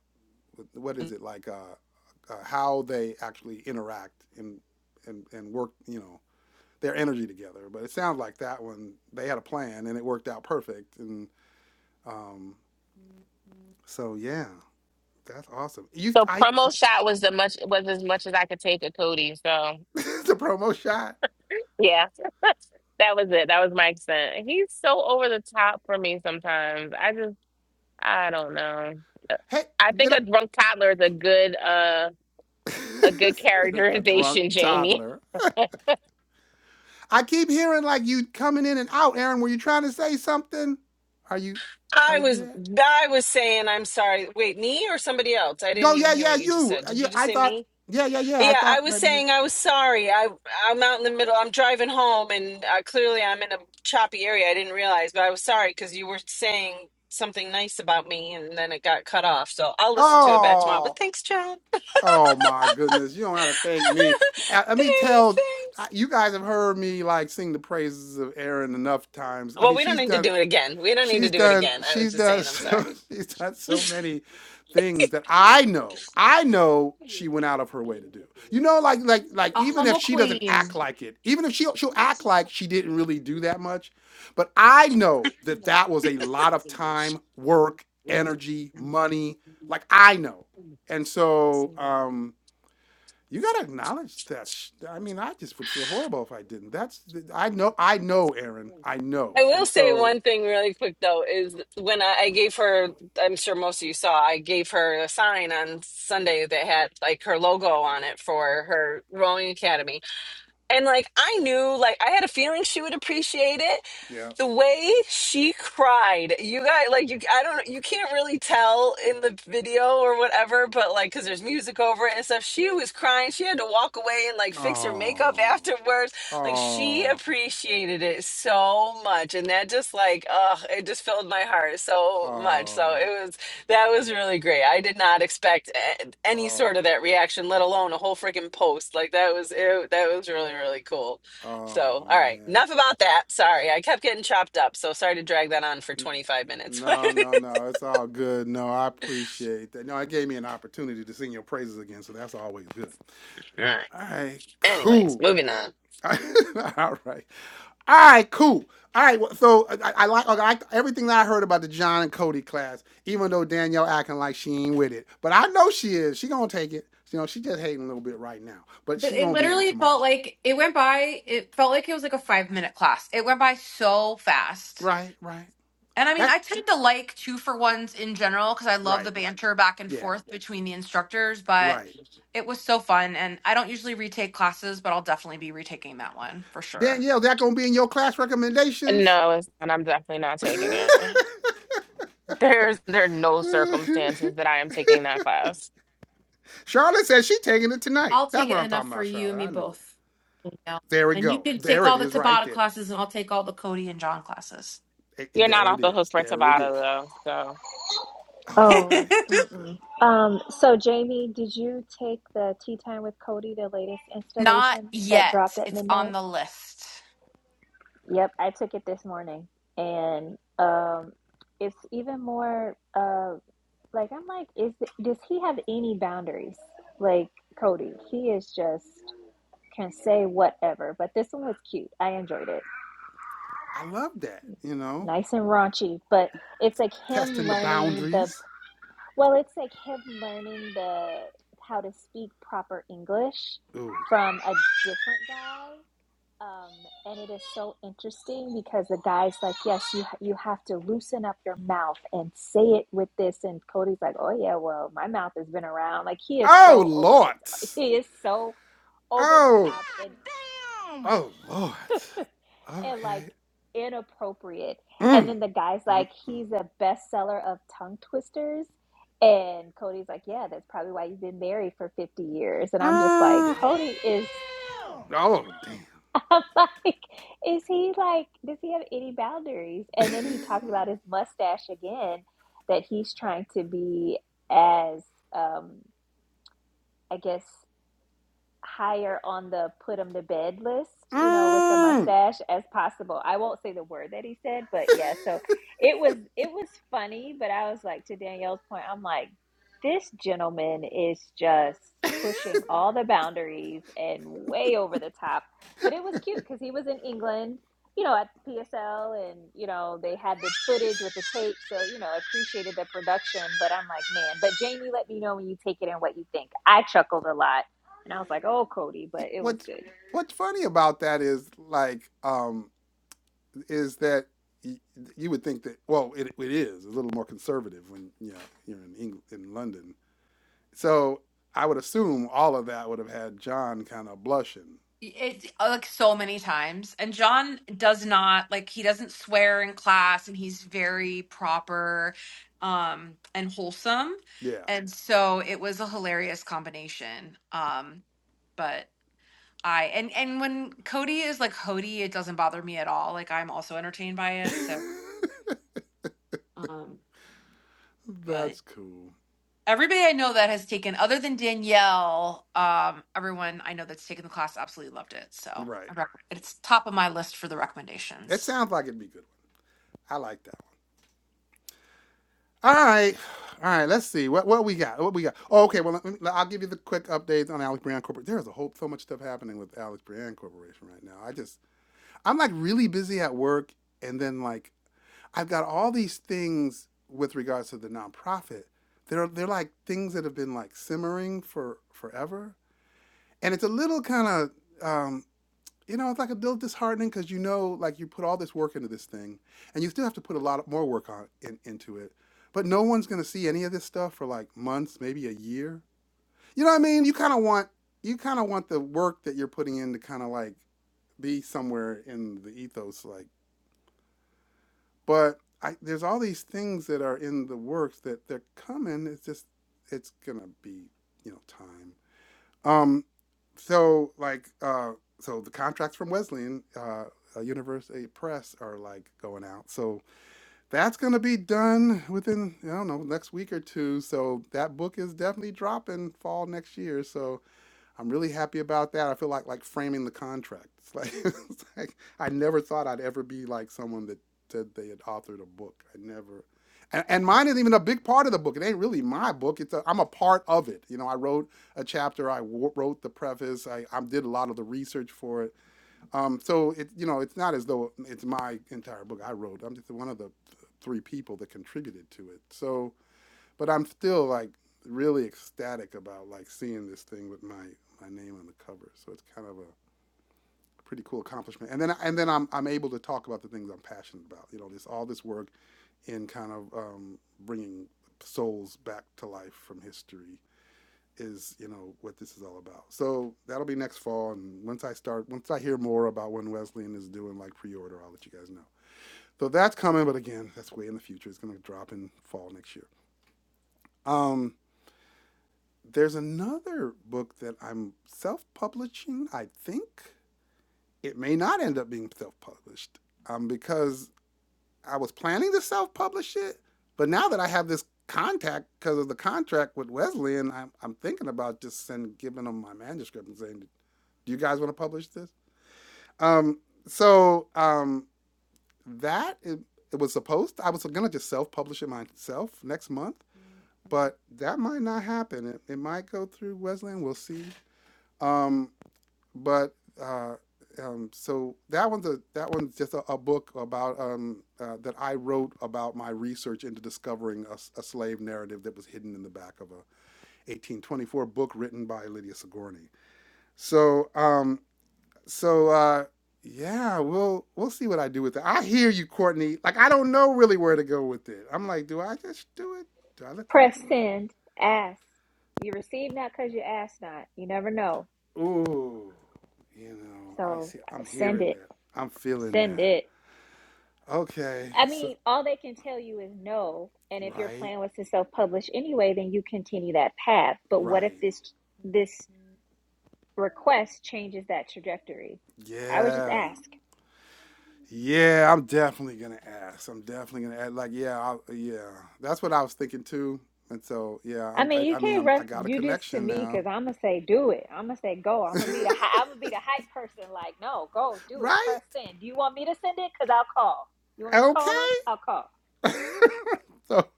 [SPEAKER 1] what is it like uh, uh, how they actually interact and and and work you know their energy together. But it sounds like that one they had a plan and it worked out perfect. And um, so yeah, that's awesome. You
[SPEAKER 4] the
[SPEAKER 1] I
[SPEAKER 4] promo shot was the much was as much as I could take of Cody. So
[SPEAKER 1] the promo shot.
[SPEAKER 4] Yeah. That was it. That was my accent. He's so over the top for me sometimes. I just I don't know. Uh,
[SPEAKER 1] Hey,
[SPEAKER 4] I
[SPEAKER 1] did
[SPEAKER 4] think
[SPEAKER 1] I?
[SPEAKER 4] a drunk toddler is a good uh a good
[SPEAKER 1] a drunk
[SPEAKER 4] characterization, Jamie.
[SPEAKER 1] toddler I keep hearing like you coming in and out, Aaron. Were you trying to say something? Are you are you
[SPEAKER 7] was
[SPEAKER 1] there?
[SPEAKER 7] I was saying I'm sorry. Wait, me or somebody else? I didn't
[SPEAKER 1] No,
[SPEAKER 7] even
[SPEAKER 1] yeah,
[SPEAKER 7] hear
[SPEAKER 1] yeah,
[SPEAKER 7] what you just
[SPEAKER 1] you.
[SPEAKER 7] said. Did
[SPEAKER 1] You
[SPEAKER 7] you just
[SPEAKER 1] I
[SPEAKER 7] say
[SPEAKER 1] thought
[SPEAKER 7] me?
[SPEAKER 1] yeah, yeah, yeah. I
[SPEAKER 7] Yeah, I
[SPEAKER 1] thought
[SPEAKER 7] was
[SPEAKER 1] maybe you
[SPEAKER 7] saying I was sorry. I I'm out in the middle. I'm driving home and uh, clearly I'm in a choppy area. I didn't realize, but I was sorry cuz you were saying something nice about me and then it got cut off. So I'll listen to it back tomorrow. But
[SPEAKER 1] Oh.
[SPEAKER 7] thanks, John.
[SPEAKER 1] Oh my goodness. You don't have to thank me. Uh, Let me
[SPEAKER 7] Thanks,
[SPEAKER 1] tell I-
[SPEAKER 7] thanks.
[SPEAKER 1] you guys have heard me like sing the praises of Aaron enough times. I
[SPEAKER 7] Well,
[SPEAKER 1] mean,
[SPEAKER 7] we don't
[SPEAKER 1] she's
[SPEAKER 7] need to do
[SPEAKER 1] done
[SPEAKER 7] it again. We don't need to
[SPEAKER 1] She's
[SPEAKER 7] do it
[SPEAKER 1] done.
[SPEAKER 7] again. I was
[SPEAKER 1] She's
[SPEAKER 7] just
[SPEAKER 1] done.
[SPEAKER 7] saying, I'm
[SPEAKER 1] So,
[SPEAKER 7] sorry.
[SPEAKER 1] she's done so
[SPEAKER 7] I
[SPEAKER 1] many things that I know. I know she went out of her way to do. You know, like like like
[SPEAKER 2] A
[SPEAKER 1] even if
[SPEAKER 2] humble
[SPEAKER 1] she doesn't act
[SPEAKER 2] queen.
[SPEAKER 1] like it, even if she she'll act like she didn't really do that much, but I know that that was a lot of time, work, energy, money. Like I know, and so um, you gotta acknowledge that. sh- I mean, I just would feel horrible if I didn't. That's I know. I know, Aaron. I know,
[SPEAKER 7] will
[SPEAKER 1] and
[SPEAKER 7] say
[SPEAKER 1] so
[SPEAKER 7] one thing really quick though is when I, I gave her, I'm sure most of you saw, I gave her a sign on Sunday that had like her logo on it for her rowing academy, and like I knew, like I had a feeling she would appreciate it,
[SPEAKER 1] yeah.
[SPEAKER 7] the way she cried you guys like you i don't you can't really tell in the video or whatever but like because there's music over it and stuff she was crying she had to walk away and like fix her makeup
[SPEAKER 1] Oh,
[SPEAKER 7] afterwards like she
[SPEAKER 1] oh,
[SPEAKER 7] appreciated it so much and that just like uh it just filled my heart so much so
[SPEAKER 1] oh,
[SPEAKER 7] it was that was really great i did not expect a- any
[SPEAKER 1] oh,
[SPEAKER 7] sort of that reaction let alone a whole freaking post like that was it that was really really cool
[SPEAKER 1] oh,
[SPEAKER 7] so, all right,
[SPEAKER 1] man.
[SPEAKER 7] enough about that. Sorry, I kept getting chopped up. So sorry to drag that on for
[SPEAKER 1] N-
[SPEAKER 7] 25 minutes. all
[SPEAKER 1] No, no, no. It's all good. No, I appreciate that. No, it gave me an opportunity to sing your praises again, so that's always good.
[SPEAKER 7] right.
[SPEAKER 1] All right,
[SPEAKER 7] Anyways,
[SPEAKER 1] cool.
[SPEAKER 7] moving on.
[SPEAKER 1] all right, all right, cool. All right. well, So I, I I like okay, I like everything that I heard about the John and Cody class, even though Danielle acting like she ain't with it, but I know she is. She gonna take it. You know, she just hating a little bit right now, but
[SPEAKER 2] But
[SPEAKER 1] she
[SPEAKER 2] it
[SPEAKER 1] gonna be in it
[SPEAKER 2] literally felt
[SPEAKER 1] tomorrow.
[SPEAKER 2] like it went by, it felt like it was like a five minute class. It went by so fast.
[SPEAKER 1] Right, right.
[SPEAKER 2] And I mean,
[SPEAKER 1] That
[SPEAKER 2] I tend to like two for ones in general because I love
[SPEAKER 1] right.
[SPEAKER 2] the banter back and
[SPEAKER 1] Yeah.
[SPEAKER 2] forth between the instructors, but
[SPEAKER 1] Right.
[SPEAKER 2] it was so fun. And I don't usually retake classes, but I'll definitely be retaking that one for sure.
[SPEAKER 1] Danielle, that gonna be in your class recommendations?
[SPEAKER 4] No, it's- and I'm definitely not taking it. There's there are no circumstances that I am taking that class.
[SPEAKER 1] Charlotte says she taking it tonight.
[SPEAKER 2] I'll
[SPEAKER 1] That's
[SPEAKER 2] take it
[SPEAKER 1] what I'm
[SPEAKER 2] enough
[SPEAKER 1] talking
[SPEAKER 2] for
[SPEAKER 1] about,
[SPEAKER 2] you and
[SPEAKER 1] Charlotte.
[SPEAKER 2] me
[SPEAKER 1] I knew it.
[SPEAKER 2] both. Yeah.
[SPEAKER 1] There we
[SPEAKER 2] And you
[SPEAKER 1] go.
[SPEAKER 2] can take
[SPEAKER 1] There
[SPEAKER 2] all
[SPEAKER 1] it
[SPEAKER 2] the
[SPEAKER 1] is right
[SPEAKER 2] Tabata
[SPEAKER 1] there.
[SPEAKER 2] classes and I'll take all the Cody and John classes.
[SPEAKER 1] Eh,
[SPEAKER 4] You're not
[SPEAKER 1] There it
[SPEAKER 4] off the hook
[SPEAKER 1] is.
[SPEAKER 4] for
[SPEAKER 1] There it
[SPEAKER 4] Tabata
[SPEAKER 1] is.
[SPEAKER 4] though, so
[SPEAKER 1] Oh, damn.
[SPEAKER 3] Oh,
[SPEAKER 1] Good
[SPEAKER 3] mm-mm.
[SPEAKER 1] Lord.
[SPEAKER 3] Um, so Jamie, did you take the Tea Time with Cody, the latest
[SPEAKER 2] Not
[SPEAKER 3] installation that
[SPEAKER 2] yet.
[SPEAKER 3] dropped at
[SPEAKER 2] It's on
[SPEAKER 3] midnight?
[SPEAKER 2] the list.
[SPEAKER 3] Yep, I took it this morning, and um, it's even more uh, like I'm like, is does he have any boundaries? Like Cody, he is just can say whatever. But this one was cute. I enjoyed it,
[SPEAKER 1] I love that, you know?
[SPEAKER 3] nice and raunchy, but it's like him
[SPEAKER 1] Testing the
[SPEAKER 3] learning the
[SPEAKER 1] boundaries.
[SPEAKER 3] Well, it's like him learning the how to speak proper English
[SPEAKER 1] Ooh.
[SPEAKER 3] from a different guy. Um, and it is so interesting because the guy's like, "Yes, you you have to loosen up your mouth and say it with this." And Cody's like, "Oh yeah, well, my mouth has been around." Like he is
[SPEAKER 1] Oh,
[SPEAKER 3] so over the
[SPEAKER 1] Lord.
[SPEAKER 3] top. He is so over the
[SPEAKER 1] Oh.
[SPEAKER 3] top
[SPEAKER 1] God
[SPEAKER 3] and
[SPEAKER 1] damn. Oh, Lord.
[SPEAKER 3] and like
[SPEAKER 1] Okay.
[SPEAKER 3] inappropriate. And
[SPEAKER 1] Mm,
[SPEAKER 3] then the guy's
[SPEAKER 1] mm,
[SPEAKER 3] like,
[SPEAKER 1] mm.
[SPEAKER 3] he's a bestseller of tongue twisters. And Cody's like, yeah, that's probably why you've been married for 50 years. And I'm just like,
[SPEAKER 1] Mm.
[SPEAKER 3] Cody is,
[SPEAKER 1] Damn. Oh damn.
[SPEAKER 3] I'm like, is he like, does he have any boundaries? And then he talked about his mustache again, that he's trying to be as, um, I guess, higher on the put him to bed list, you know, with the
[SPEAKER 1] mm.
[SPEAKER 3] mustache as possible. I won't say the word that he said, but yeah, so it was it was funny, but I was like to Danielle's point, I'm like, this gentleman is just pushing all the boundaries and way over the top. But it was cute because he was in England, you know, at PSL and, you know, they had the footage with the tape. So, you know, appreciated the production. But I'm like, man, but Jamie, let me know when you take it and what you think. I chuckled a lot and I was like, oh, Cody, but it was
[SPEAKER 1] What's
[SPEAKER 3] good.
[SPEAKER 1] what's funny about that is like um is that y- you would think that well it, it is a little more conservative when you know you're in England in London. So I would assume all of that would have had John kind of blushing.
[SPEAKER 2] It like so many times. And John does not like he doesn't swear in class and he's very proper um and wholesome.
[SPEAKER 1] Yeah.
[SPEAKER 2] And so it was a hilarious combination. Um but I and and when Cody is like Hody, it doesn't bother me at all. Like I'm also entertained by it. So um but
[SPEAKER 1] That's cool.
[SPEAKER 2] everybody I know that has taken other than Danielle, um, everyone I know that's taken the class absolutely loved it. So
[SPEAKER 1] Right.
[SPEAKER 2] I rec- it's top of my list for the
[SPEAKER 1] It
[SPEAKER 2] recommendations.
[SPEAKER 1] sounds like it'd be a good one. I like that. one. All right. All right, let's see what what we got. What we got? Oh, okay. Well, let me, I'll give you the quick updates on Alex Brand Corporation. There's a whole so much stuff happening with Alex Brand Corporation right now. I just I'm like really busy at work, and then like I've got all these things with regards to the nonprofit. They're they're like things that have been like simmering for forever, and it's a little kind of um, you know, it's like a little disheartening because you know, like you put all this work into this thing, and you still have to put a lot more work on in, into it. But no one's gonna see any of this stuff for like months, maybe a year. You know what I mean? You kind of want you kind of want the work that you're putting in to kind of like be somewhere in the ethos, like. But I, there's all these things that are in the works that they're coming. It's just it's gonna be you know time. Um, so like uh, so the contracts from Wesleyan uh, uh, University Press are like going out. So that's gonna be done within I don't know next week or two. So that book is definitely dropping fall next year. So I'm really happy about that. I feel like like framing the contract. It's like, it's like I never thought I'd ever be like someone that said they had authored a book. I never, and, and mine isn't even a big part of the book. It ain't really my book. It's a, I'm a part of it. You know, I wrote a chapter. I w- wrote the preface. I, I did a lot of the research for it. Um, so it you know it's not as though it's my entire book. I wrote. I'm just one of the three people that contributed to it. So but I'm still like really ecstatic about like seeing this thing with my my name on the cover. So it's kind of a pretty cool accomplishment. And then and then I'm I'm able to talk about the things I'm passionate about. You know, this all this work in kind of um, bringing souls back to life from history is you know what this is all about. So that'll be next fall, and once I start, once I hear more about when Wesleyan is doing like pre-order, I'll let you guys know. So that's coming, but again, that's way in the future. It's gonna drop in fall next year. Um, There's another book that I'm self publishing, I think. It may not end up being self published um, because I was planning to self publish it. But now that I have this contact because of the contract with Wesleyan, I'm, I'm thinking about just send, giving them my manuscript and saying, do you guys want to publish this? Um, so um, that it, it was supposed to, I was going to just self publish it myself next month but that might not happen. It, it might go through Wesleyan. We'll see. Um, but uh, um, so that one's a that one's just a, a book about um, uh, that I wrote about my research into discovering a a slave narrative that was hidden in the back of a 1824 book written by Lydia Sigourney. So um, so uh, yeah, we'll we'll see what I do with it. I hear you, Courtney. Like I don't know really where to go with it. I'm like, do I just do it? Do I let them
[SPEAKER 3] Press
[SPEAKER 1] do it?
[SPEAKER 3] send, ask. You receive not because you ask not. You never know.
[SPEAKER 1] Ooh, you know, I
[SPEAKER 3] So
[SPEAKER 1] see. I'm
[SPEAKER 3] send
[SPEAKER 1] hearing
[SPEAKER 3] it.
[SPEAKER 1] that. I'm feeling
[SPEAKER 3] Send
[SPEAKER 1] that.
[SPEAKER 3] it.
[SPEAKER 1] Okay,
[SPEAKER 3] I
[SPEAKER 1] so
[SPEAKER 3] mean, all they can tell you is no. And if your
[SPEAKER 1] Right,
[SPEAKER 3] plan was to self publish anyway, then you continue that path. But what if
[SPEAKER 1] right.
[SPEAKER 3] this this request changes that trajectory? I would just
[SPEAKER 1] Yeah.
[SPEAKER 3] ask.
[SPEAKER 1] Yeah, I'm definitely gonna ask. I'm definitely gonna ask. Like, yeah, I, yeah. That's what I was thinking too. And so, yeah.
[SPEAKER 3] I
[SPEAKER 1] I'm,
[SPEAKER 3] mean,
[SPEAKER 1] I,
[SPEAKER 3] you
[SPEAKER 1] I mean,
[SPEAKER 3] can't
[SPEAKER 1] I'm,
[SPEAKER 3] ref
[SPEAKER 1] I got a
[SPEAKER 3] do this to
[SPEAKER 1] connection
[SPEAKER 3] me
[SPEAKER 1] now.
[SPEAKER 3] because I'm gonna say do it. I'm gonna say go. I'm gonna be the hi- I'm gonna be the hype person. Like, no, go do it.
[SPEAKER 1] right?
[SPEAKER 3] Press send. Do you want me to send it? Cause I'll call. You want me to call
[SPEAKER 1] Okay.
[SPEAKER 3] him? I'll call.
[SPEAKER 1] so,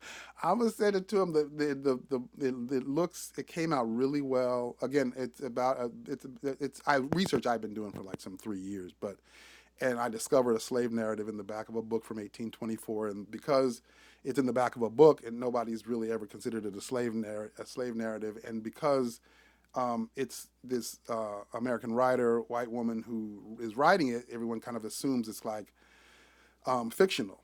[SPEAKER 1] I'm gonna send it to him. The, the, the, the it, it looks. It came out really well. Again, it's about. A, it's, it's. I research I've been doing for like some three years, but and I discovered a slave narrative in the back of a book from 1824. And because it's in the back of a book, and nobody's really ever considered it a slave narr- a slave narrative, and because um, it's this uh, American writer, white woman who is writing it, everyone kind of assumes it's like um, fictional.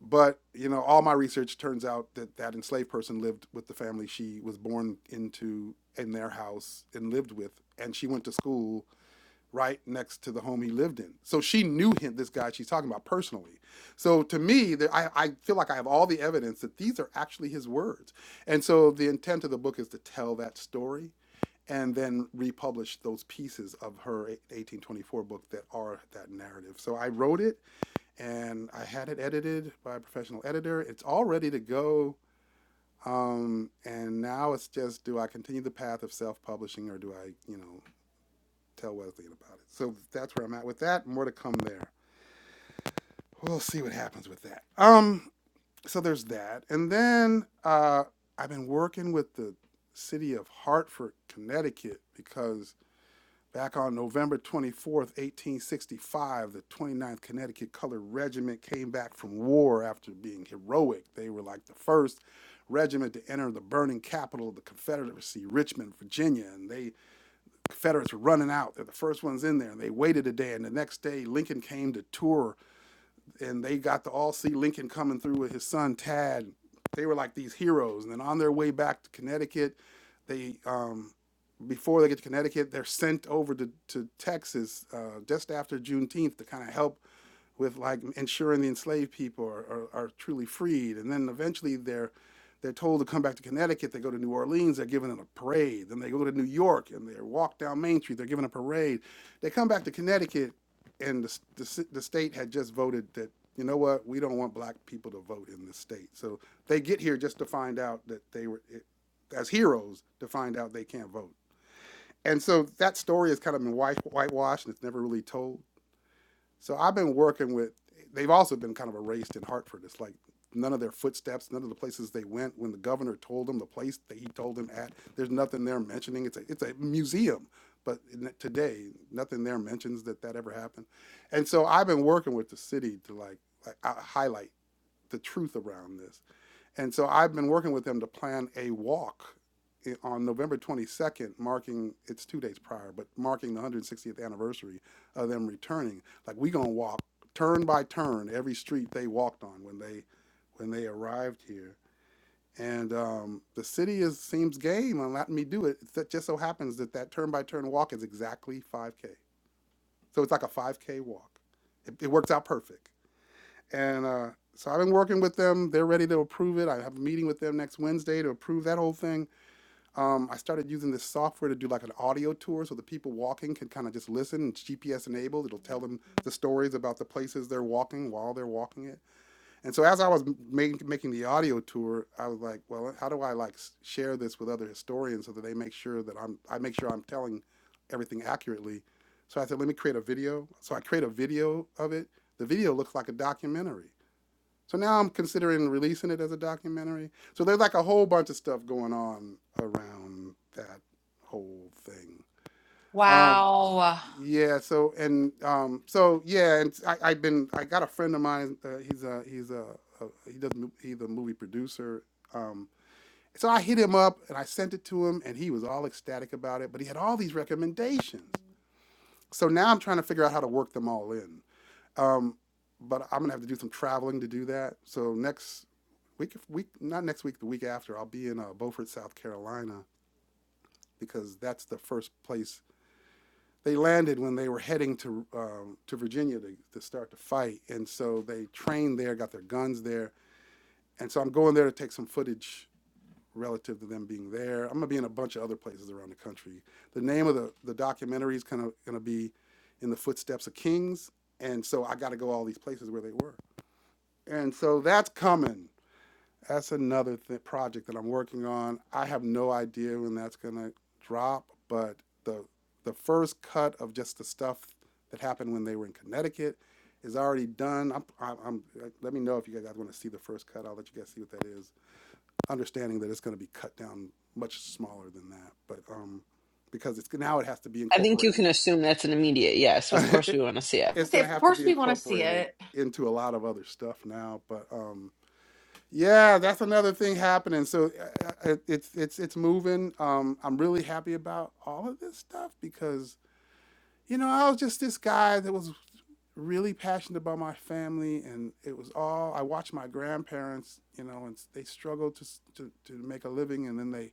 [SPEAKER 1] But you know, all my research turns out that that enslaved person lived with the family she was born into in their house and lived with, and she went to school right next to the home he lived in. So she knew him, this guy she's talking about personally. So to me, there, I, I feel like I have all the evidence that these are actually his words. And so the intent of the book is to tell that story and then republish those pieces of her 1824 book that are that narrative. So I wrote it and I had it edited by a professional editor. It's all ready to go. Um, and now it's just do I continue the path of self publishing or do I, you know, tell Wesleyan about it. So that's where I'm at with that. More to come there. We'll see what happens with that. Um, so there's that, and then uh, I've been working with the city of Hartford, Connecticut, because back on November 24th, 1865, the twenty ninth Connecticut Colored Regiment came back from war after being heroic. They were like the first regiment to enter the burning capital of the Confederacy, Richmond, Virginia, and they Confederates were running out. They're the first ones in there. And they waited a day, and the next day Lincoln came to tour, and they got to all see Lincoln coming through with his son Tad. They were like these heroes. And then on their way back to Connecticut, they um, before they get to Connecticut, they're sent over to to Texas uh, just after Juneteenth to kind of help with like ensuring the enslaved people are, are, are truly freed. And then eventually they're they're told to come back to Connecticut. They go to New Orleans. They're given a parade. Then they go to New York and they walk down Main Street. They're given a parade. They come back to Connecticut, and the, the, the state had just voted that you know what we don't want black people to vote in this state. So they get here just to find out that they were it, as heroes to find out they can't vote. And so that story has kind of been white, whitewashed and it's never really told. So I've been working with, they've also been kind of erased in Hartford. It's like none of their footsteps, none of the places they went. When the governor told them the place that he told them at, there's nothing there mentioning. It's a, it's a museum. But today, nothing there mentions that that ever happened. And so I've been working with the city to like, like uh, highlight the truth around this. And so I've been working with them to plan a walk on November 22nd, marking it's two days prior, but marking the 160th anniversary of them returning. Like we gonna walk turn by turn every street they walked on when they when they arrived here. And um, the city is seems game on letting me do it. It just so happens that that turn by turn walk is exactly 5K. So it's like a 5K walk. It, it works out perfect. And uh, so I've been working with them. They're ready to approve it. I have a meeting with them next Wednesday to approve that whole thing. Um, I started using this software to do like an audio tour so the people walking can kind of just listen. and It's GPS enabled. It'll tell them the stories about the places they're walking while they're walking it. And so as I was make, making the audio tour, I was like, well, how do I like share this with other historians so that they make sure that I'm I make sure I'm telling everything accurately. So I said, let me create a video. So I create a video of it. The video looks like a documentary. So now I'm considering releasing it as a documentary. So there's like a whole bunch of stuff going on around that whole thing. Um,
[SPEAKER 2] Wow.
[SPEAKER 1] yeah. So and um, so yeah, and I, I've been I got a friend of mine. Uh, he's a he's a, a he does mo- he's a movie producer. Um, so I hit him up and I sent it to him, and he was all ecstatic about it. But he had all these recommendations. So now I'm trying to figure out how to work them all in. Um, but I'm gonna have to do some traveling to do that. So next week week not next week the week after I'll be in uh, Beaufort, South Carolina because that's the first place they landed when they were heading to um, to Virginia to, to start the fight, and so they trained there, got their guns there, and so I'm going there to take some footage relative to them being there. I'm gonna be in a bunch of other places around the country. The name of the the documentary is kind of gonna be in the footsteps of kings, and so I got to go all these places where they were, and so that's coming. That's another th- project that I'm working on. I have no idea when that's gonna drop, but the the first cut of just the stuff that happened when they were in Connecticut is already done. I'm, I'm, I'm let me know if you guys want to see the first cut. I'll let you guys see what that is. Understanding that it's gonna be cut down much smaller than that, but um, because it's now it has to be
[SPEAKER 7] I think you
[SPEAKER 1] incorporated.
[SPEAKER 7] can assume that's an immediate yes. Of course, we
[SPEAKER 1] it,
[SPEAKER 7] want to see it.
[SPEAKER 2] I
[SPEAKER 1] it's
[SPEAKER 2] say,
[SPEAKER 1] gonna
[SPEAKER 2] of
[SPEAKER 1] have to
[SPEAKER 2] course
[SPEAKER 1] be
[SPEAKER 2] we want to see
[SPEAKER 1] incorporated
[SPEAKER 2] it.
[SPEAKER 1] into a lot of other stuff now, but um, yeah, that's another thing happening. So uh, uh, it, it's it's it's moving. Um, I'm really happy about all of this stuff because you know I was just this guy that was really passionate about my family, and it was all I watched my grandparents, you know, and they struggled to s- to, to make a living, and then they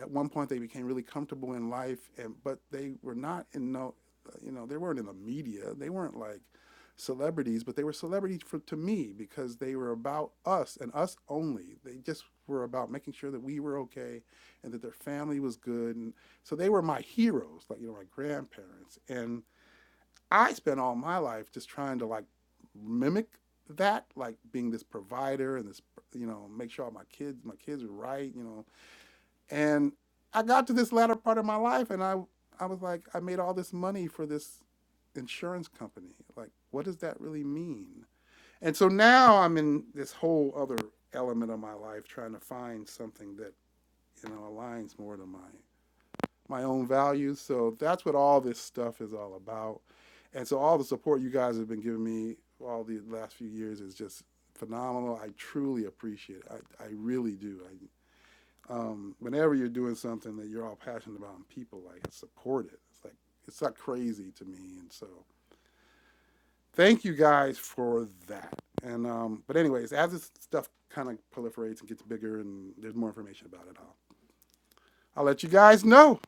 [SPEAKER 1] at one point they became really comfortable in life and but they were not in no you know they weren't in the media they weren't like celebrities but they were celebrities for to me because they were about us and us only they just were about making sure that we were okay and that their family was good and so they were my heroes like you know my grandparents and i spent all my life just trying to like mimic that like being this provider and this you know make sure all my kids my kids were right you know and I got to this latter part of my life and I I was like, I made all this money for this insurance company. Like, what does that really mean? And so now I'm in this whole other element of my life trying to find something that, you know, aligns more to my my own values. So that's what all this stuff is all about. And so all the support you guys have been giving me all the last few years is just phenomenal. I truly appreciate it. I, I really do. I um, whenever you're doing something that you're all passionate about and people like support it, it's like it's not crazy to me. And so thank you guys for that. And um, but anyways, as this stuff kind of proliferates and gets bigger and there's more information about it, I'll I'll let you guys know.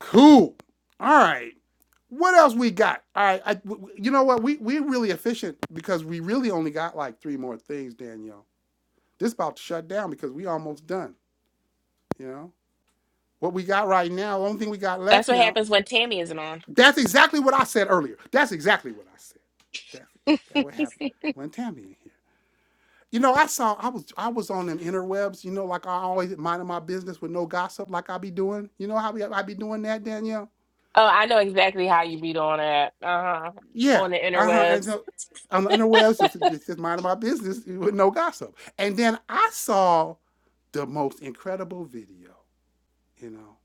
[SPEAKER 1] Cool. All right. What else we got? All right. I, w- w- you know what? We we're really efficient because we really only got like three more things, Danielle. This about to shut down because we almost done. You know what we got right now. the Only thing we got
[SPEAKER 4] that's
[SPEAKER 1] left
[SPEAKER 4] what
[SPEAKER 1] now
[SPEAKER 4] happens when Tammy isn't on.
[SPEAKER 1] That's exactly what I said earlier. That's exactly what I said. That that what happened when Tammy in here. You know, I saw I was I was on them interwebs. You know, like I always minding my business with no gossip, like I be doing. You know how we, I be doing that, Danielle?
[SPEAKER 4] Oh, I know exactly how you beat on it. Uh-huh.
[SPEAKER 1] Yeah.
[SPEAKER 4] On the
[SPEAKER 1] Uh huh. And
[SPEAKER 4] interwebs.
[SPEAKER 1] so, on the interwebs, just, just minding my business with no gossip. And then I saw the most incredible video. You know,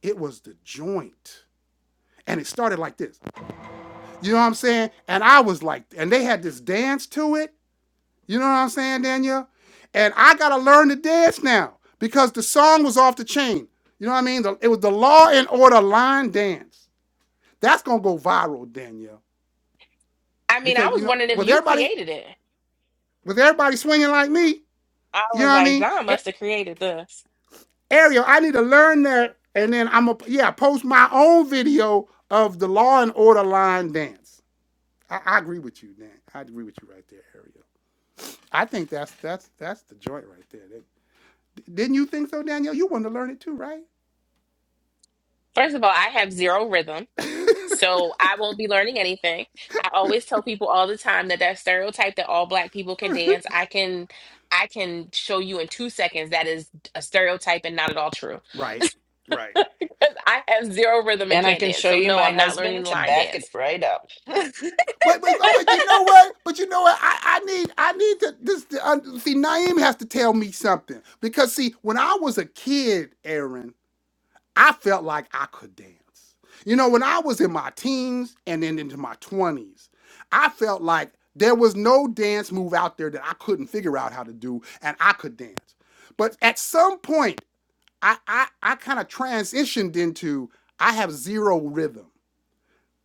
[SPEAKER 1] it was the joint, and it started like this. You know what I'm saying? And I was like, and they had this dance to it You know what I'm saying, Danielle? And I gotta learn to dance now because the song was off the chain. You know what I mean? The- it was the Law and Order line dance. That's gonna go viral, Danielle,
[SPEAKER 4] I mean, I
[SPEAKER 1] because you
[SPEAKER 4] was
[SPEAKER 1] know
[SPEAKER 4] wondering if
[SPEAKER 1] with
[SPEAKER 4] you
[SPEAKER 1] everybody
[SPEAKER 4] created it.
[SPEAKER 1] with everybody swinging like me.
[SPEAKER 4] I
[SPEAKER 1] You know
[SPEAKER 4] was
[SPEAKER 1] what I
[SPEAKER 4] like,
[SPEAKER 1] mean?
[SPEAKER 4] John
[SPEAKER 1] A-
[SPEAKER 4] must have created this.
[SPEAKER 1] Ariel, I need to learn that, and then I'm gonna yeah post my own video of the Law and Order line dance. I, I agree with you, Dan. I agree with you right there, Ariel. I think that's that's that's the joint right there. That- Didn't you think so, Danielle? You wanted to learn it too, right?
[SPEAKER 4] First of all, I have zero rhythm, so I won't be learning anything. I always tell people all the time that that stereotype that all black people can dance, I can I can show you in 2 seconds that is a stereotype and not at all true.
[SPEAKER 1] Right, right.
[SPEAKER 4] 'Cause I have zero rhythm and
[SPEAKER 7] And I
[SPEAKER 4] can't
[SPEAKER 7] can
[SPEAKER 4] dance.
[SPEAKER 7] show
[SPEAKER 4] So
[SPEAKER 7] you
[SPEAKER 4] no,
[SPEAKER 7] my
[SPEAKER 4] I'm not learning
[SPEAKER 7] husband
[SPEAKER 4] the
[SPEAKER 7] to
[SPEAKER 4] line
[SPEAKER 7] back it
[SPEAKER 4] dance.
[SPEAKER 7] right up.
[SPEAKER 1] But, but oh, but you know what? But you know what? I, I need I need to this to, un- see Naeem has to tell me something because see when I was a kid, Aaron, I felt like I could dance. You know, when I was in my teens and then into my twenties, I felt like there was no dance move out there that I couldn't figure out how to do, and I could dance. But at some point, I I, I kind of transitioned into I have zero rhythm.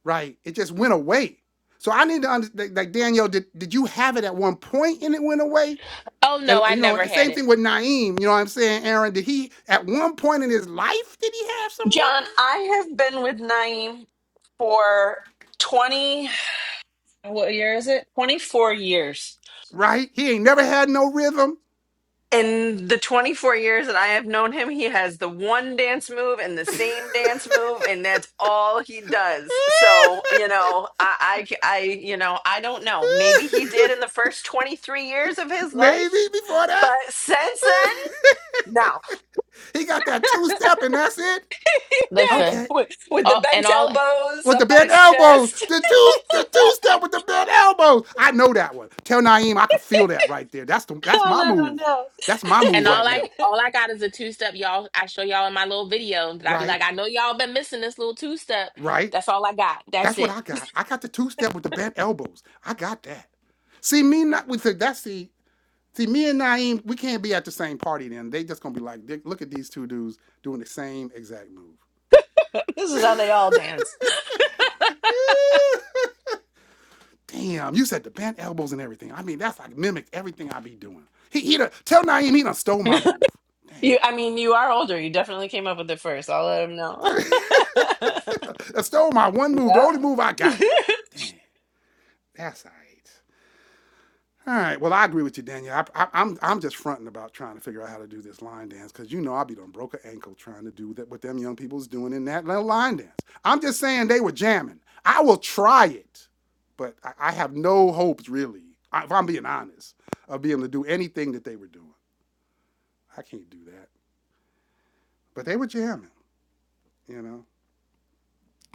[SPEAKER 1] right? It just went away. So I need to understand, like Daniel, did, did you have it at one point and it went away?
[SPEAKER 4] Oh no,
[SPEAKER 1] And
[SPEAKER 4] I
[SPEAKER 1] you know,
[SPEAKER 4] never
[SPEAKER 1] and
[SPEAKER 4] had
[SPEAKER 1] same
[SPEAKER 4] it.
[SPEAKER 1] thing with Naeem, you know what I'm saying, Aaron? Did he at one point in his life did he have some
[SPEAKER 7] John,
[SPEAKER 1] rhythm?
[SPEAKER 7] I have been with Naeem for 20, what year is it? 24 years.
[SPEAKER 1] Right? He ain't never had no rhythm.
[SPEAKER 7] In the 24 years that I have known him, he has the one dance move and the same dance move, and that's all he does. So, you know, I, I, I, you know, I don't know. Maybe he did in the first 23 years of his life,
[SPEAKER 1] Maybe before
[SPEAKER 7] but
[SPEAKER 1] that.
[SPEAKER 7] since then, no.
[SPEAKER 1] he got that two step and that's it.
[SPEAKER 4] Listen,
[SPEAKER 1] Okay.
[SPEAKER 7] with, with the
[SPEAKER 4] all, and
[SPEAKER 7] bent
[SPEAKER 4] all
[SPEAKER 7] elbows
[SPEAKER 1] with the
[SPEAKER 7] up by
[SPEAKER 1] bent
[SPEAKER 7] his
[SPEAKER 1] elbows.
[SPEAKER 7] chest,
[SPEAKER 1] The two, the two step with the bent elbows. I know that one. Tell Naeem I can feel that right there. That's the that's
[SPEAKER 7] I'll
[SPEAKER 1] my
[SPEAKER 7] let him
[SPEAKER 1] move.
[SPEAKER 7] know.
[SPEAKER 1] That's my
[SPEAKER 4] And
[SPEAKER 1] move
[SPEAKER 4] all
[SPEAKER 1] right now.
[SPEAKER 4] I all I got is a two step, y'all. I show y'all in my little video that I be
[SPEAKER 1] Right,
[SPEAKER 4] like, I know y'all been missing this little two step.
[SPEAKER 1] right.
[SPEAKER 4] That's all I got. That's
[SPEAKER 1] That's what
[SPEAKER 4] it.
[SPEAKER 1] I got. I got the two step with the bent elbows. I got that. See me not with the that's the see me and Naeem. We can't be at the same party. Then they just gonna be like, look at these two dudes doing the same exact
[SPEAKER 7] This is how they all dance.
[SPEAKER 1] move. Damn, you said the bent elbows and everything. I mean, that's like mimicked everything I be doing. He, he done, tell Naeem he done stole my
[SPEAKER 7] you,
[SPEAKER 1] move.
[SPEAKER 7] I mean, you are older. You definitely came up with it first. I'll let him know.
[SPEAKER 1] Damn. I stole my one move, the only move I
[SPEAKER 7] yeah.
[SPEAKER 1] got. Damn, that's all right. All right. Well, I agree with you, Daniel. I, I, I'm I'm just fronting about trying to figure out how to do this line dance because you know I be done broke a ankle trying to do that what them young people's doing in that little line dance. I'm just saying they were jamming. I will try it, but I, I have no hopes really. If I'm being honest, of being able to do anything that they were doing, I can't do that. But they were jamming, you know.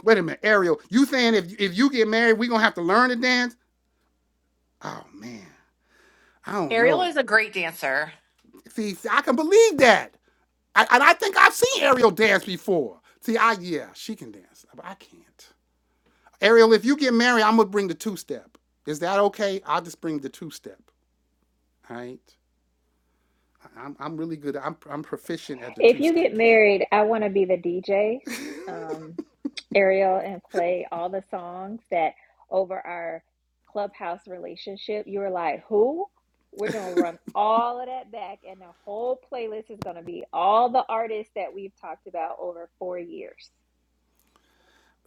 [SPEAKER 1] Wait a minute, Ariel. You saying if if you get married, we gonna have to learn to dance? Oh man, I don't
[SPEAKER 2] Ariel is
[SPEAKER 1] know.
[SPEAKER 2] a great dancer.
[SPEAKER 1] See, I can believe that. I, and I think I've seen Ariel dance before. See, I yeah, she can dance, but I can't. Ariel, if you get married, I'm gonna bring the two step. Is that okay? I'll just bring the two step. All right. I- am I'm really good. I'm I'm proficient at the
[SPEAKER 3] If
[SPEAKER 1] two
[SPEAKER 3] you
[SPEAKER 1] step.
[SPEAKER 3] get married, I want to be the DJ, um, Ariel, and play all the songs that over our clubhouse relationship. You were like, who? We're gonna run all of that back, and the whole playlist is gonna be all the artists that we've talked about over four years.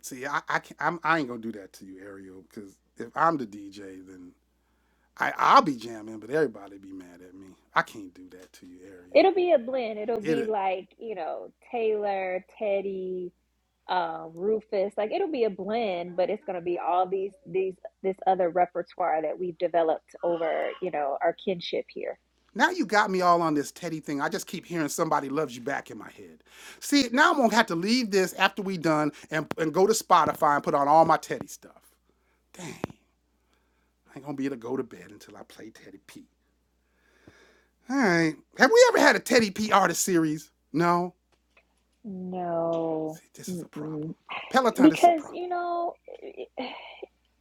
[SPEAKER 1] See, I I can't, I'm I ain't gonna do that to you, Ariel, because if I'm the DJ, then I I'll be jamming, but everybody be mad at me. I can't do that to you, Ariel.
[SPEAKER 3] It'll be a blend. It'll be
[SPEAKER 1] It
[SPEAKER 3] like, you know, Taylor, Teddy, um, Rufus. Like it'll be a blend, but it's gonna be all these these this other repertoire that we've developed over, you know, our kinship here.
[SPEAKER 1] Now you got me all on this Teddy thing. I just keep hearing somebody loves you back in my head. See, now I'm gonna have to leave this after we done and, and go to Spotify and put on all my Teddy stuff. Dang, I ain't gonna be able to go to bed until I play Teddy P. All right. Have we ever had a Teddy P artist series? No.
[SPEAKER 3] No.
[SPEAKER 1] See, this is a problem.
[SPEAKER 3] Mm-mm.
[SPEAKER 1] Peloton, this is a
[SPEAKER 3] Because,
[SPEAKER 1] problem.
[SPEAKER 3] you know, eh, eh,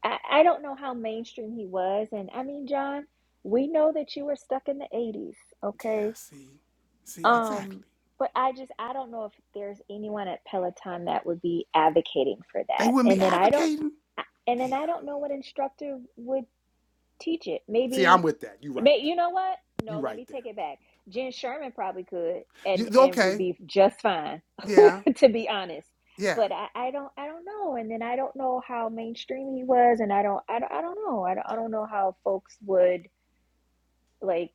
[SPEAKER 3] I, I don't know how mainstream he was. And I mean, John, we know that you were stuck in the 80s,
[SPEAKER 1] Yeah,
[SPEAKER 3] okay?
[SPEAKER 1] see, see,
[SPEAKER 3] Um,
[SPEAKER 1] exactly.
[SPEAKER 3] but I just I don't know if there's anyone at Peloton that would be advocating for
[SPEAKER 1] They
[SPEAKER 3] that.
[SPEAKER 1] wouldn't be
[SPEAKER 3] And then I don't
[SPEAKER 1] advocating.
[SPEAKER 3] and
[SPEAKER 1] Damn.
[SPEAKER 3] then I don't know what instructor would teach it.
[SPEAKER 1] See, I'm
[SPEAKER 3] Maybe
[SPEAKER 1] with that. You right.
[SPEAKER 3] may, you know what?
[SPEAKER 1] You
[SPEAKER 3] No, let
[SPEAKER 1] right
[SPEAKER 3] me
[SPEAKER 1] there.
[SPEAKER 3] take it back. Jen Sherman probably could
[SPEAKER 1] You
[SPEAKER 3] and and would
[SPEAKER 1] okay?
[SPEAKER 3] be just fine,
[SPEAKER 1] Yeah,
[SPEAKER 3] to be honest.
[SPEAKER 1] yeah.
[SPEAKER 3] But I, I don't I don't know. And then I don't know how mainstream he was and I don't I don't, I don't know. I don't, I don't know how folks would like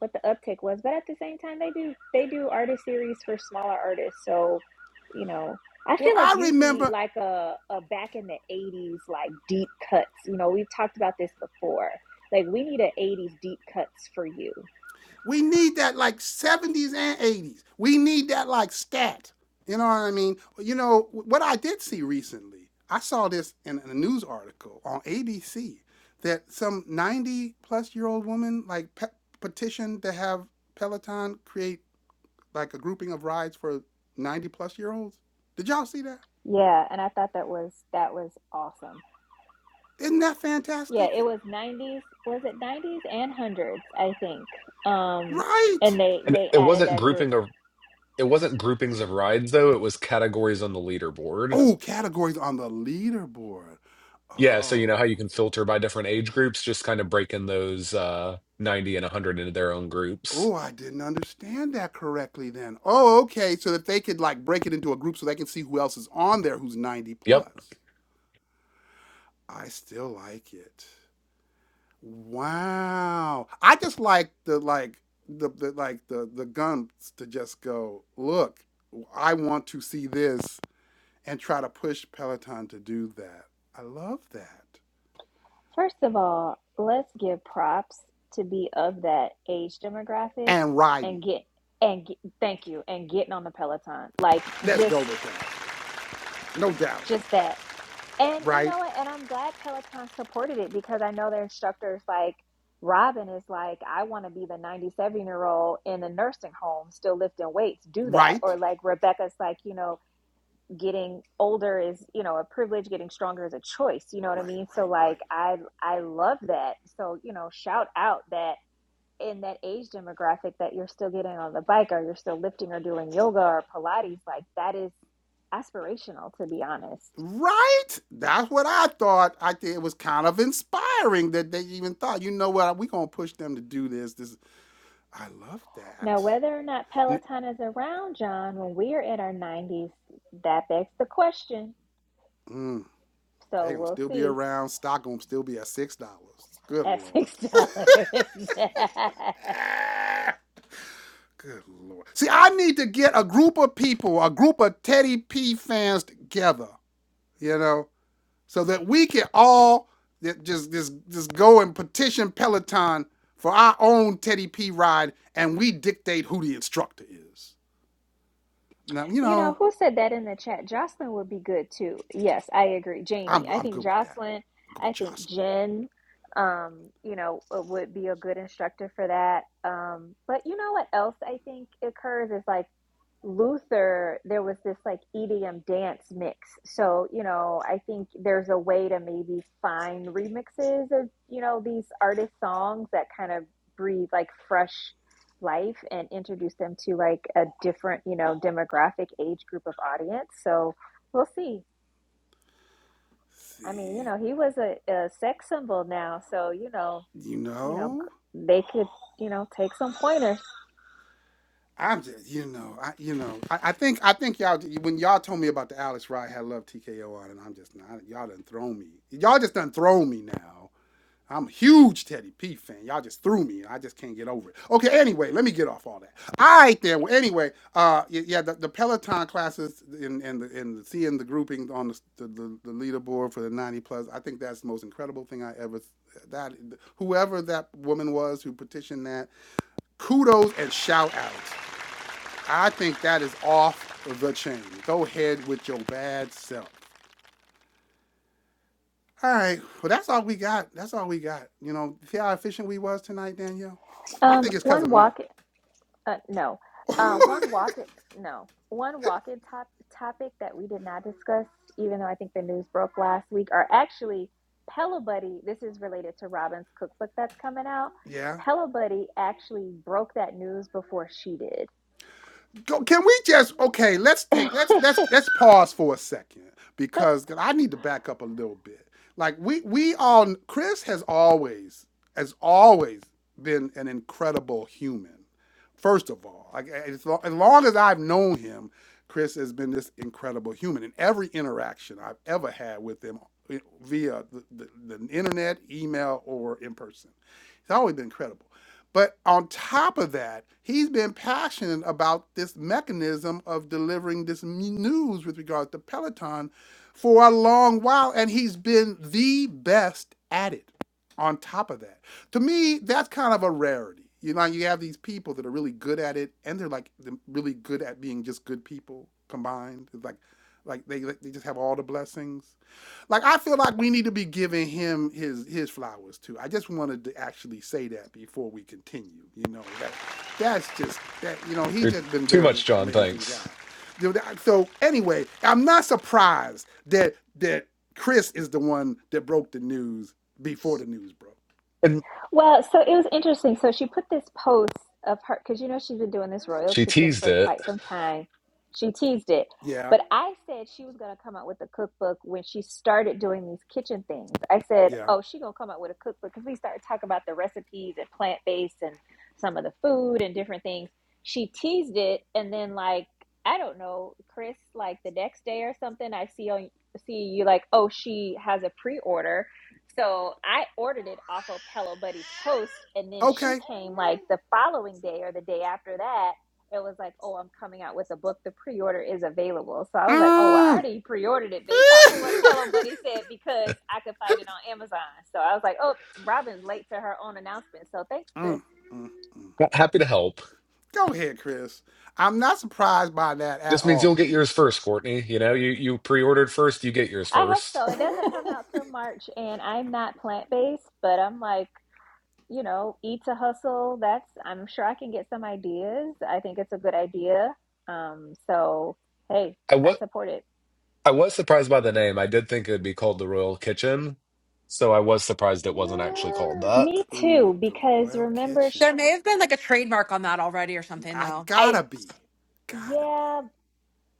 [SPEAKER 3] what the uptick was but at the same time they do they do artist series for smaller artists so you know i
[SPEAKER 1] Well,
[SPEAKER 3] feel like
[SPEAKER 1] I
[SPEAKER 3] you need
[SPEAKER 1] remember.
[SPEAKER 3] like a, a back in the 80s like deep cuts you know we've talked about this before like we need an 80s deep cuts for you
[SPEAKER 1] We need that like 70s and 80s. We need that like scat. You know what I mean? You know, what I did see recently, I saw this in a news article on ABC that some 90 plus year old woman like pe- petitioned to have Peloton create like a grouping of rides for 90 plus year olds. Did y'all see that?
[SPEAKER 3] yeah and i thought that was that was awesome
[SPEAKER 1] Isn't that
[SPEAKER 3] Yeah,
[SPEAKER 1] fantastic?
[SPEAKER 3] it was 90s. Was it 90s and 100s, I think. Um
[SPEAKER 1] Right.
[SPEAKER 3] and they
[SPEAKER 5] And
[SPEAKER 3] they
[SPEAKER 5] it
[SPEAKER 3] added
[SPEAKER 5] wasn't
[SPEAKER 3] that group.
[SPEAKER 5] grouping of it wasn't groupings of rides though, it was categories on the leaderboard.
[SPEAKER 1] Oh, categories on the leaderboard.
[SPEAKER 5] Yeah, so you know how
[SPEAKER 1] Oh,
[SPEAKER 5] you can filter by different age groups, just kind of breaking those uh 90 and 100 into their own groups.
[SPEAKER 1] Oh, I didn't understand that correctly then. Oh, okay. So that they could like break it into a group so they can see who else is on there who's 90
[SPEAKER 5] Yep.
[SPEAKER 1] plus. I still like it. Wow. I just like the like the, the like the the gumps to just go, look, I want to see this and try to push Peloton to do that. I love that.
[SPEAKER 3] First of all, let's give props to be of that age demographic
[SPEAKER 1] And riding.
[SPEAKER 3] and get and get, thank you and getting on the Peloton. Like
[SPEAKER 1] Let's go
[SPEAKER 3] just
[SPEAKER 1] with that. No doubt.
[SPEAKER 3] just that. And you
[SPEAKER 1] Right?
[SPEAKER 3] know what? And I'm glad Peloton supported it because I know their instructors like Robin is like, I want to be the 97 year old in a nursing home still lifting weights. Do that.
[SPEAKER 1] Right?
[SPEAKER 3] Or like Rebecca's like, you know, getting older is you know a privilege getting stronger is a choice you know what i
[SPEAKER 1] Right,
[SPEAKER 3] mean so
[SPEAKER 1] right,
[SPEAKER 3] like
[SPEAKER 1] right.
[SPEAKER 3] i i love that so you know shout out that in that age demographic that you're still getting on the bike or you're still lifting or doing yoga or pilates like that is aspirational to be honest
[SPEAKER 1] Right? That's what I thought. I think it was kind of inspiring that they even thought, you know what, we're going to push them to do this. This I love
[SPEAKER 3] now
[SPEAKER 1] that.
[SPEAKER 3] whether or not peloton is around john when we are in our 90s that begs the question
[SPEAKER 1] Mm,
[SPEAKER 3] so
[SPEAKER 1] they going to
[SPEAKER 3] we'll
[SPEAKER 1] still be
[SPEAKER 3] see
[SPEAKER 1] around. Stock going to still be at $6. Good
[SPEAKER 3] at
[SPEAKER 1] Lord.
[SPEAKER 3] six dollars
[SPEAKER 1] Good Lord. See, I need to get a group of people, a group of Teddy P fans together, you know, so that we can all just just just go and petition Peloton for our own Teddy P ride, and we dictate who the instructor is. Now you
[SPEAKER 3] You know,
[SPEAKER 1] know
[SPEAKER 3] who said that in the chat? Jocelyn would be good too. Yes, I agree. Jamie,
[SPEAKER 1] I'm
[SPEAKER 3] I
[SPEAKER 1] I'm
[SPEAKER 3] think
[SPEAKER 1] good with that.
[SPEAKER 3] Jocelyn,
[SPEAKER 1] I'm good with
[SPEAKER 3] I think
[SPEAKER 1] Jocelyn.
[SPEAKER 3] Jen, um, you know, uh, would be a good instructor for that. Um, but you know what else I think occurs is like Luther, there was this like EDM dance mix. So, you know, I think there's a way to maybe find remixes of, you know, these artist songs that kind of breathe like fresh life and introduce them to like a different, you know, demographic age group of audience. So we'll see. I mean, you
[SPEAKER 1] See,
[SPEAKER 3] know, he was a, a sex symbol now, so you know,
[SPEAKER 1] you
[SPEAKER 3] you know,
[SPEAKER 1] know
[SPEAKER 3] they could, you know, take some pointers.
[SPEAKER 1] I'm just you know I you know I, I think I think y'all when y'all told me about the Alex ride had love TKO on, and I'm just not y'all done thrown me. Y'all just done thrown me now. I'm a huge Teddy P fan. Y'all just threw me. I just can't get over it. Okay, anyway, let me get off all that. All right, then. Well, anyway, uh, yeah, the, the Peloton classes and and the, and seeing the grouping on the, the the leaderboard for the 90 plus, I think that's the most incredible thing I ever. That whoever that woman was who petitioned that, kudos and shout out. I think that is off the chain. Go ahead with your bad self. All right. Well, that's all we got. That's all we got. You know, see how efficient we was tonight, Danielle? I
[SPEAKER 3] Um,
[SPEAKER 1] think it's because
[SPEAKER 3] one
[SPEAKER 1] of me.
[SPEAKER 3] walk Uh, no. Uh, one walk no. One walk-in top topic that we did not discuss, even though I think the news broke last week, are actually Pillow Buddy. This is related to Robin's cookbook that's coming out.
[SPEAKER 1] yeah.
[SPEAKER 3] Pillow Buddy actually broke that news before she did.
[SPEAKER 1] go, can we just okay let's take let's let's let's pause for a second because i need to back up a little bit like we we all chris has always has always been an incredible human first of all like as, lo- as long as i've known him chris has been this incredible human in every interaction i've ever had with him eh, via the, the, the internet email or in person It's always been incredible but on top of that, he's been passionate about this mechanism of delivering this news with regard to Peloton for a long while, and he's been the best at it. On top of that, to me, that's kind of a rarity. You know, you have these people that are really good at it, and they're like the- really good at being just good people combined. It's like, like they they just have all the blessings. Like I feel like we need to be giving him his his flowers too. I just wanted to actually say that before we continue. You know that that's just that you know he's
[SPEAKER 5] You're
[SPEAKER 1] just been
[SPEAKER 5] too
[SPEAKER 1] very
[SPEAKER 5] much, John,
[SPEAKER 1] amazing guy.
[SPEAKER 5] thanks.
[SPEAKER 1] So anyway, I'm not surprised that that Chris is the one that broke the news before the news broke.
[SPEAKER 5] And
[SPEAKER 3] Well, so it was interesting. So she put this post of her because you know she's been doing this Royal
[SPEAKER 5] she
[SPEAKER 3] Kitchen
[SPEAKER 5] teased
[SPEAKER 3] for
[SPEAKER 5] it.
[SPEAKER 3] quite some time. She teased it,
[SPEAKER 1] Yeah,
[SPEAKER 3] but I said she was gonna come out with a cookbook when she started doing these kitchen things. I said,
[SPEAKER 1] yeah.
[SPEAKER 3] "Oh, she gonna come out with a cookbook," because we started talking about the recipes and plant based and some of the food and different things. She teased it, and then like I don't know, Chris, like the next day or something, I see on see you like, "Oh, she has a pre order." So I ordered it off of Hello Buddy's post, and then she
[SPEAKER 1] Okay.
[SPEAKER 3] came like the following day or the day after that. It was like, oh, I'm coming out with a book. The pre-order is available. So I was like, oh, well, I
[SPEAKER 1] Mm.
[SPEAKER 3] already pre-ordered it based off of what Pillow Buddy said because I could find it on Amazon. So I was like, oh, Robin's late to her own announcement. So thanks, Chris.
[SPEAKER 1] Mm, mm.
[SPEAKER 5] Ha- Happy to help.
[SPEAKER 1] Go ahead, Chris. I'm not surprised by that at
[SPEAKER 5] This means you'll
[SPEAKER 1] all.
[SPEAKER 5] get yours first, Courtney. You know, you you pre-ordered first, you get yours
[SPEAKER 3] I hope
[SPEAKER 5] first.
[SPEAKER 3] so. It doesn't come out till March, and I'm not plant-based, but I'm like. you know, eat to hustle. That's, I'm sure I can get some ideas. I think it's a good idea. Um, so, hey,
[SPEAKER 5] I
[SPEAKER 3] I
[SPEAKER 5] was
[SPEAKER 3] support it.
[SPEAKER 5] I was surprised by the name. I did think it would be called the Royal Kitchen, so I was surprised it wasn't actually called
[SPEAKER 3] Mm.
[SPEAKER 5] that.
[SPEAKER 3] Me
[SPEAKER 1] Ooh,
[SPEAKER 3] too,
[SPEAKER 1] the
[SPEAKER 3] because
[SPEAKER 1] Royal
[SPEAKER 3] remember,
[SPEAKER 1] Kitchen.
[SPEAKER 3] sh
[SPEAKER 2] There may have been like a trademark on that already or
[SPEAKER 1] Yeah,
[SPEAKER 2] something
[SPEAKER 1] I
[SPEAKER 2] though.
[SPEAKER 3] I,
[SPEAKER 1] gotta be, gotta be.
[SPEAKER 3] yeah,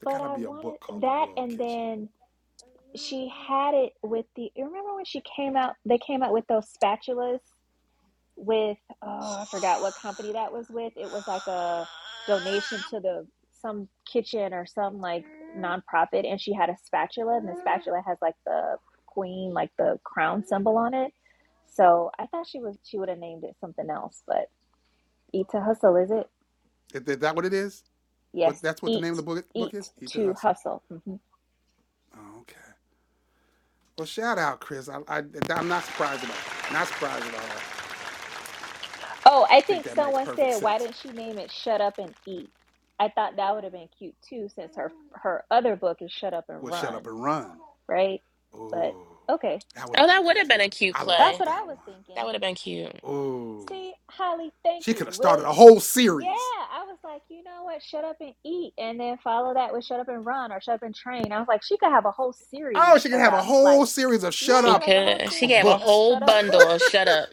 [SPEAKER 1] There
[SPEAKER 3] but
[SPEAKER 1] gotta
[SPEAKER 3] I
[SPEAKER 1] be a
[SPEAKER 3] wanted
[SPEAKER 1] book called The
[SPEAKER 3] that.
[SPEAKER 1] Royal
[SPEAKER 3] And
[SPEAKER 1] Kitchen.
[SPEAKER 3] then she had it with the, remember when she came out, they came out with those spatulas with oh I forgot what company that was with. It was like a donation to the some kitchen or some like nonprofit, and she had a spatula, and the spatula has like the queen, like the crown symbol on it. So I thought she was she would have named it something else, but eat to hustle is it?
[SPEAKER 1] Is, is that what it is? What
[SPEAKER 3] Yes,
[SPEAKER 1] that's what the
[SPEAKER 3] eat
[SPEAKER 1] name of the book book
[SPEAKER 3] eat
[SPEAKER 1] is? Eat the
[SPEAKER 3] to
[SPEAKER 1] Hustle.
[SPEAKER 3] hustle. hmm
[SPEAKER 1] Oh, okay. Well, shout out, Chris. I, I I'm not surprised at all. Not surprised at all.
[SPEAKER 3] Oh,
[SPEAKER 1] I
[SPEAKER 3] I
[SPEAKER 1] think
[SPEAKER 3] think
[SPEAKER 1] that makes
[SPEAKER 3] someone
[SPEAKER 1] perfect
[SPEAKER 3] said, why
[SPEAKER 1] sense.
[SPEAKER 3] didn't she name it Shut Up and Eat? I thought that would have been cute too, since her her other book is Shut Up and
[SPEAKER 1] Well, shut up
[SPEAKER 3] Run,
[SPEAKER 1] and run.
[SPEAKER 3] right? But
[SPEAKER 1] Ooh,
[SPEAKER 3] okay,
[SPEAKER 1] that would
[SPEAKER 4] Oh,
[SPEAKER 1] have been
[SPEAKER 4] that would
[SPEAKER 1] good
[SPEAKER 4] have been
[SPEAKER 1] too.
[SPEAKER 4] a cute
[SPEAKER 1] I
[SPEAKER 3] that's
[SPEAKER 1] like
[SPEAKER 4] play.
[SPEAKER 3] what I
[SPEAKER 1] that
[SPEAKER 3] was
[SPEAKER 1] one.
[SPEAKER 4] That
[SPEAKER 3] thinking.
[SPEAKER 4] would have been cute.
[SPEAKER 1] Ooh,
[SPEAKER 3] See, Holly, thank
[SPEAKER 1] she could
[SPEAKER 3] you.
[SPEAKER 1] have started
[SPEAKER 3] Will
[SPEAKER 1] a whole
[SPEAKER 3] yeah,
[SPEAKER 1] series.
[SPEAKER 3] I was like, you know what? Shut up and eat, and then follow that with Shut Up and Run or Shut Up and Train. I was like, she could have a whole
[SPEAKER 1] Oh,
[SPEAKER 3] series
[SPEAKER 1] she could have a
[SPEAKER 3] about
[SPEAKER 1] whole
[SPEAKER 3] like,
[SPEAKER 1] series of shut
[SPEAKER 4] She
[SPEAKER 3] yeah,
[SPEAKER 1] up
[SPEAKER 3] like a whole
[SPEAKER 4] could. She
[SPEAKER 1] uh,
[SPEAKER 4] gave
[SPEAKER 3] series
[SPEAKER 4] a
[SPEAKER 3] of
[SPEAKER 1] books.
[SPEAKER 4] whole
[SPEAKER 3] shut up
[SPEAKER 4] bundle of
[SPEAKER 3] books.
[SPEAKER 4] shut up.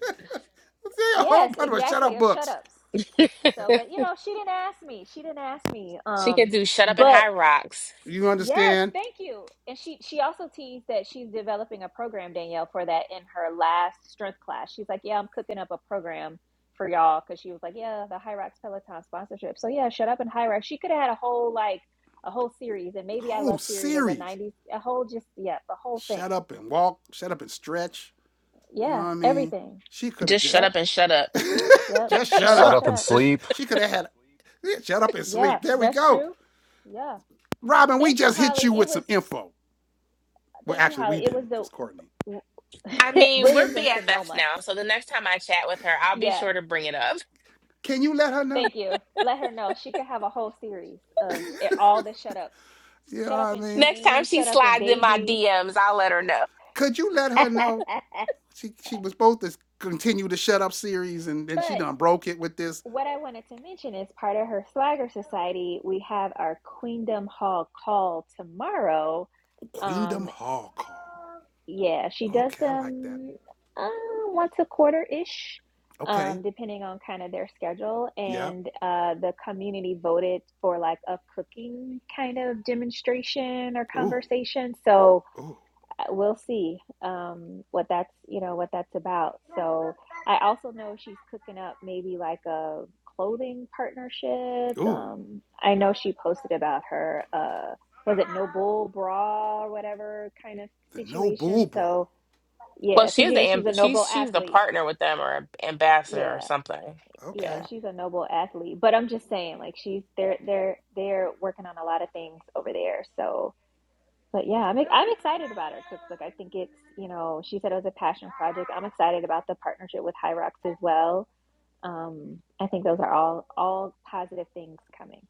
[SPEAKER 1] There's a whole
[SPEAKER 3] Yes,
[SPEAKER 1] bunch of shut
[SPEAKER 3] exactly,
[SPEAKER 1] up
[SPEAKER 3] of shut
[SPEAKER 1] books.
[SPEAKER 3] ups.
[SPEAKER 1] Yeah.
[SPEAKER 3] So, but you know, she didn't ask me. She didn't ask me.
[SPEAKER 4] She
[SPEAKER 3] Um,
[SPEAKER 4] could do shut up and
[SPEAKER 3] but
[SPEAKER 4] high rocks.
[SPEAKER 1] You
[SPEAKER 3] yes,
[SPEAKER 1] understand?
[SPEAKER 3] thank you. And she she also teased that she's developing a program, Danielle, for that in her last strength class. She's like, yeah, I'm cooking up a program for y'all because she was like, yeah, the High Rocks Peloton sponsorship. So yeah, shut up and High Rocks. She could have had a whole like a whole series, and maybe I
[SPEAKER 1] Whole
[SPEAKER 3] love series as a
[SPEAKER 1] series.
[SPEAKER 3] '90s a whole just yeah the whole thing.
[SPEAKER 1] Shut up and walk. Shut up and stretch. You know what
[SPEAKER 3] Yeah,
[SPEAKER 1] I mean?
[SPEAKER 3] everything.
[SPEAKER 1] She could have
[SPEAKER 4] Just
[SPEAKER 1] just
[SPEAKER 4] shut
[SPEAKER 3] Yep,
[SPEAKER 4] up and shut up.
[SPEAKER 3] yep.
[SPEAKER 1] just
[SPEAKER 3] Shut
[SPEAKER 1] shut
[SPEAKER 3] up
[SPEAKER 5] Shut
[SPEAKER 3] and
[SPEAKER 5] up
[SPEAKER 3] shut
[SPEAKER 1] up.
[SPEAKER 5] and
[SPEAKER 3] up.
[SPEAKER 1] Just
[SPEAKER 5] sleep.
[SPEAKER 1] she could have had yeah, shut up and
[SPEAKER 3] Yeah,
[SPEAKER 1] sleep. There we
[SPEAKER 3] that's
[SPEAKER 1] go.
[SPEAKER 3] true. Yeah.
[SPEAKER 1] Robin, we
[SPEAKER 3] Thank you,
[SPEAKER 1] just hit
[SPEAKER 3] Holly.
[SPEAKER 1] you
[SPEAKER 3] It
[SPEAKER 1] with some
[SPEAKER 3] was.
[SPEAKER 1] info. Well,
[SPEAKER 3] Thank you,
[SPEAKER 1] actually, we
[SPEAKER 3] Holly. It was
[SPEAKER 1] didn't. It was Courtney.
[SPEAKER 4] I
[SPEAKER 3] the
[SPEAKER 4] mean, we're
[SPEAKER 3] Williams and
[SPEAKER 4] BFFs
[SPEAKER 3] Sonoma.
[SPEAKER 4] now, so the next time I chat with her, I'll be
[SPEAKER 3] Yeah,
[SPEAKER 4] sure to bring it up.
[SPEAKER 1] Can you let her know?
[SPEAKER 3] thank you. Let her know she could have a whole series of it- all the shut ups.
[SPEAKER 1] You know what
[SPEAKER 3] Shut up
[SPEAKER 1] I
[SPEAKER 3] and
[SPEAKER 1] mean?
[SPEAKER 4] Next time
[SPEAKER 3] train,
[SPEAKER 4] she
[SPEAKER 3] shut up and
[SPEAKER 4] slides in my
[SPEAKER 3] baby.
[SPEAKER 4] DMs, I'll let her know.
[SPEAKER 1] Could you let her know? She she was supposed to continue the shut up series and then she
[SPEAKER 3] But
[SPEAKER 1] done broke it with this
[SPEAKER 3] what I wanted to mention is part of her Swagger Society, we have our Queendom Hall call tomorrow. Um,
[SPEAKER 1] Queendom Hall call.
[SPEAKER 3] Yeah, she does
[SPEAKER 1] Okay, I like that.
[SPEAKER 3] them uh, once a quarter-ish,
[SPEAKER 1] Okay.
[SPEAKER 3] um, depending on kind of their schedule.
[SPEAKER 1] Yeah.
[SPEAKER 3] And uh, the community voted for like a cooking kind of demonstration or
[SPEAKER 1] Ooh,
[SPEAKER 3] conversation. So
[SPEAKER 1] ooh,
[SPEAKER 3] uh, we'll see um, what that's, you know, what that's about. So I also know she's cooking up maybe like a clothing partnership.
[SPEAKER 1] ooh.
[SPEAKER 3] Um, I know she posted about her uh, was it no bull bra or whatever kind of
[SPEAKER 1] The no
[SPEAKER 3] situation.
[SPEAKER 1] bull
[SPEAKER 3] So
[SPEAKER 1] brawl.
[SPEAKER 4] Well,
[SPEAKER 3] yeah,
[SPEAKER 4] she
[SPEAKER 3] because
[SPEAKER 4] is
[SPEAKER 3] you
[SPEAKER 4] the
[SPEAKER 3] know
[SPEAKER 4] amb-
[SPEAKER 3] she's a
[SPEAKER 4] she's
[SPEAKER 3] noble
[SPEAKER 4] she's the
[SPEAKER 3] athlete.
[SPEAKER 4] partner with them or ambassador or
[SPEAKER 3] Yeah,
[SPEAKER 4] something.
[SPEAKER 3] yeah,
[SPEAKER 1] Okay.
[SPEAKER 4] Yeah.
[SPEAKER 3] she's a noble athlete. But I'm just saying, like she's they're they're they're working on a lot of things over there. So, but yeah, I'm ex- I'm excited about her cookbook. I think it's you know she said it was a passion project. I'm excited about the partnership with Hyrox as well. Um, I think those are all all positive things coming.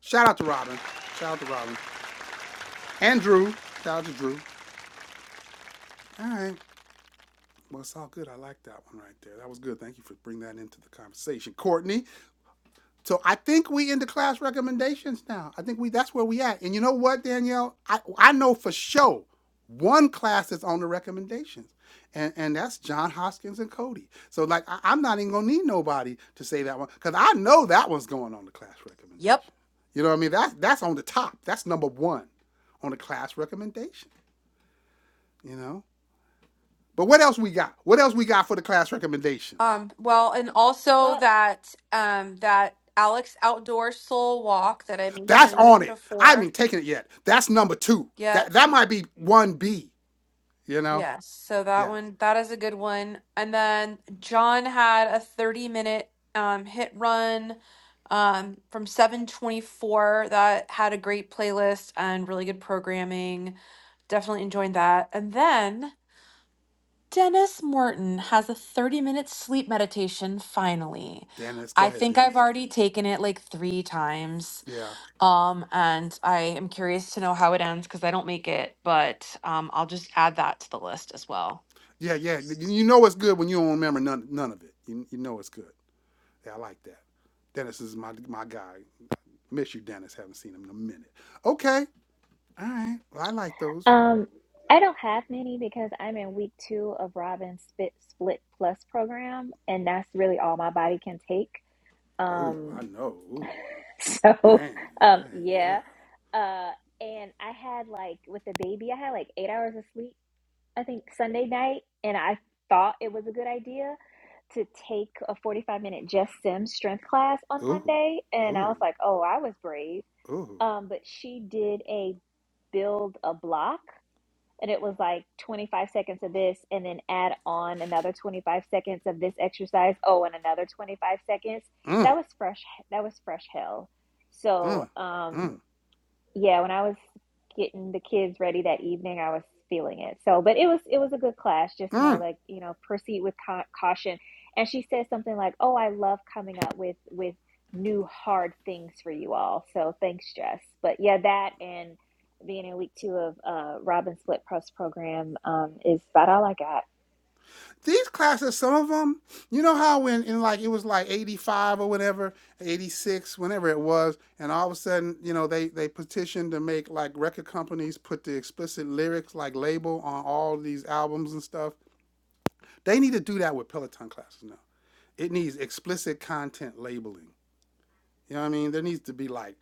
[SPEAKER 1] Shout out to Robin. Shout out to Robin. And Drew. Shout out to Drew. All right. Well, it's all good. I like that one right there. That was good. Thank you for bringing that into the conversation. Courtney, So I think we into class recommendations now. I think we that's where we at. And you know what, Danielle? I, I know for sure one class is on the recommendations. And and that's John Hoskins and Cody. So like I, I'm not even gonna need nobody to say that one. Cause I know that one's going on the class
[SPEAKER 2] Yep.
[SPEAKER 1] recommendation. You know what I mean? That's that's on the top. That's number one on the class recommendation, you know? But what else we got? What else we got for the class recommendations?
[SPEAKER 2] Um well and also
[SPEAKER 3] Well,
[SPEAKER 2] that um that Alex outdoor soul walk that I
[SPEAKER 1] That's on
[SPEAKER 2] mentioned
[SPEAKER 1] it. I haven't
[SPEAKER 2] before.
[SPEAKER 1] even taken it yet. That's number two. That
[SPEAKER 2] Yep.
[SPEAKER 1] that might be one B. You know?
[SPEAKER 2] Yes. So that
[SPEAKER 1] Yeah.
[SPEAKER 2] one that is a good one. And then John had a 30 minute um hit run um from 724 that had a great playlist and really good programming. Definitely enjoyed that. And then Dennis Morton has a 30 minute sleep meditation finally.
[SPEAKER 1] Dennis, go
[SPEAKER 2] I
[SPEAKER 1] ahead,
[SPEAKER 2] think I've
[SPEAKER 1] Dennis.
[SPEAKER 2] already taken it like three times.
[SPEAKER 1] Yeah.
[SPEAKER 2] Um, and I am curious to know how it ends because I don't make it, but um, I'll just add that to the list as well.
[SPEAKER 1] Yeah, yeah. You know it's good when you don't remember none none of it. You, you know it's good. Yeah, I like that. Dennis is my my guy. Miss you, Dennis. Haven't seen him in a minute. Okay. All right. Well, I like those.
[SPEAKER 3] um, I don't have many because I'm in week two of Robin's Spit Split Plus program, and that's really all my body can take.
[SPEAKER 1] Ooh,
[SPEAKER 3] Um,
[SPEAKER 1] I know. Ooh.
[SPEAKER 3] So,
[SPEAKER 1] Dang. All
[SPEAKER 3] um,
[SPEAKER 1] right,
[SPEAKER 3] yeah.
[SPEAKER 1] yeah.
[SPEAKER 3] Uh, and I had like with the baby, I had like eight hours of sleep, I think Sunday night, and I thought it was a good idea to take a 45 minute Just Sim strength class on
[SPEAKER 1] Ooh.
[SPEAKER 3] Monday. And I was
[SPEAKER 1] Ooh.
[SPEAKER 3] like, oh, I was brave.
[SPEAKER 1] Ooh.
[SPEAKER 3] Um, but she did a build a block and it was like 25 seconds of this and then add on another 25 seconds of this exercise oh and another 25 seconds that
[SPEAKER 1] Mm.
[SPEAKER 3] was fresh that was fresh hell so
[SPEAKER 1] Mm.
[SPEAKER 3] um
[SPEAKER 1] Mm.
[SPEAKER 3] yeah, when I was getting the kids ready that evening, I was feeling it. So, but it was it was a good class. Just know,
[SPEAKER 1] Mm.
[SPEAKER 3] like you know, proceed with cau- caution. And she said something like, "Oh, I love coming up with with new hard things for you all. So thanks, Jess." But yeah, that and being in week two of uh, Robin Split Press program um, is about all I got.
[SPEAKER 1] these classes, some of them, you know how when in like it was like eighty five or whatever, eighty six, whenever it was, and all of a sudden, you know, they they petitioned to make like record companies put the explicit lyrics like label on all these albums and stuff. They need to do that with Peloton classes now. It needs explicit content labeling. You know what I mean? There needs to be like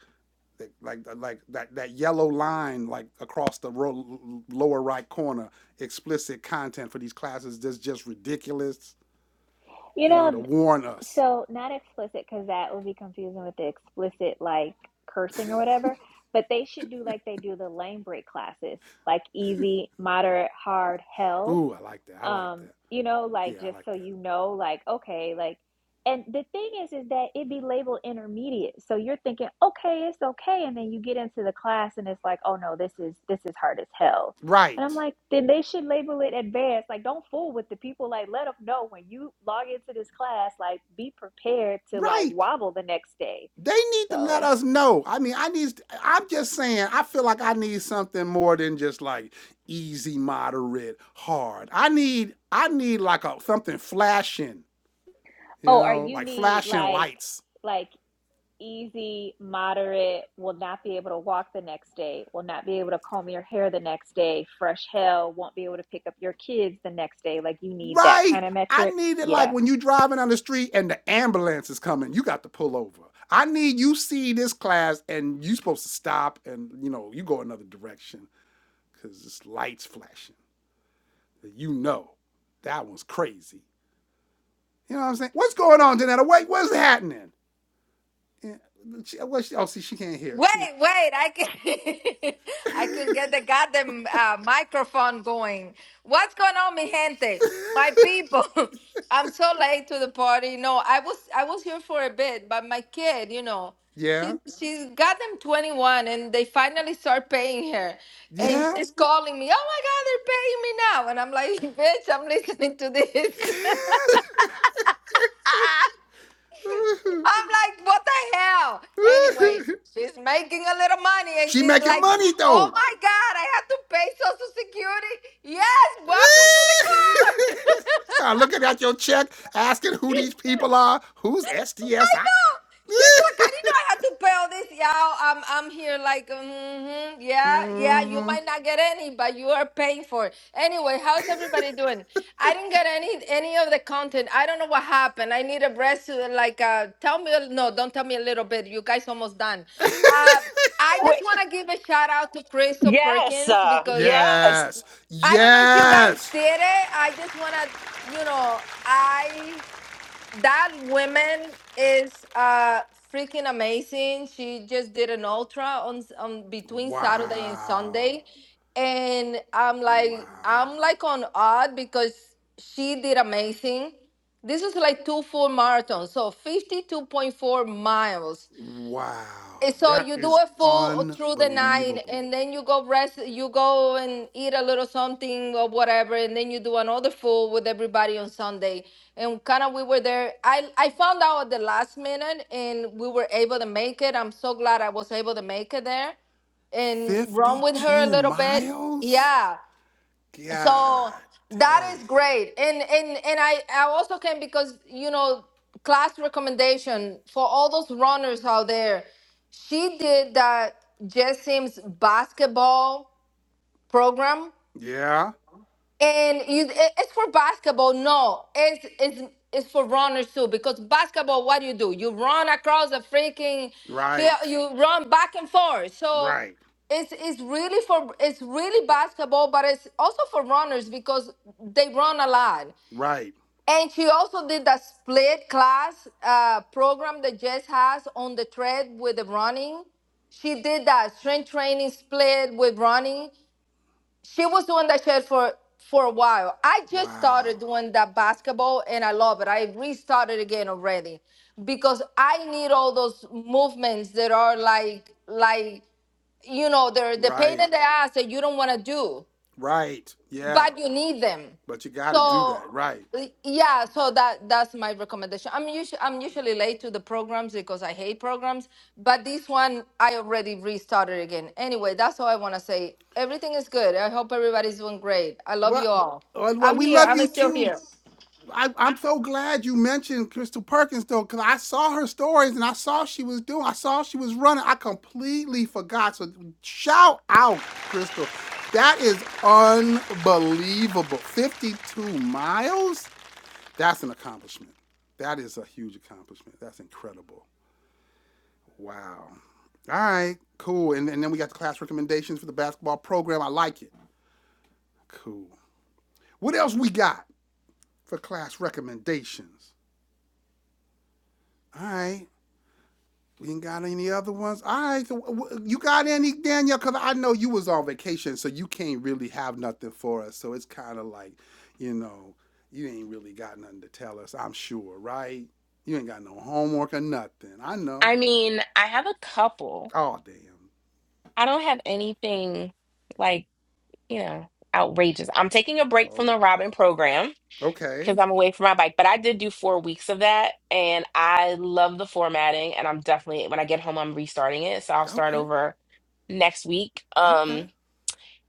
[SPEAKER 1] like like that that yellow line like across the ro- lower right corner explicit content for these classes that's just ridiculous
[SPEAKER 3] You
[SPEAKER 1] you know,
[SPEAKER 3] know,
[SPEAKER 1] to warn us.
[SPEAKER 3] So not explicit because that would be confusing with the explicit like cursing or whatever. But they should do like they do the lane break classes, like easy, moderate, hard, hell
[SPEAKER 1] Ooh, I like that. I like
[SPEAKER 3] um
[SPEAKER 1] that.
[SPEAKER 3] you know like
[SPEAKER 1] Yeah, I
[SPEAKER 3] just
[SPEAKER 1] like
[SPEAKER 3] so
[SPEAKER 1] that.
[SPEAKER 3] you know like okay like and the thing is is that it be labeled intermediate so you're thinking okay it's okay and then you get into the class and it's like oh no this is this is hard as hell and
[SPEAKER 1] Right.
[SPEAKER 3] i'm like then they should label it advanced like don't fool with the people like let them know when you log into this class like be prepared to like
[SPEAKER 1] Right.
[SPEAKER 3] wobble the next day
[SPEAKER 1] They need to let
[SPEAKER 3] so
[SPEAKER 1] us know. I mean, I need I'm just saying, I feel like I need something more than just like easy, moderate, hard. I need I need like a something flashing, you
[SPEAKER 3] oh or
[SPEAKER 1] know,
[SPEAKER 3] you
[SPEAKER 1] like
[SPEAKER 3] need
[SPEAKER 1] flashing
[SPEAKER 3] like
[SPEAKER 1] lights.
[SPEAKER 3] like easy, moderate, will not be able to walk the next day, will not be able to comb your hair the next day, fresh hell, won't be able to pick up your kids the next day. Like you need that
[SPEAKER 1] Right.
[SPEAKER 3] kind of
[SPEAKER 1] I
[SPEAKER 3] metric.
[SPEAKER 1] need it like
[SPEAKER 3] Yeah.
[SPEAKER 1] when you driving on the street and the ambulance is coming, you got to pull over. I need you see this class and you supposed to stop and you know, you go another direction. because it's lights flashing. You know, that one's crazy. You know what I'm saying? What's going on, Janetta? Wait, what's happening? Yeah, she, well, she, oh, see, she can't hear. it.
[SPEAKER 8] Wait,
[SPEAKER 1] She,
[SPEAKER 8] wait, I can I couldn't get the goddamn uh, microphone going. What's going on, mi gente? My people. I'm so late to the party. No, I was I was here for a bit, but my kid, you know, she
[SPEAKER 1] yeah,
[SPEAKER 8] she's goddamn 21 and they finally start paying her. And
[SPEAKER 1] yeah.
[SPEAKER 8] she's calling me, oh my god, they're paying me now. And I'm like, bitch, I'm listening to this. I'm like, what the hell? Anyway, she's making a little money and
[SPEAKER 1] she
[SPEAKER 8] she's
[SPEAKER 1] making
[SPEAKER 8] like,
[SPEAKER 1] money
[SPEAKER 8] oh
[SPEAKER 1] though.
[SPEAKER 8] my God, I have to pay Social Security. Yes, welcome to the club.
[SPEAKER 1] Start looking at your check, asking who these people are. Who's SDSI?
[SPEAKER 8] She's like, I didn't know I had to pay all this, y'all. I'm, I'm here like, mm-hmm, yeah, yeah. You
[SPEAKER 1] Mhm.
[SPEAKER 8] might not get any, but you are paying for it. Anyway, how's everybody doing? I didn't get any, any of the content. I don't know what happened. I need a rest. uh, Like, uh, tell me, a- no, don't tell me a little bit. You guys almost done. Uh, I just
[SPEAKER 7] Wait.
[SPEAKER 8] want to give a shout out to Crystal
[SPEAKER 7] Yes,
[SPEAKER 8] Perkins
[SPEAKER 7] uh,
[SPEAKER 8] because
[SPEAKER 7] yes.
[SPEAKER 1] Yes,
[SPEAKER 8] I don't know if you guys
[SPEAKER 1] yes.
[SPEAKER 8] did it. I just want to, you know, I that woman is uh freaking amazing. She just did an ultra on s- on between Saturday and
[SPEAKER 1] Wow.
[SPEAKER 8] Sunday, and I'm like
[SPEAKER 1] Wow.
[SPEAKER 8] I'm like on odd because she did amazing. This is like two full marathons, so 52.4 miles Eh,
[SPEAKER 1] Wow.
[SPEAKER 8] So
[SPEAKER 1] That
[SPEAKER 8] you do
[SPEAKER 1] is
[SPEAKER 8] it full uh, through the night,
[SPEAKER 1] unbelievable.
[SPEAKER 8] and then you go rest. You go and eat a little something or whatever, and then you do another full with everybody on Sunday. And kind of we were there. I I found out at the last minute, and we were able to make it. I'm so glad I was able to make it there, and run with her a
[SPEAKER 1] 52
[SPEAKER 8] little bit.
[SPEAKER 1] miles?
[SPEAKER 8] Yeah,
[SPEAKER 1] God
[SPEAKER 8] so that
[SPEAKER 1] dang.
[SPEAKER 8] is great and and and i i also can because you know class recommendation for all those runners out there she did that Jessim's basketball program
[SPEAKER 1] Yeah.
[SPEAKER 8] and you, it- it's for basketball. No, it's it's it's for runners too. Because basketball, what do you do? You run across the freaking field.
[SPEAKER 1] Right.
[SPEAKER 8] You run back and forth. So
[SPEAKER 1] Right.
[SPEAKER 8] it's it's really for it's really basketball, but it's also for runners because they run a lot.
[SPEAKER 1] Right.
[SPEAKER 8] And she also did that split class uh, program that Jess has on the tread with the running. She did that strength training split with running. She was doing that shit for for a while. I just
[SPEAKER 1] Wow.
[SPEAKER 8] started doing that basketball and I love it. I restarted again already because I need all those movements that are like like you know, they're the pain in
[SPEAKER 1] Right.
[SPEAKER 8] the ass that you don't want to do
[SPEAKER 1] Right. Yeah.
[SPEAKER 8] but you need them.
[SPEAKER 1] But you got to do that.
[SPEAKER 8] So
[SPEAKER 1] Right.
[SPEAKER 8] y- yeah, so that that's my recommendation. I'm usually I'm usually late to the programs because I hate programs, but this one I already restarted again. Anyway, that's all I want to say. Everything is good. I hope everybody's doing great. I love you
[SPEAKER 1] Well,
[SPEAKER 8] all.
[SPEAKER 1] uh, well,
[SPEAKER 8] I'm
[SPEAKER 1] we
[SPEAKER 8] here.
[SPEAKER 1] love
[SPEAKER 8] I'm
[SPEAKER 1] you
[SPEAKER 8] still
[SPEAKER 1] too.
[SPEAKER 8] here.
[SPEAKER 1] I, I'm so glad you mentioned Crystal Perkins though, because I saw her stories and I saw she was doing, I saw she was running. I completely forgot. So shout out, Crystal. That is unbelievable. 52 miles? That's an accomplishment. That is a huge accomplishment. That's incredible. Wow. All right, cool. And, and then we got the class recommendations for the basketball program. I like it. Cool. What else we got for class recommendations? All right. We ain't got any other ones. All right, so you got any Danielle? Cause I know you was on vacation, so you can't really have nothing for us. So it's kind of like, you know, you ain't really got nothing to tell us. I'm sure, right? You ain't got no homework or nothing. I know.
[SPEAKER 4] I mean, I have a couple.
[SPEAKER 1] Oh damn.
[SPEAKER 4] I don't have anything like you know outrageous. I'm taking a
[SPEAKER 1] Oh.
[SPEAKER 4] break from the Robin program. because
[SPEAKER 1] Okay.
[SPEAKER 4] I'm away from my bike. But I did do four weeks of that, and I love the formatting. And I'm definitely when I get home, I'm restarting it, so I'll start
[SPEAKER 1] Okay.
[SPEAKER 4] over next week.
[SPEAKER 1] Okay.
[SPEAKER 4] Um,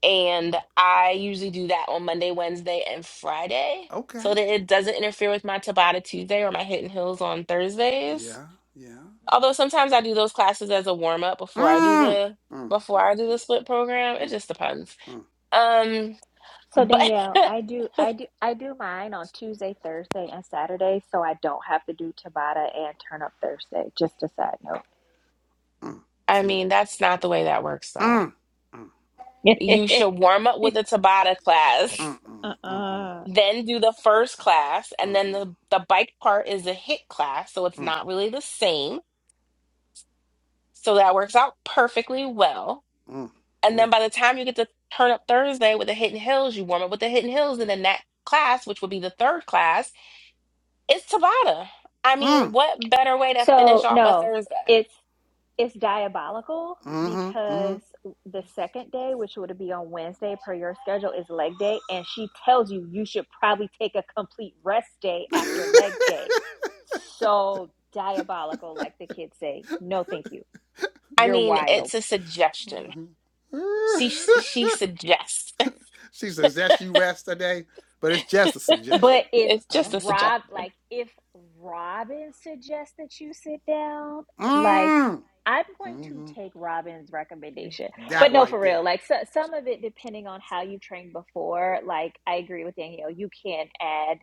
[SPEAKER 4] and I usually do that on Monday, Wednesday, and Friday,
[SPEAKER 1] Okay.
[SPEAKER 4] so that it doesn't interfere with my Tabata Tuesday or my Hidden Hills on Thursdays.
[SPEAKER 1] Yeah. Yeah.
[SPEAKER 4] Although sometimes I do those classes as a warm up before I do
[SPEAKER 1] Mm.
[SPEAKER 4] the
[SPEAKER 1] Mm.
[SPEAKER 4] before
[SPEAKER 1] Mm.
[SPEAKER 4] I do the split program. It
[SPEAKER 1] Mm.
[SPEAKER 4] just depends.
[SPEAKER 1] Mm.
[SPEAKER 4] Um,
[SPEAKER 3] So
[SPEAKER 4] but
[SPEAKER 3] Danielle, I do I do I do mine on Tuesday, Thursday, and Saturday, so I don't have to do Tabata and turn up Thursday. Just a side
[SPEAKER 1] Mm.
[SPEAKER 4] I
[SPEAKER 1] See.
[SPEAKER 4] mean that's not the way that works though.
[SPEAKER 1] Mm. Mm.
[SPEAKER 4] You
[SPEAKER 3] note.
[SPEAKER 4] should warm up with a Tabata class,
[SPEAKER 1] Mm. Mm. Mm. Mm.
[SPEAKER 3] Uh-uh.
[SPEAKER 4] then do the first class, and
[SPEAKER 1] Mm.
[SPEAKER 4] then the, the bike part is a hit class, so it's
[SPEAKER 1] Mm.
[SPEAKER 4] not really the same. So that works out perfectly well.
[SPEAKER 1] Mm. Mm.
[SPEAKER 4] And then by the time you get to turn up Thursday with the Hidden Hills, you warm up with the Hidden Hills, and then that class, which would be the third class, is Tabata. I mean,
[SPEAKER 1] Mm.
[SPEAKER 4] what better way to finish
[SPEAKER 3] So
[SPEAKER 4] off a
[SPEAKER 3] no,
[SPEAKER 4] Thursday?
[SPEAKER 3] it's it's diabolical
[SPEAKER 1] Mm-hmm. Mm-hmm.
[SPEAKER 3] because the second day, which would be on Wednesday per your schedule, is leg day, and she tells you you should probably take a complete rest day after leg day. So diabolical, like the kids say. No, thank you.
[SPEAKER 4] I
[SPEAKER 3] You're
[SPEAKER 4] mean,
[SPEAKER 3] wild.
[SPEAKER 4] it's a suggestion. She
[SPEAKER 1] mm-hmm.
[SPEAKER 4] she suggests.
[SPEAKER 1] she suggests you rest today, but it's just a
[SPEAKER 3] But
[SPEAKER 1] suggestion.
[SPEAKER 3] if
[SPEAKER 4] It's
[SPEAKER 1] Oh,
[SPEAKER 4] just a
[SPEAKER 1] okay.
[SPEAKER 3] Rob,
[SPEAKER 4] suggestion.
[SPEAKER 3] like if Robin suggests that you sit down, like
[SPEAKER 1] Mm.
[SPEAKER 3] I'm going to
[SPEAKER 1] Mm-hmm.
[SPEAKER 3] take Robin's recommendation. But
[SPEAKER 1] That
[SPEAKER 3] no,
[SPEAKER 1] right
[SPEAKER 3] for real,
[SPEAKER 1] there.
[SPEAKER 3] like so, some of it, depending on how you trained before, like I agree with Danielle, you can add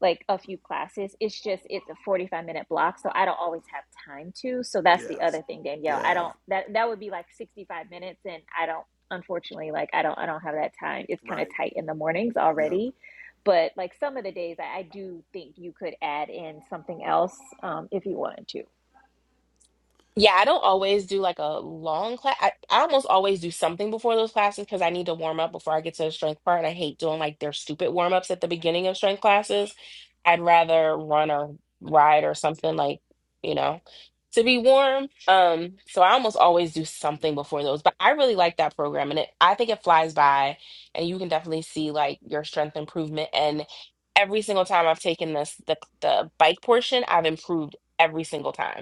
[SPEAKER 3] like a few classes. It's just it's a 45 minute block, so I don't always have time to. So that's the
[SPEAKER 1] Yeah.
[SPEAKER 3] other thing, Danielle. I
[SPEAKER 1] Yeah.
[SPEAKER 3] don't that that would be like 65 minutes, and I don't unfortunately like I don't I don't have that time. It's kind of
[SPEAKER 1] Right.
[SPEAKER 3] tight in the mornings
[SPEAKER 1] Yep.
[SPEAKER 3] already but like some of the days, I, I do think you could add in something else um, if you wanted to.
[SPEAKER 4] Yeah, I don't always do like a long class. I, I almost always do something before those classes because I need to warm up before I get to the strength part. And I hate doing like their stupid warm ups at the beginning of strength classes. I'd rather run or ride or something like, you know, to be warm. Um, so I almost always do something before those. But I really like that program and it I think it flies by and you can definitely see like your strength improvement. And every single time I've taken this the the bike portion, I've improved every single time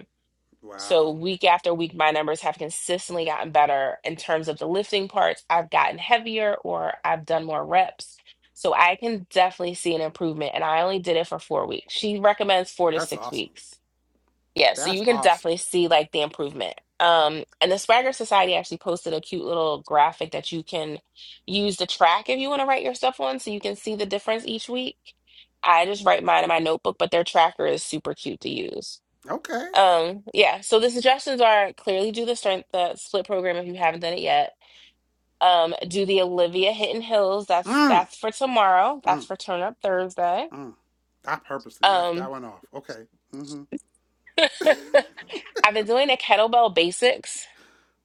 [SPEAKER 4] so
[SPEAKER 1] Wow.
[SPEAKER 4] week after week, my numbers have consistently gotten better in terms of the lifting parts. I've gotten heavier or I've done more reps. So I can definitely see an improvement. And I only did it for four weeks. She recommends four to
[SPEAKER 1] That's
[SPEAKER 4] six
[SPEAKER 1] awesome.
[SPEAKER 4] weeks. Yeah, so
[SPEAKER 1] That's
[SPEAKER 4] you can
[SPEAKER 1] awesome.
[SPEAKER 4] definitely see like the improvement. Um, and the Swagger Society actually posted a cute little graphic that you can use to track if you want to write your stuff on so you can see the difference each week. I just write mine in my notebook, but their tracker is super cute to use.
[SPEAKER 1] Okay.
[SPEAKER 4] Um, yeah, so the suggestions are clearly do the strength the split program if you haven't done it yet. Um, do the Olivia Hidden Hills. That's
[SPEAKER 1] Mm.
[SPEAKER 4] that's for tomorrow. That's
[SPEAKER 1] Mm.
[SPEAKER 4] for Turn Up Thursday.
[SPEAKER 1] Mm. I purposely left that
[SPEAKER 4] Um,
[SPEAKER 1] one off. Okay. Mm-hmm.
[SPEAKER 4] I've been doing the kettlebell basics.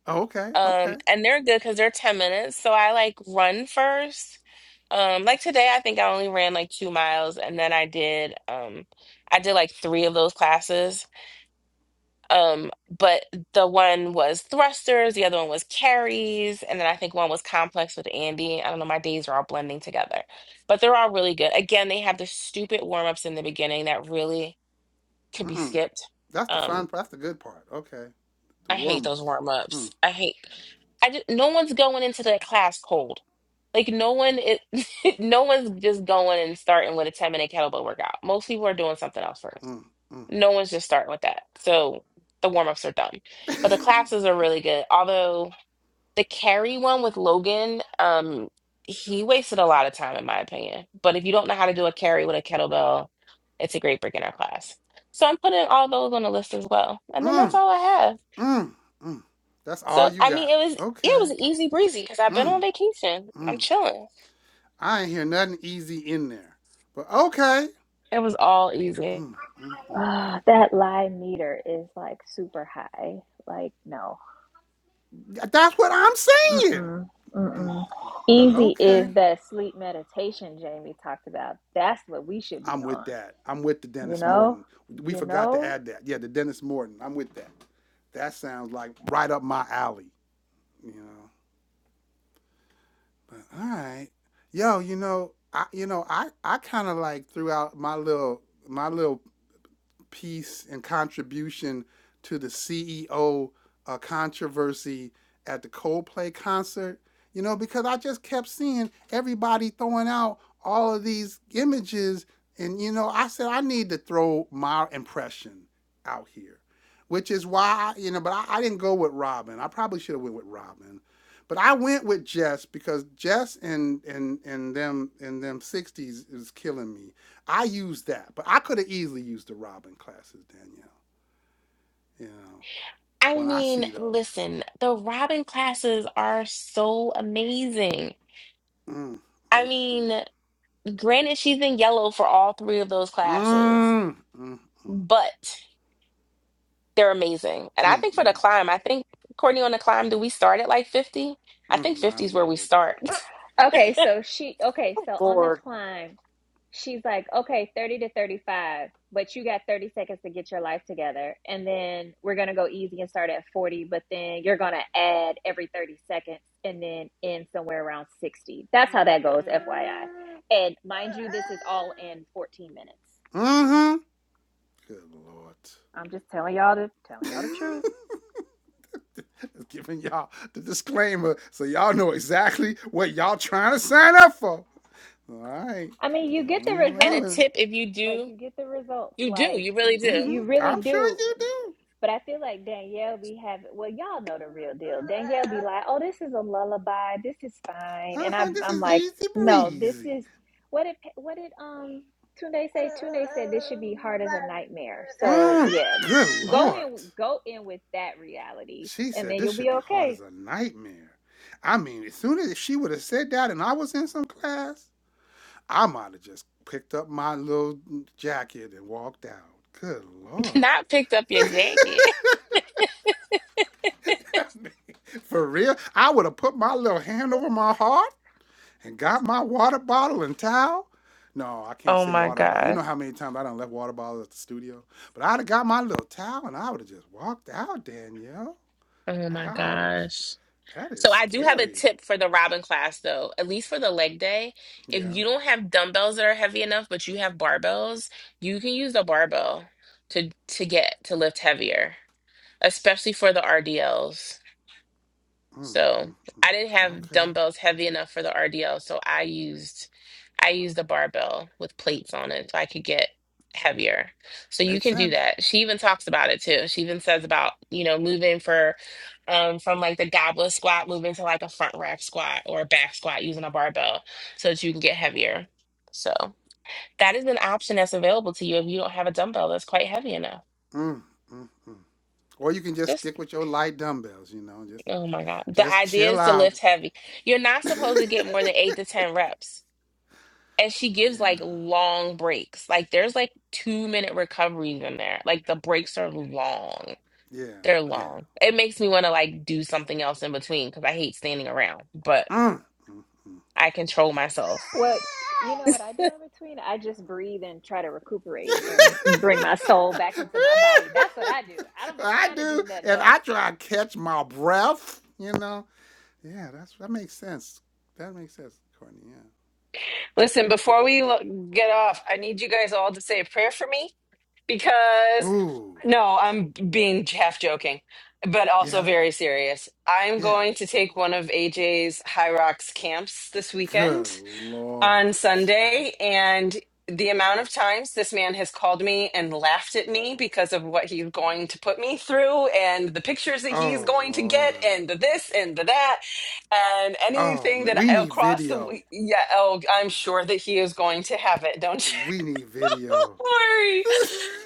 [SPEAKER 1] Oh, okay.
[SPEAKER 4] Um,
[SPEAKER 1] Okay.
[SPEAKER 4] and they're good because they're 10 minutes. So I like run first. Um, like today I think I only ran like two miles and then I did um I did like three of those classes Um, but the one was thrusters, the other one was carries, and then I think one was complex with Andy. I don't know, my days are all blending together. But they're all really good. Again, they have the stupid warm-ups in the beginning that really could be
[SPEAKER 1] Mm-mm.
[SPEAKER 4] skipped.
[SPEAKER 1] That's the fun.
[SPEAKER 4] Um,
[SPEAKER 1] part. That's the good part. Okay. The
[SPEAKER 4] I hate
[SPEAKER 1] warm
[SPEAKER 4] those
[SPEAKER 1] ups. Mm.
[SPEAKER 4] warm-ups. I hate I just, no one's going into the class cold. Like no one it no one's just going and starting with a 10 minute kettlebell workout. Most people are doing something else first.
[SPEAKER 1] Mm, mm.
[SPEAKER 4] No one's just starting with that. So the warm ups are done. But the classes are really good. Although the carry one with Logan, um, he wasted a lot of time in my opinion. But if you don't know how to do a carry with a kettlebell, it's a great beginner class. So I'm putting all those on the list as well. And then that's
[SPEAKER 1] mm,
[SPEAKER 4] all I have.
[SPEAKER 1] mm, mm. That's all
[SPEAKER 4] So
[SPEAKER 1] you
[SPEAKER 4] I mean
[SPEAKER 1] got.
[SPEAKER 4] it was yeah, it
[SPEAKER 1] Okay.
[SPEAKER 4] was easy breezy because I've been on
[SPEAKER 1] Mm,
[SPEAKER 4] vacation. I'm
[SPEAKER 1] mm.
[SPEAKER 4] chilling.
[SPEAKER 1] I ain't hear nothing easy in there. But okay.
[SPEAKER 4] It was all easy.
[SPEAKER 1] Mm, mm, mm.
[SPEAKER 3] Ah, that lie meter is like super high. Like, no.
[SPEAKER 1] That's what I'm saying.
[SPEAKER 3] Mm-mm. Mm-mm.
[SPEAKER 1] But
[SPEAKER 3] Easy
[SPEAKER 1] okay.
[SPEAKER 3] is that sleep meditation Jamie talked about. That's what we should be
[SPEAKER 1] I'm with
[SPEAKER 3] on.
[SPEAKER 1] that. I'm with the
[SPEAKER 3] You
[SPEAKER 1] Dennis
[SPEAKER 3] know?
[SPEAKER 1] Morton. We
[SPEAKER 3] You
[SPEAKER 1] forgot to
[SPEAKER 3] know?
[SPEAKER 1] add that. Yeah, the Dennis Morton. I'm with that. That sounds like right up my alley, you know. But all right. Yo, you know, I you know, I I kind of like threw out my little my little piece and contribution to the CEO uh, controversy at the Coldplay concert. You know, because I just kept seeing everybody throwing out all of these images, and you know, I said I need to throw my impression out here, which is why you know. But I, I didn't go with Robin. I probably should have went with Robin, but I went with Jess because Jess and and and them in them sixties is killing me. I used that, but I could have easily used the Robin classes, Danielle. You know,
[SPEAKER 4] I
[SPEAKER 1] when I
[SPEAKER 4] mean,
[SPEAKER 1] see those.
[SPEAKER 4] listen, the Robin classes are so amazing.
[SPEAKER 1] Mm,
[SPEAKER 4] I
[SPEAKER 1] mm, mm.
[SPEAKER 4] mean, Granted, she's in yellow for all three of those classes,
[SPEAKER 1] Mm, mm, mm,
[SPEAKER 4] but they're amazing. And I
[SPEAKER 1] mm,
[SPEAKER 4] think for the
[SPEAKER 1] mm,
[SPEAKER 4] climb, I think, Courtney, on the climb, do we start at like 50? I
[SPEAKER 1] mm,
[SPEAKER 4] think
[SPEAKER 1] my
[SPEAKER 4] 50 is where we
[SPEAKER 1] lord.
[SPEAKER 4] start.
[SPEAKER 3] Okay, so she, okay, so on the climb, she's like, okay, 30 to 35, but you got 30 seconds to get your life together. And then we're going to go easy and start at 40, but then you're going to add every 30 seconds and then end somewhere around 60. That's how that goes, FYI. And mind you, this is all in 14 minutes.
[SPEAKER 1] Mm-hmm. Good lord.
[SPEAKER 3] I'm just telling y'all the telling y'all the truth.
[SPEAKER 1] It's giving y'all the disclaimer so y'all know exactly what y'all trying to sign up for. All right.
[SPEAKER 3] I mean, you get the
[SPEAKER 1] don't be
[SPEAKER 4] And
[SPEAKER 1] blaming.
[SPEAKER 4] a
[SPEAKER 3] results.
[SPEAKER 4] tip if you
[SPEAKER 3] Like,
[SPEAKER 4] do,
[SPEAKER 3] you get the results.
[SPEAKER 4] you do,
[SPEAKER 3] Like,
[SPEAKER 4] you really
[SPEAKER 3] you,
[SPEAKER 4] do.
[SPEAKER 1] Mm-hmm.
[SPEAKER 3] you really
[SPEAKER 1] I'm sure
[SPEAKER 3] do.
[SPEAKER 1] you do.
[SPEAKER 3] But I feel like Danielle be having, well, y'all know the real deal. Danielle be like, oh, this is a lullaby. This is fine. And
[SPEAKER 1] Uh-huh.
[SPEAKER 3] I'm,
[SPEAKER 1] This
[SPEAKER 3] I'm
[SPEAKER 1] is
[SPEAKER 3] like,
[SPEAKER 1] easy
[SPEAKER 3] no, this
[SPEAKER 1] breezy.
[SPEAKER 3] is, what did, what did, um, Tunde say? Tunde said this should be hard as a nightmare. So
[SPEAKER 1] Mm,
[SPEAKER 3] yeah,
[SPEAKER 1] good
[SPEAKER 3] go
[SPEAKER 1] lord.
[SPEAKER 3] in, go in with that reality
[SPEAKER 1] She
[SPEAKER 3] and
[SPEAKER 1] said
[SPEAKER 3] then
[SPEAKER 1] this
[SPEAKER 3] you'll
[SPEAKER 1] should
[SPEAKER 3] be
[SPEAKER 1] be hard
[SPEAKER 3] okay.
[SPEAKER 1] as a nightmare. I mean, as soon as she would have said that and I was in some class, I might have just picked up my little jacket and walked out. Good Lord.
[SPEAKER 4] Not picked up your jacket.
[SPEAKER 1] For real? I would have put my little hand over my heart and got my water bottle and towel. No, I can't
[SPEAKER 4] Oh
[SPEAKER 1] say
[SPEAKER 4] my
[SPEAKER 1] water bottle. You
[SPEAKER 4] god!
[SPEAKER 1] know how many times I done left water bottles at the studio? But I'd have got my little towel and I would have just walked out, Danielle.
[SPEAKER 4] Oh my
[SPEAKER 1] Ouch.
[SPEAKER 4] gosh.
[SPEAKER 1] That is
[SPEAKER 4] So I do have a
[SPEAKER 1] scary.
[SPEAKER 4] tip for the Robin class though, at least for the leg day. If
[SPEAKER 1] Yeah.
[SPEAKER 4] you don't have dumbbells that are heavy enough, but you have barbells, you can use the barbell to to get to lift heavier. especially for the RDLs.
[SPEAKER 1] Mm,
[SPEAKER 4] So
[SPEAKER 1] mm, mm.
[SPEAKER 4] I didn't have
[SPEAKER 1] Okay,
[SPEAKER 4] dumbbells heavy enough for the RDL, so I used I used a barbell with plates on it so I could get heavier. So you
[SPEAKER 1] makes
[SPEAKER 4] can do
[SPEAKER 1] sense.
[SPEAKER 4] that. She even talks about it too. She even says about, you know, moving for um from like the goblet squat moving to like a front rack squat or a back squat using a barbell so that you can get heavier. So that is an option that's available to you if you don't have a dumbbell that's quite heavy enough.
[SPEAKER 1] Mm, mm, mm. Or you can just
[SPEAKER 4] Just.
[SPEAKER 1] stick with your light dumbbells. You know, just
[SPEAKER 4] Oh my God. The
[SPEAKER 1] just
[SPEAKER 4] idea
[SPEAKER 1] chill
[SPEAKER 4] is to
[SPEAKER 1] out.
[SPEAKER 4] lift heavy. You're not
[SPEAKER 1] yeah,
[SPEAKER 4] supposed to get more than eight to 10 reps. And she gives like long breaks. Like there's like two minute recoveries in there. Like the breaks are long.
[SPEAKER 1] yeah,
[SPEAKER 4] They're
[SPEAKER 1] yeah.
[SPEAKER 4] long. It makes me want to like do something else in between because I hate standing around, but
[SPEAKER 1] Mm, mm, mm.
[SPEAKER 4] I control myself.
[SPEAKER 3] What, you know what I do in between? I just breathe and try to recuperate and bring my soul back into my body. That's what I do. I don't be
[SPEAKER 1] I
[SPEAKER 3] trying to do
[SPEAKER 1] do,
[SPEAKER 3] nothing
[SPEAKER 1] and
[SPEAKER 3] else.
[SPEAKER 1] I try to catch my breath. You know, yeah, that's that makes sense. That makes sense, Courtney.
[SPEAKER 7] Listen, before we lo- get off, I need you guys all to say a prayer for me
[SPEAKER 1] Yeah.
[SPEAKER 7] because
[SPEAKER 1] Ooh,
[SPEAKER 7] no, I'm being half joking, but also
[SPEAKER 1] yeah,
[SPEAKER 7] very serious. I'm
[SPEAKER 1] yeah.
[SPEAKER 7] going to take one of AJ's High Rocks camps this
[SPEAKER 1] Good
[SPEAKER 7] weekend.
[SPEAKER 1] lord.
[SPEAKER 7] on Sunday, and the amount of times this man has called me and laughed at me because of what he's going to put me through, and the pictures that he's
[SPEAKER 1] Oh
[SPEAKER 7] going to get,
[SPEAKER 1] lord.
[SPEAKER 7] and the this and the that, and
[SPEAKER 1] Oh
[SPEAKER 7] anything
[SPEAKER 1] man,
[SPEAKER 7] that
[SPEAKER 1] we need
[SPEAKER 7] across the
[SPEAKER 1] video.
[SPEAKER 7] yeah, oh, I'm sure that he is going to have it. Don't
[SPEAKER 1] We need
[SPEAKER 7] you
[SPEAKER 1] video.
[SPEAKER 7] worry.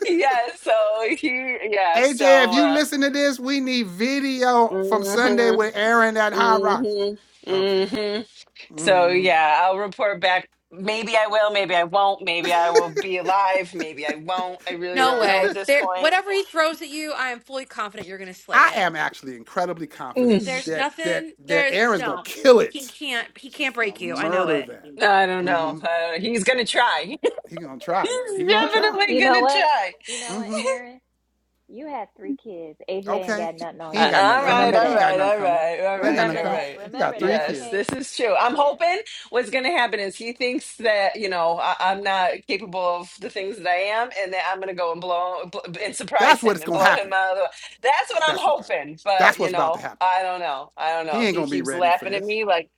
[SPEAKER 7] Yeah. So he yeah.
[SPEAKER 1] AJ, if
[SPEAKER 7] So
[SPEAKER 1] you
[SPEAKER 7] uh,
[SPEAKER 1] listen to this, we need video from Sunday
[SPEAKER 7] hmm
[SPEAKER 1] with Aaron at High Rocks.
[SPEAKER 7] hmm
[SPEAKER 1] Okay.
[SPEAKER 7] hmm So
[SPEAKER 1] hmm
[SPEAKER 7] yeah, I'll report back. Maybe I will, maybe I won't, maybe I will be alive, maybe I won't. I really
[SPEAKER 2] No
[SPEAKER 7] don't know
[SPEAKER 2] way.
[SPEAKER 7] at this
[SPEAKER 2] There,
[SPEAKER 7] point.
[SPEAKER 2] whatever he throws at you, I am fully confident you're going to slay
[SPEAKER 1] I
[SPEAKER 2] it.
[SPEAKER 1] am actually incredibly confident
[SPEAKER 7] Mm,
[SPEAKER 2] There's
[SPEAKER 1] that that
[SPEAKER 2] nothing.
[SPEAKER 1] that
[SPEAKER 2] There's
[SPEAKER 1] Aaron's gonna
[SPEAKER 2] no.
[SPEAKER 1] kill
[SPEAKER 2] He
[SPEAKER 1] it.
[SPEAKER 2] can't. He
[SPEAKER 1] She's
[SPEAKER 2] can't
[SPEAKER 1] gonna
[SPEAKER 2] break you. I know
[SPEAKER 1] murder
[SPEAKER 2] it.
[SPEAKER 1] that.
[SPEAKER 7] I don't know.
[SPEAKER 1] hmm
[SPEAKER 7] Uh, he's gonna try.
[SPEAKER 1] He gonna try though. He
[SPEAKER 7] he's
[SPEAKER 1] gonna try.
[SPEAKER 7] definitely
[SPEAKER 3] You know
[SPEAKER 7] gonna
[SPEAKER 3] what?
[SPEAKER 7] try.
[SPEAKER 3] You know what,
[SPEAKER 1] hmm
[SPEAKER 3] Aaron? You had three kids. AJ ain't
[SPEAKER 1] Okay.
[SPEAKER 3] got
[SPEAKER 1] He,
[SPEAKER 3] nothing
[SPEAKER 1] he
[SPEAKER 3] on
[SPEAKER 7] Uh,
[SPEAKER 1] ain't
[SPEAKER 3] you.
[SPEAKER 1] got
[SPEAKER 7] all
[SPEAKER 1] nothing
[SPEAKER 7] right,
[SPEAKER 1] coming.
[SPEAKER 3] Remember
[SPEAKER 1] He
[SPEAKER 7] all
[SPEAKER 1] ain't
[SPEAKER 3] that.
[SPEAKER 1] got
[SPEAKER 7] right,
[SPEAKER 1] nothing
[SPEAKER 7] all
[SPEAKER 1] coming.
[SPEAKER 7] right, all
[SPEAKER 1] He ain't got
[SPEAKER 7] right,
[SPEAKER 1] nothing
[SPEAKER 3] Remember
[SPEAKER 7] all
[SPEAKER 1] coming.
[SPEAKER 3] that.
[SPEAKER 7] right.
[SPEAKER 1] He got
[SPEAKER 3] Remember
[SPEAKER 1] three
[SPEAKER 3] that.
[SPEAKER 7] Yes,
[SPEAKER 1] kids.
[SPEAKER 3] Okay.
[SPEAKER 7] this is true. I'm
[SPEAKER 3] Yeah.
[SPEAKER 7] hoping what's going to happen is he thinks that, you know, I, I'm not capable of the things that I am and that I'm going to go and blow bl- and surprise
[SPEAKER 1] That's what
[SPEAKER 7] him
[SPEAKER 1] it's
[SPEAKER 7] and
[SPEAKER 1] gonna
[SPEAKER 7] blow him
[SPEAKER 1] happen.
[SPEAKER 7] out of the That's what I'm
[SPEAKER 1] That's what's about.
[SPEAKER 7] hoping. But,
[SPEAKER 1] That's
[SPEAKER 7] you
[SPEAKER 1] what's about to
[SPEAKER 7] know,
[SPEAKER 1] happen.
[SPEAKER 7] I don't know. I don't
[SPEAKER 1] He
[SPEAKER 7] know.
[SPEAKER 1] ain't
[SPEAKER 7] He
[SPEAKER 1] gonna be
[SPEAKER 7] keeps
[SPEAKER 1] ready for
[SPEAKER 7] laughing at
[SPEAKER 1] this.
[SPEAKER 7] me like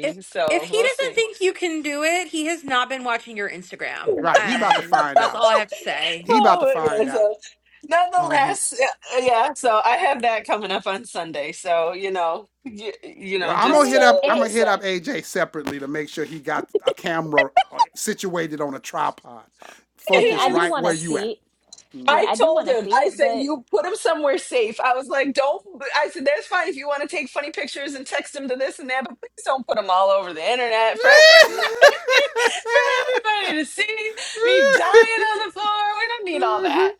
[SPEAKER 2] If if
[SPEAKER 7] So
[SPEAKER 2] he
[SPEAKER 7] we'll
[SPEAKER 2] doesn't
[SPEAKER 7] see.
[SPEAKER 2] think you can do it, he has not been watching your Instagram.
[SPEAKER 1] Right. He about to
[SPEAKER 2] And
[SPEAKER 1] find
[SPEAKER 2] that's
[SPEAKER 1] out.
[SPEAKER 2] all I have to say.
[SPEAKER 1] He about to
[SPEAKER 7] Oh, yeah.
[SPEAKER 1] find out.
[SPEAKER 7] So
[SPEAKER 1] Uh huh.
[SPEAKER 7] nonetheless yeah, uh, yeah so i have that coming up on sunday so you know you, you
[SPEAKER 1] Well,
[SPEAKER 7] know
[SPEAKER 1] I'm
[SPEAKER 3] I
[SPEAKER 1] gonna
[SPEAKER 7] just
[SPEAKER 1] hit
[SPEAKER 3] mean,
[SPEAKER 7] uh,
[SPEAKER 1] up.
[SPEAKER 7] like
[SPEAKER 1] I'm
[SPEAKER 3] it,
[SPEAKER 7] i
[SPEAKER 1] gonna hit
[SPEAKER 7] said
[SPEAKER 1] up AJ separately to make sure he got a camera uh, situated on a tripod,
[SPEAKER 3] I mean,
[SPEAKER 1] focus
[SPEAKER 3] I
[SPEAKER 7] Yes.
[SPEAKER 3] do
[SPEAKER 1] right
[SPEAKER 3] want
[SPEAKER 1] where
[SPEAKER 3] to
[SPEAKER 1] you
[SPEAKER 3] see
[SPEAKER 1] at.
[SPEAKER 3] it. Yeah,
[SPEAKER 7] I
[SPEAKER 3] I do
[SPEAKER 7] told
[SPEAKER 3] want to
[SPEAKER 7] him,
[SPEAKER 3] see
[SPEAKER 7] I
[SPEAKER 3] it.
[SPEAKER 7] said,
[SPEAKER 3] But
[SPEAKER 7] you put him somewhere safe. I was like, don't. I said, that's fine if you want to take funny pictures and text him to this and that, but please don't put them all over the internet for, for everybody to see me dying on the floor. We don't need all that.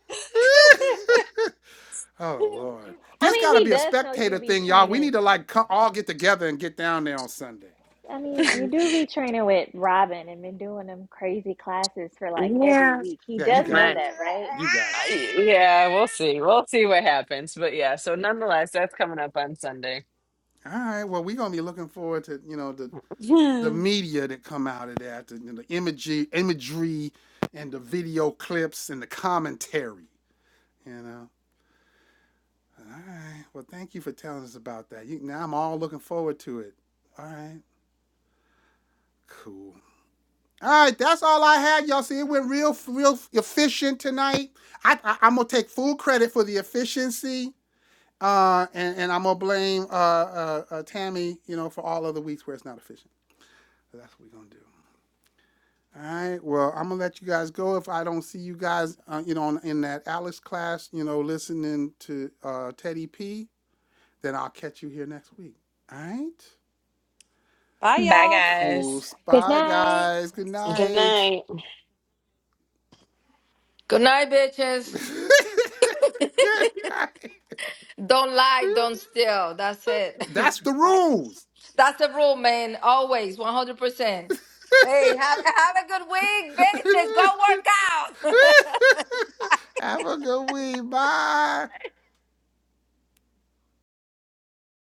[SPEAKER 1] oh Lord,
[SPEAKER 3] I
[SPEAKER 1] this
[SPEAKER 3] mean,
[SPEAKER 1] gotta
[SPEAKER 3] he
[SPEAKER 1] be a
[SPEAKER 3] does know you
[SPEAKER 1] spectator
[SPEAKER 3] be
[SPEAKER 1] thing, y'all. We need
[SPEAKER 3] training.
[SPEAKER 1] to like come, all get together and get down there on Sunday.
[SPEAKER 3] I mean, you do be training with Robin and been doing them crazy classes for like every
[SPEAKER 7] Yeah.
[SPEAKER 3] week. He
[SPEAKER 1] Yeah, you
[SPEAKER 3] does
[SPEAKER 1] got
[SPEAKER 3] know
[SPEAKER 7] But
[SPEAKER 1] it.
[SPEAKER 3] that, right?
[SPEAKER 1] You got it.
[SPEAKER 7] I- yeah, we'll see. We'll see what happens. But yeah, so nonetheless, that's coming up on Sunday.
[SPEAKER 1] All right. Well, we're gonna be looking forward to you know the the media that come out of that, the, the imagery, imagery, and the video clips and the commentary. You know. All right. Well, thank you for telling us about that. You, now I'm all looking forward to it. All right. Cool. All right. That's all I had. Y'all see, it went real, real efficient tonight. I, I I'm gonna take full credit for the efficiency. Uh, and, and I'm gonna blame uh, uh, uh Tammy, you know, for all other weeks where it's not efficient. So that's what we're gonna do. All right. Well, I'm gonna let you guys go if I don't see you guys, uh, you know, in, in that Alex class, you know, listening to uh, Teddy P. Then I'll catch you here next week. All right.
[SPEAKER 2] Bye,
[SPEAKER 4] Bye,
[SPEAKER 2] y'all.
[SPEAKER 1] Cool
[SPEAKER 4] guys.
[SPEAKER 3] Good
[SPEAKER 1] Bye,
[SPEAKER 3] night.
[SPEAKER 1] guys. Good night.
[SPEAKER 8] Good night, bitches.
[SPEAKER 1] Good night.
[SPEAKER 8] Don't lie, don't steal. That's it.
[SPEAKER 1] That's the rules.
[SPEAKER 8] That's the rule, man. Always, 100%. Hey, have, have a good week, bitches. Go work out.
[SPEAKER 1] Have a good week. Bye.